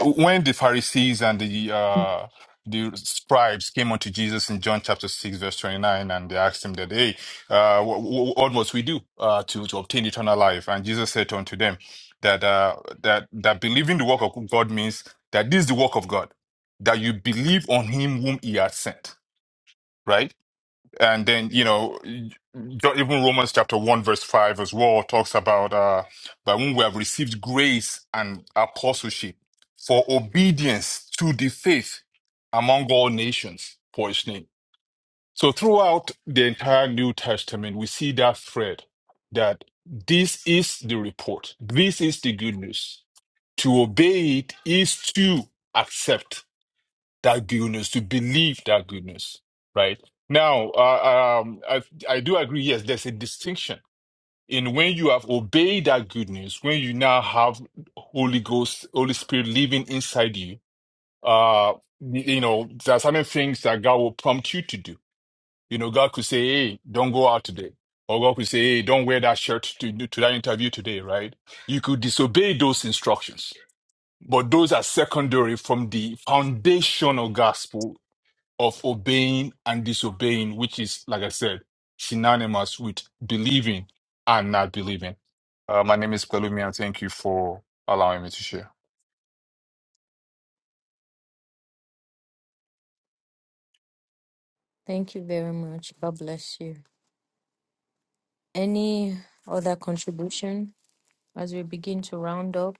when the Pharisees and the uh, the scribes came unto Jesus in John chapter six verse twenty nine, and they asked him that, "Hey, uh, wh- wh- what must we do uh, to to obtain eternal life?" And Jesus said unto them that uh, that that believing the work of God means that this is the work of God, that you believe on Him whom He has sent. Right? And then, you know, even Romans chapter 1, verse 5 as well talks about uh, that when we have received grace and apostleship for obedience to the faith among all nations for his name. So throughout the entire New Testament, we see that thread that this is the report, this is the good news. To obey it is to accept that good news, to believe that good news, right? Now, uh, um, I, I do agree, yes, there's a distinction in when you have obeyed that good news, when you now have Holy Ghost, Holy Spirit living inside you, uh, y- you know, there are certain things that God will prompt you to do. You know, God could say, hey, don't go out today. Or God could say, hey, don't wear that shirt to, to that interview today, right? You could disobey those instructions but those are secondary from the foundational gospel of obeying and disobeying, which is, like I said, synonymous with believing and not believing. Uh, my name is Pelumi, and thank you for allowing me to share. Thank you very much. God bless you. Any other contribution as we begin to round up?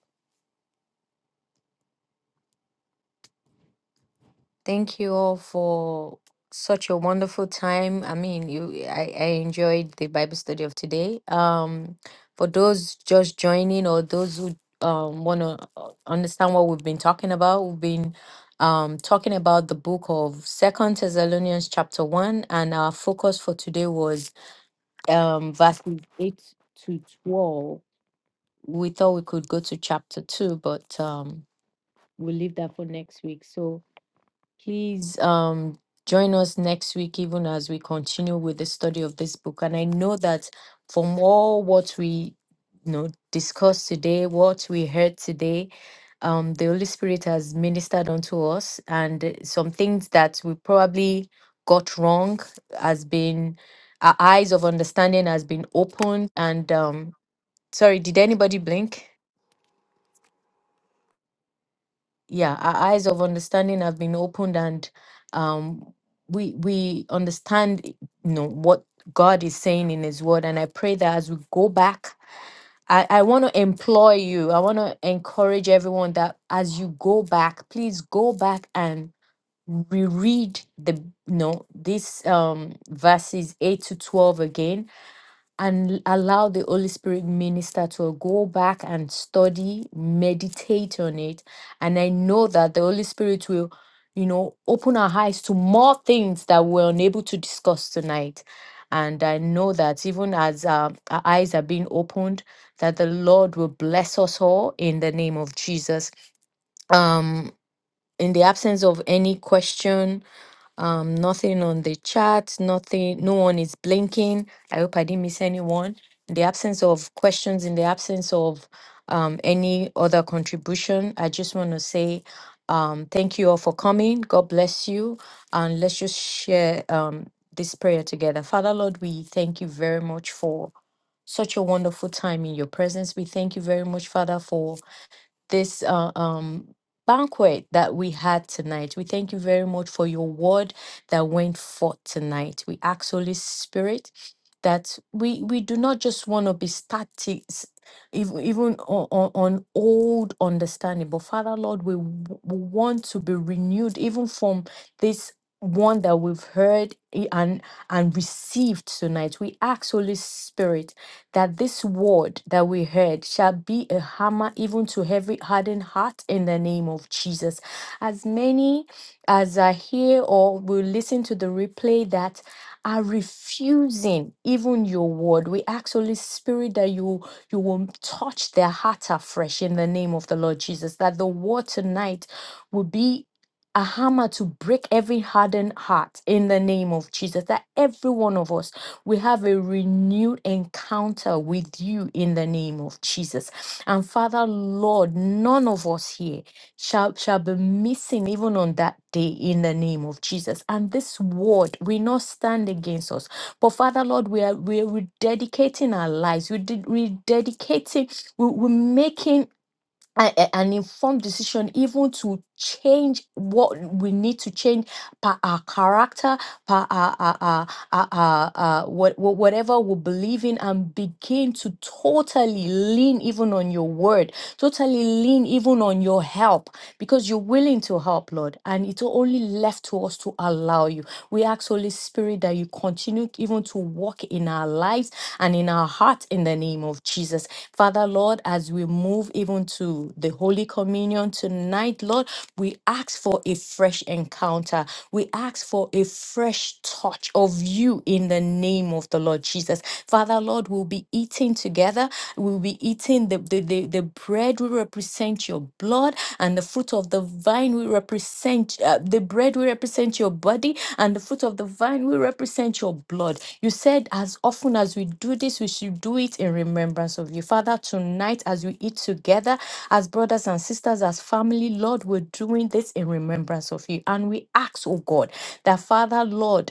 Thank you all for such a wonderful time. I mean, you I, I enjoyed the Bible study of today. Um for those just joining or those who um want to understand what we've been talking about, we've been um talking about the book of Second Thessalonians chapter 1 and our focus for today was um verses 8 to 12. We thought we could go to chapter 2, but um we'll leave that for next week. So Please um, join us next week, even as we continue with the study of this book. And I know that from all what we you know discussed today, what we heard today, um, the Holy Spirit has ministered unto us, and uh, some things that we probably got wrong has been our eyes of understanding has been opened. And um, sorry, did anybody blink? yeah our eyes of understanding have been opened and um we we understand you know what god is saying in his word and i pray that as we go back i i want to employ you i want to encourage everyone that as you go back please go back and reread the you know this um verses 8 to 12 again and allow the Holy Spirit minister to go back and study, meditate on it. And I know that the Holy Spirit will, you know, open our eyes to more things that we're unable to discuss tonight. And I know that even as uh, our eyes are being opened, that the Lord will bless us all in the name of Jesus. Um, in the absence of any question, um, nothing on the chat, nothing, no one is blinking. I hope I didn't miss anyone. In the absence of questions, in the absence of um, any other contribution, I just want to say um, thank you all for coming. God bless you. And let's just share um, this prayer together. Father, Lord, we thank you very much for such a wonderful time in your presence. We thank you very much, Father, for this uh, um, banquet that we had tonight. We thank you very much for your word that went forth tonight. We ask Holy Spirit that we we do not just want to be static s- even even on, on, on old understanding but father lord we, w- we want to be renewed even from this one that we've heard i- and and received tonight we ask holy spirit that this word that we heard shall be a hammer even to every hardened heart in the name of Jesus. As many as are here or will listen to the replay that are refusing even your word. We ask Holy Spirit that you you will touch their heart afresh in the name of the Lord Jesus. That the word tonight will be a hammer to break every hardened heart in the name of Jesus. That every one of us we have a renewed encounter with you in the name of Jesus. And Father, Lord, none of us here shall, shall be missing even on that day in the name of Jesus. And this word will not stand against us. But Father, Lord, we are we are rededicating our lives. We did rededicating, we, we're making a- a- an informed decision even to change what we need to change per our character per our, our, our, our, our, our what, what- whatever we believe in and begin to totally lean even on your word totally lean even on your help because you're willing to help lord and it's only left to us to allow you we ask holy spirit that you continue even to walk in our lives and in our hearts in the name of jesus Father, Lord, as we move even to the Holy Communion tonight, Lord, we ask for a fresh encounter. We ask for a fresh touch of you in the name of the Lord Jesus. Father, Lord, we'll be eating together we will be eating the, the, the, the bread will represent your blood, and the fruit of the vine will represent uh, the bread will represent your body, and the fruit of the vine will represent your blood. You said, as often as we do this, we should do it in remembrance of you. Father, tonight, as we eat together, as brothers and sisters, as family, Lord, we're doing this in remembrance of you. And we ask, oh God, that Father, Lord,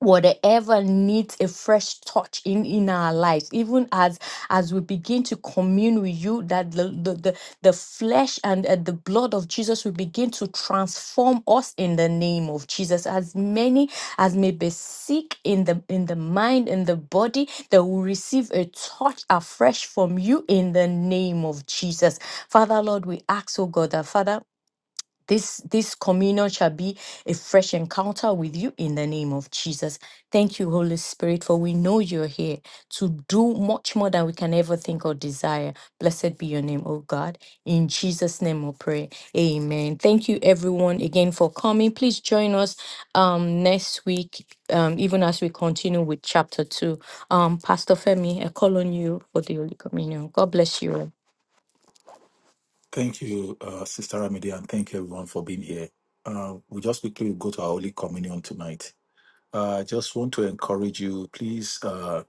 whatever needs a fresh touch in in our lives even as as we begin to commune with you that the the the, the flesh and uh, the blood of jesus will begin to transform us in the name of jesus as many as may be sick in the in the mind in the body they will receive a touch afresh from you in the name of jesus father lord we ask oh god that father this this communion shall be a fresh encounter with you in the name of Jesus. Thank you, Holy Spirit, for we know you're here to do much more than we can ever think or desire. Blessed be your name, oh God. In Jesus' name we pray. Amen. Thank you everyone again for coming. Please join us um next week, um, even as we continue with chapter two. Um, Pastor Femi, I call on you for the Holy Communion. God bless you. all. Thank you, uh, Sister Ramide, and thank you everyone for being here. Uh, we just quickly go to our Holy Communion tonight. Uh, I just want to encourage you, please, uh,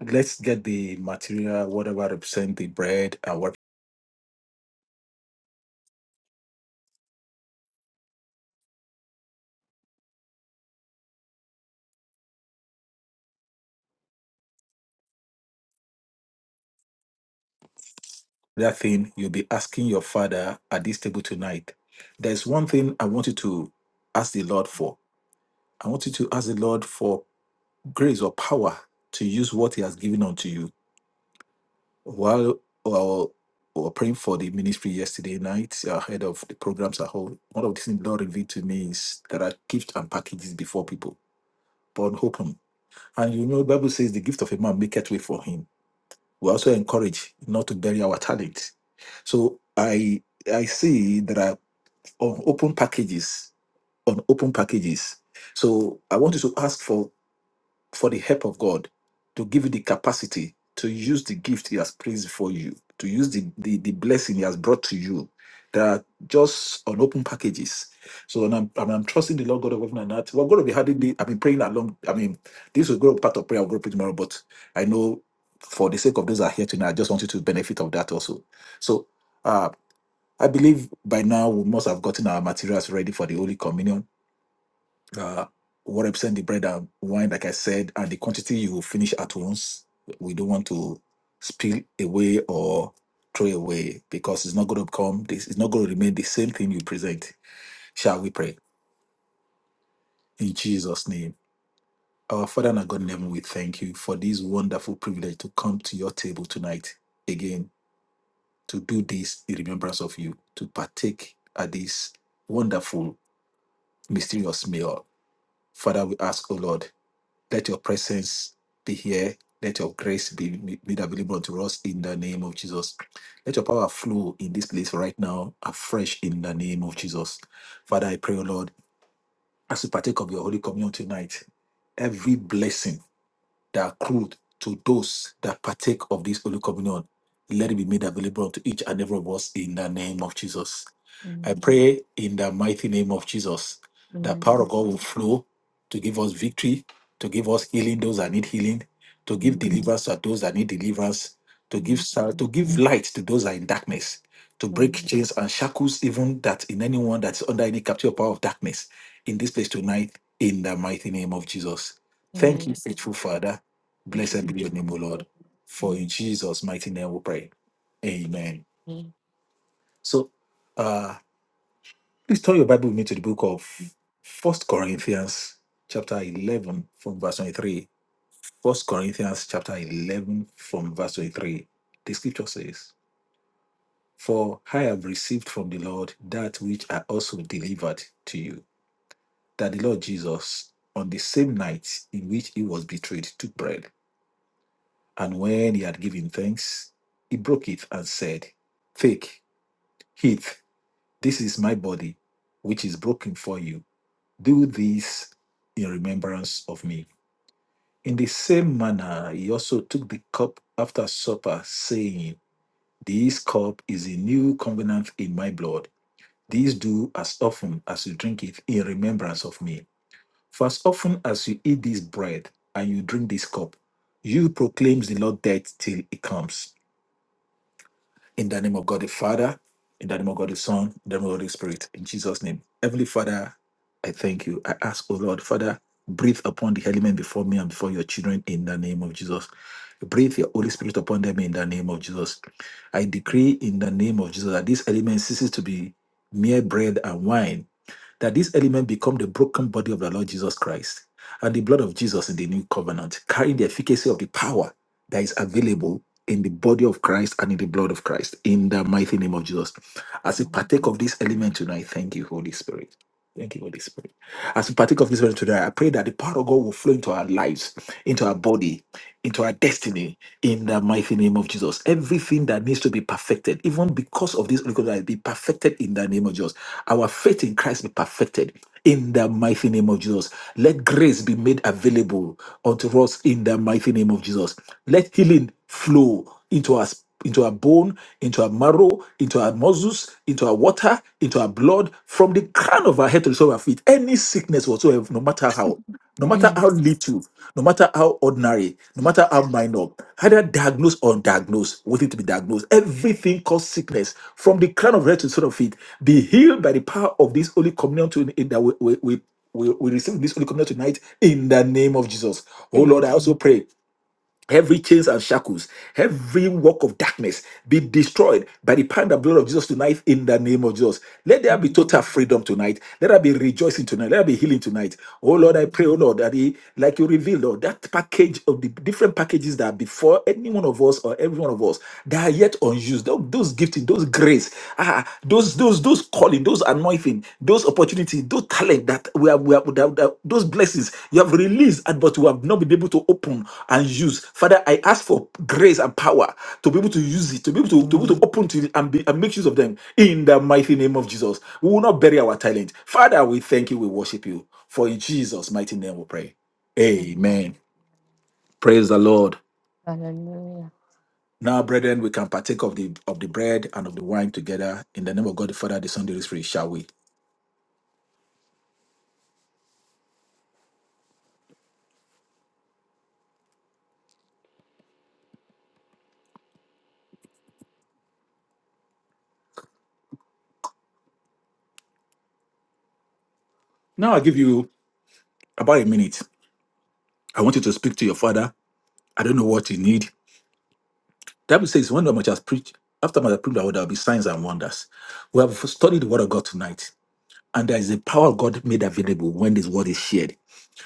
let's get the material, whatever represent the bread and whatever that thing you'll be asking your father at this table tonight. There's one thing I want you to ask the Lord for. I want you to ask the Lord for grace or power to use what He has given unto you. While while we were praying for the ministry yesterday night, ahead of the programs at whole, one of the things the Lord revealed to me is there are gifts and packages before people. But open. And you know, the Bible says the gift of a man maketh way for him. We also encourage not to bury our talent. So I I see that. on open packages on open packages so i want you to ask for for the help of god to give you the capacity to use the gift he has placed for you to use the, the the blessing he has brought to you They are just on open packages so and I'm, I'm, I'm trusting the lord god of heaven and earth we're going to be having the, i've been praying along i mean this will go part of prayer i'll go pray tomorrow but i know for the sake of those that are here tonight i just want you to benefit of that also so uh, I believe by now we must have gotten our materials ready for the Holy Communion. Uh, what represent the bread and wine, like I said, and the quantity you will finish at once. We don't want to spill away or throw away because it's not going to become this. It's not going to remain the same thing you present. Shall we pray in Jesus' name? Our Father and our God in heaven, we thank you for this wonderful privilege to come to your table tonight again to do this in remembrance of you, to partake at this wonderful mysterious meal. Father, we ask, O Lord, let your presence be here. Let your grace be ma- made available unto us in the name of Jesus. Let your power flow in this place right now, afresh in the name of Jesus. Father, I pray, O Lord, as we partake of your Holy Communion tonight, every blessing that accrued to those that partake of this Holy Communion, let it be made available to each and every of us in the name of Jesus. I Amen. pray in the mighty name of Jesus that power of Amen. God will flow to give us victory, to give us healing those that need healing, to give Amen. deliverance to those that need deliverance, to give Amen. sal- to give light to those that are in darkness, to break Amen. chains and shackles, even that in anyone that's under any captive power of darkness in this place tonight, in the mighty name of Jesus. Thank you, Amen. faithful Father. Thank you. Blessed be your name, O Lord. For in Amen. Jesus' mighty name we pray. Amen. So uh please turn your Bible with me to the book of First Corinthians chapter 11 from verse 23. First Corinthians chapter 11 from verse 23. The scripture says, For I have received from the Lord that which I also delivered to you, that the Lord Jesus, on the same night in which he was betrayed, took bread. And when he had given thanks, he broke it and said, Take, eat, this is my body, which is broken for you. Do this in remembrance of me. In the same manner, he also took the cup after supper, saying, This cup is a new covenant in my blood. This do as often as you drink it in remembrance of me. For as often as you eat this bread and you drink this cup, you proclaim the Lord death till he comes. In the name of God the Father, in the name of God the Son, in the name of God the Spirit, in Jesus' name. Heavenly Father, I thank you. I ask, O Lord, Father, breathe upon the element before me and before your children in the name of Jesus. Breathe your Holy Spirit upon them in the name of Jesus. I decree in the name of Jesus that this element ceases to be mere bread and wine that this element become the broken body of the Lord Jesus Christ and the blood of Jesus in the new covenant, carrying the efficacy of the power that is available in the body of Christ and in the blood of Christ, in the mighty name of Jesus. As we partake of this element tonight, thank you, Holy Spirit. Thank you, Holy Spirit. As we partake of this word today, I pray that the power of God will flow into our lives, into our body, into our destiny, in the mighty name of Jesus. Everything that needs to be perfected, even because of this, Holy Ghost, be perfected in the name of Jesus. Our faith in Christ be perfected in the mighty name of Jesus. Let grace be made available unto us in the mighty name of Jesus. Let healing flow into us into our bone, into our marrow, into our muscles, into our water, into our blood, from the crown of our head to the sole of our feet. Any sickness whatsoever, no matter how, no matter how Amen. little, no matter how ordinary, no matter how minor, either diagnosed or undiagnosed, waiting to be diagnosed, everything caused sickness from the crown of our head to the sole of our feet, be healed by the power of this Holy Communion to, in- that we, we, we, we, we receive this Holy Communion tonight in the name of Jesus. Oh Lord, I also pray. Every chains and shackles, every work of darkness be destroyed by the power and the blood of Jesus tonight in the name of Jesus. Let there be total Mm, freedom tonight. Let there be rejoicing tonight. Let there be healing tonight. Oh Lord, I mm, pray, oh Lord, that he, like you revealed, Lord, that package of the different packages that are before any one of us or every one of us that are yet unused, tho- those gifting, those grace, ah, those those those those calling, those anointing, those opportunities, those talent that we have, we have that, that- those blessings you have released, and but we have not been able to open and use. Father, I ask for grace and power to be able to use it, to be able to, to, be able to open to it and, be, and make use of them in the mighty name of Jesus. We will not bury our talent. Father, we thank you, we worship you. For in Jesus' mighty name we pray. mm. Amen. Praise the Lord. Hallelujah. Now, brethren, we can partake of the of the bread and of the wine together in the name of God the Father, the Son, the Holy Spirit, shall we? Now I give you about a minute. I want you to speak to your father. I don't know what you need. The Bible says, when thou much has preached, after my preached, there will be signs and wonders. We have studied the word of God tonight, and there is a power of God made available when this word is shared.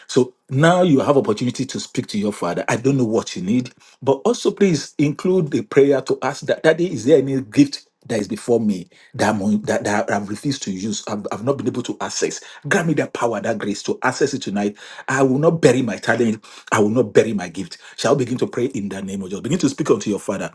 So now you have opportunity to speak to your father. I don't know what you need, but also please include the prayer to ask that Daddy, is there any gift that is before me that I'm un- that, that I've refused to use? I've, I've not been able to access. Grant me that power, that grace to access it tonight. I will not bury my talent. I will not bury my gift. Shall we begin to pray in the name of Jesus? Begin to speak unto your father.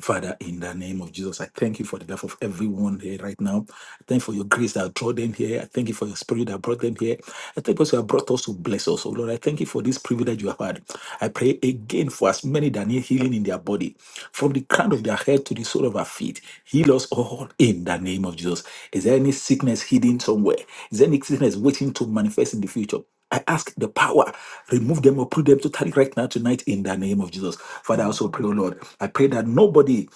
Father, in the name of Jesus, I thank you for the life of everyone here right now. I thank you for your grace that brought them here. I thank you for your spirit that brought them here. I thank you because you have brought us to bless us. Oh Lord, I thank you for this privilege you have had. I pray again for as many that need healing in their body, from the crown of their head to the sole of our feet. Heal us all in the name of Jesus. Is there any sickness hidden somewhere? Is there any sickness waiting to manifest in the future? I ask the power, remove them or put them totally right now tonight in the name of Jesus. Father, I Mm, also pray, oh Lord, I pray that nobody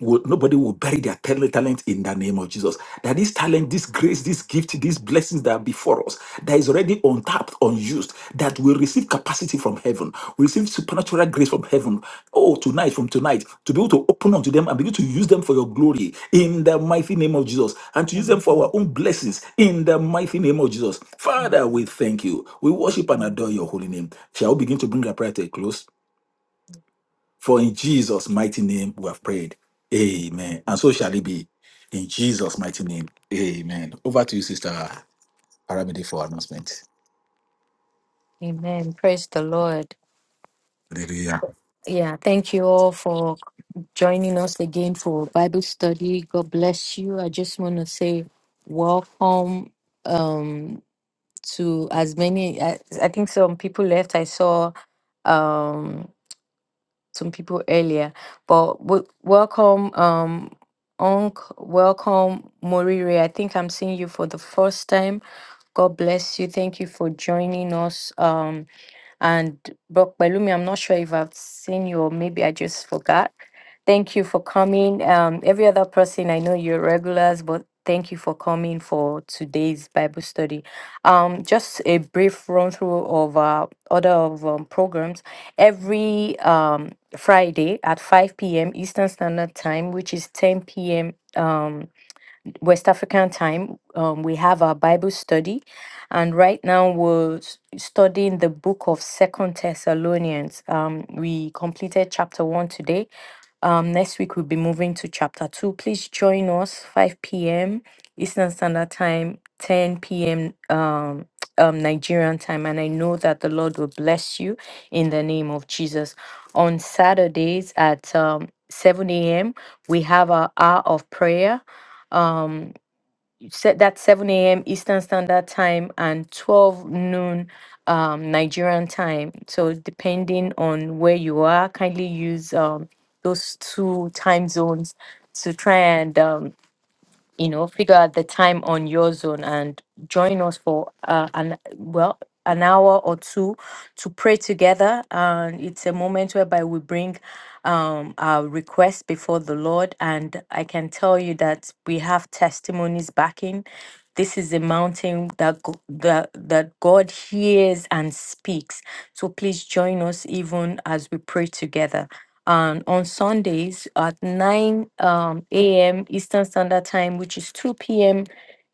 will, nobody will bury their tal- talent in the name of Jesus. That this talent, this grace, this gift, these blessings that are before us, that is already untapped, unused, that will receive capacity from heaven, we receive supernatural grace from heaven. Oh, tonight, from tonight, to be able to open unto them and begin to use them for your glory in the mighty name of Jesus, and to use them mm, for our own blessings in the mighty name of Jesus. mm. Father, we thank you. We Thank worship and you. adore your holy name. Shall we begin to bring our prayer to a close? For in Jesus' mighty name we have prayed. Mhm. Amen. And so shall it be. In Jesus' mighty name. Amen. Over to you, Sister Aramide, for announcement. Amen. Praise the Lord. Hallelujah. Yeah, thank you all for joining us again for Bible study. God bless you. I just want to say welcome um to as many I, I think some people left. I saw um some people earlier, but w- welcome, um, Onk, welcome, Morire. I think I'm seeing you for the first time. God bless you. Thank you for joining us. Um, and Brock Belumi, I'm not sure if I've seen you or maybe I just forgot. Thank you for coming. Um, every other person, I know you're regulars, but thank you for coming for today's Bible study. Um, just a brief run through of uh, other of um, programs. Every um, Friday at 5 p.m. Eastern Standard Time, which is 10 p.m. West African time, um, we have our Bible study, and right now we're s- studying the book of Second Thessalonians. Um, we completed chapter one today. Um, next week we'll be moving to chapter two. Please join us 5 p.m. Eastern Standard Time, 10 p.m. Um, um, Nigerian time, and I know that the Lord will bless you in the name of Jesus. On Saturdays at um, 7 a.m., we have our hour of prayer Um, set that 7 a.m. Eastern Standard Time and 12 noon um, Nigerian time. So depending on where you are, kindly use um, those two time zones to try and um, you know, figure out the time on your zone and join us for uh, an well an hour or two to pray together. And it's a moment whereby we bring um, our requests before the Lord, and I can tell you that we have testimonies backing. This is a mountain that go- that that God hears and speaks. So please join us even as we pray together and on Sundays at 9 um, a.m. Eastern Standard Time, which is 2 p.m.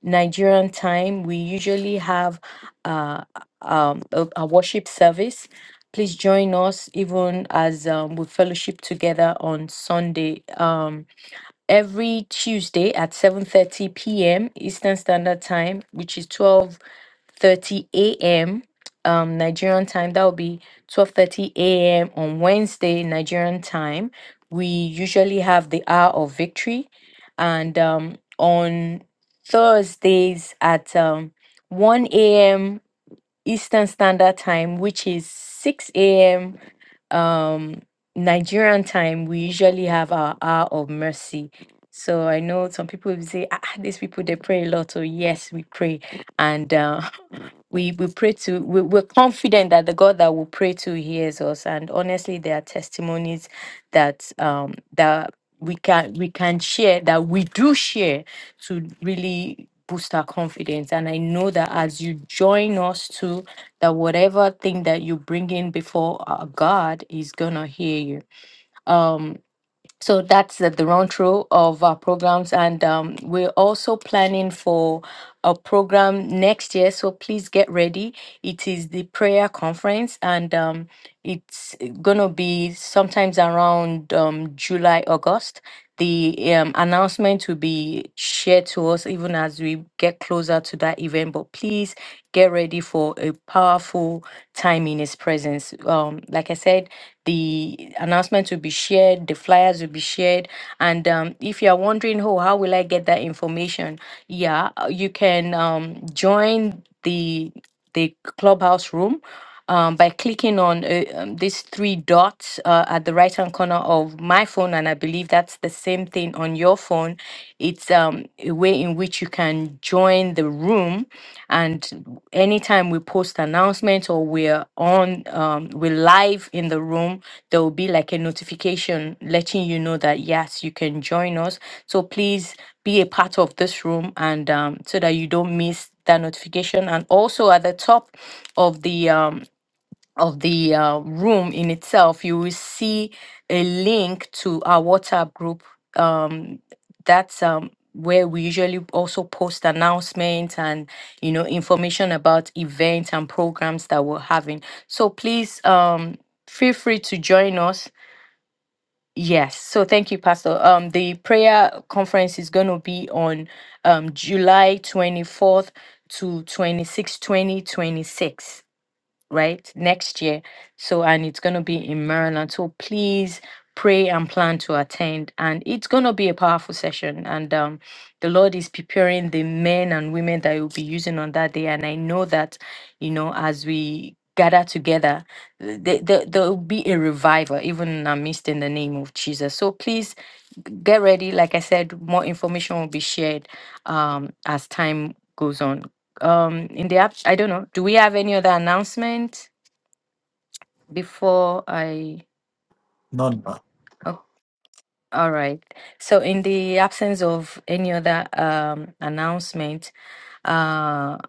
Nigerian time. We usually have uh, um, a, a worship service. Please join us even as um, we fellowship together on Sunday. Um, every Tuesday at 7:30 p.m. Eastern Standard Time, which is 12 thirty a.m. Um, Nigerian time. That will be twelve thirty a.m. on Wednesday Nigerian time. We usually have the hour of victory, and um, on Thursdays at um, one a.m. Eastern Standard Time, which is six a.m. Um, Nigerian time. We usually have our hour of mercy. So I know some people will say, ah, ah, these people they pray a lot. So yes, we pray and. uh, we we pray to we, we're confident that the god that we pray to hears us and honestly there are testimonies that um that we can we can share that we do share to really boost our confidence and i know that as you join us too that whatever thing that you bring in before our god is gonna hear you Um so that's the, the run through of our programs, and um, we're also planning for a program next year. So please get ready. It is the prayer conference, and um, it's gonna be sometimes around um, July, August. The um, announcement will be shared to us even as we get closer to that event. But please get ready for a powerful time in His presence. Um, like I said the announcements will be shared, the flyers will be shared. And um, if you're wondering, oh, how will I get that information? Yeah, uh, you can um, join the the clubhouse room um, by clicking on uh, um, these three dots uh, at the right hand corner of my phone, and I believe that's the same thing on your phone. It's um, a way in which you can join the room, and anytime we post announcements or we're on um we're live in the room there will be like a notification letting you know that yes you can join us so please be a part of this room and um so that you don't miss that notification and also at the top of the um of the uh, room in itself, you will see a link to our WhatsApp group. Um, that's um, where we usually also post announcements and you know information about events and programs that we're having. So please um, feel free to join us. Yes. So thank you, Pastor. Um, the prayer conference is going to be on um, July twenty fourth to twenty-sixth, twenty 26, 2026 right? Next year. So, and it's going to be in Maryland. So please pray and plan to attend. And it's going to be a powerful session. And um, the Lord is preparing the men and women that will be using on that day. And I know that, you know, as we gather together, th- th- there will be a revival, even in our midst, in the name of Jesus. So please get ready. Like I said, more information will be shared um, as time goes on. Um, in the app, I don't know. Do we have any other announcement before I? None. but Oh, all right. So, in the absence of any other um, announcement, uh,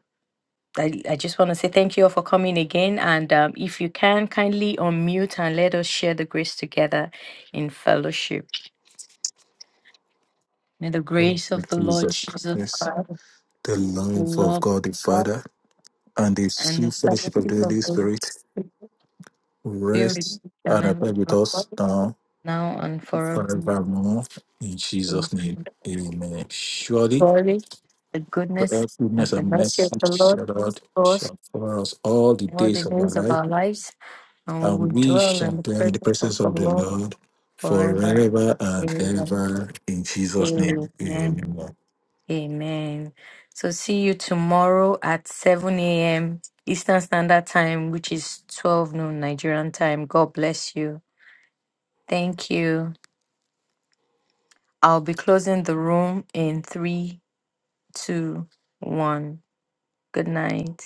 I, I just want to say thank you all for coming again. And um, if you can, kindly unmute and let us share the grace together in fellowship. May the grace of the Lord Jesus Jesus Christ, Christ, the the love of love. God the Father, and the and sweet the fellowship of the fellowship of Holy the Holy Spirit Spirit rest which shall and never be abide with apart, us now now and forever. forevermore. In Jesus' name. Amen. Surely, Glory, the goodness, the goodness and the and mercy mercy of the Lord shall, for us shall follow us all the all the days of our days of life our lives, and we and will we dwell shall in the dwell in the presence of presence the of the Lord Lord forever forever and and ever. ever. In Jesus' name, Amen. amen. Amen. So see you tomorrow at 7 a.m. Eastern Standard Time, which is 12 noon Nigerian time. God bless you. Thank you. I'll be closing the room in three, two, one. Good night.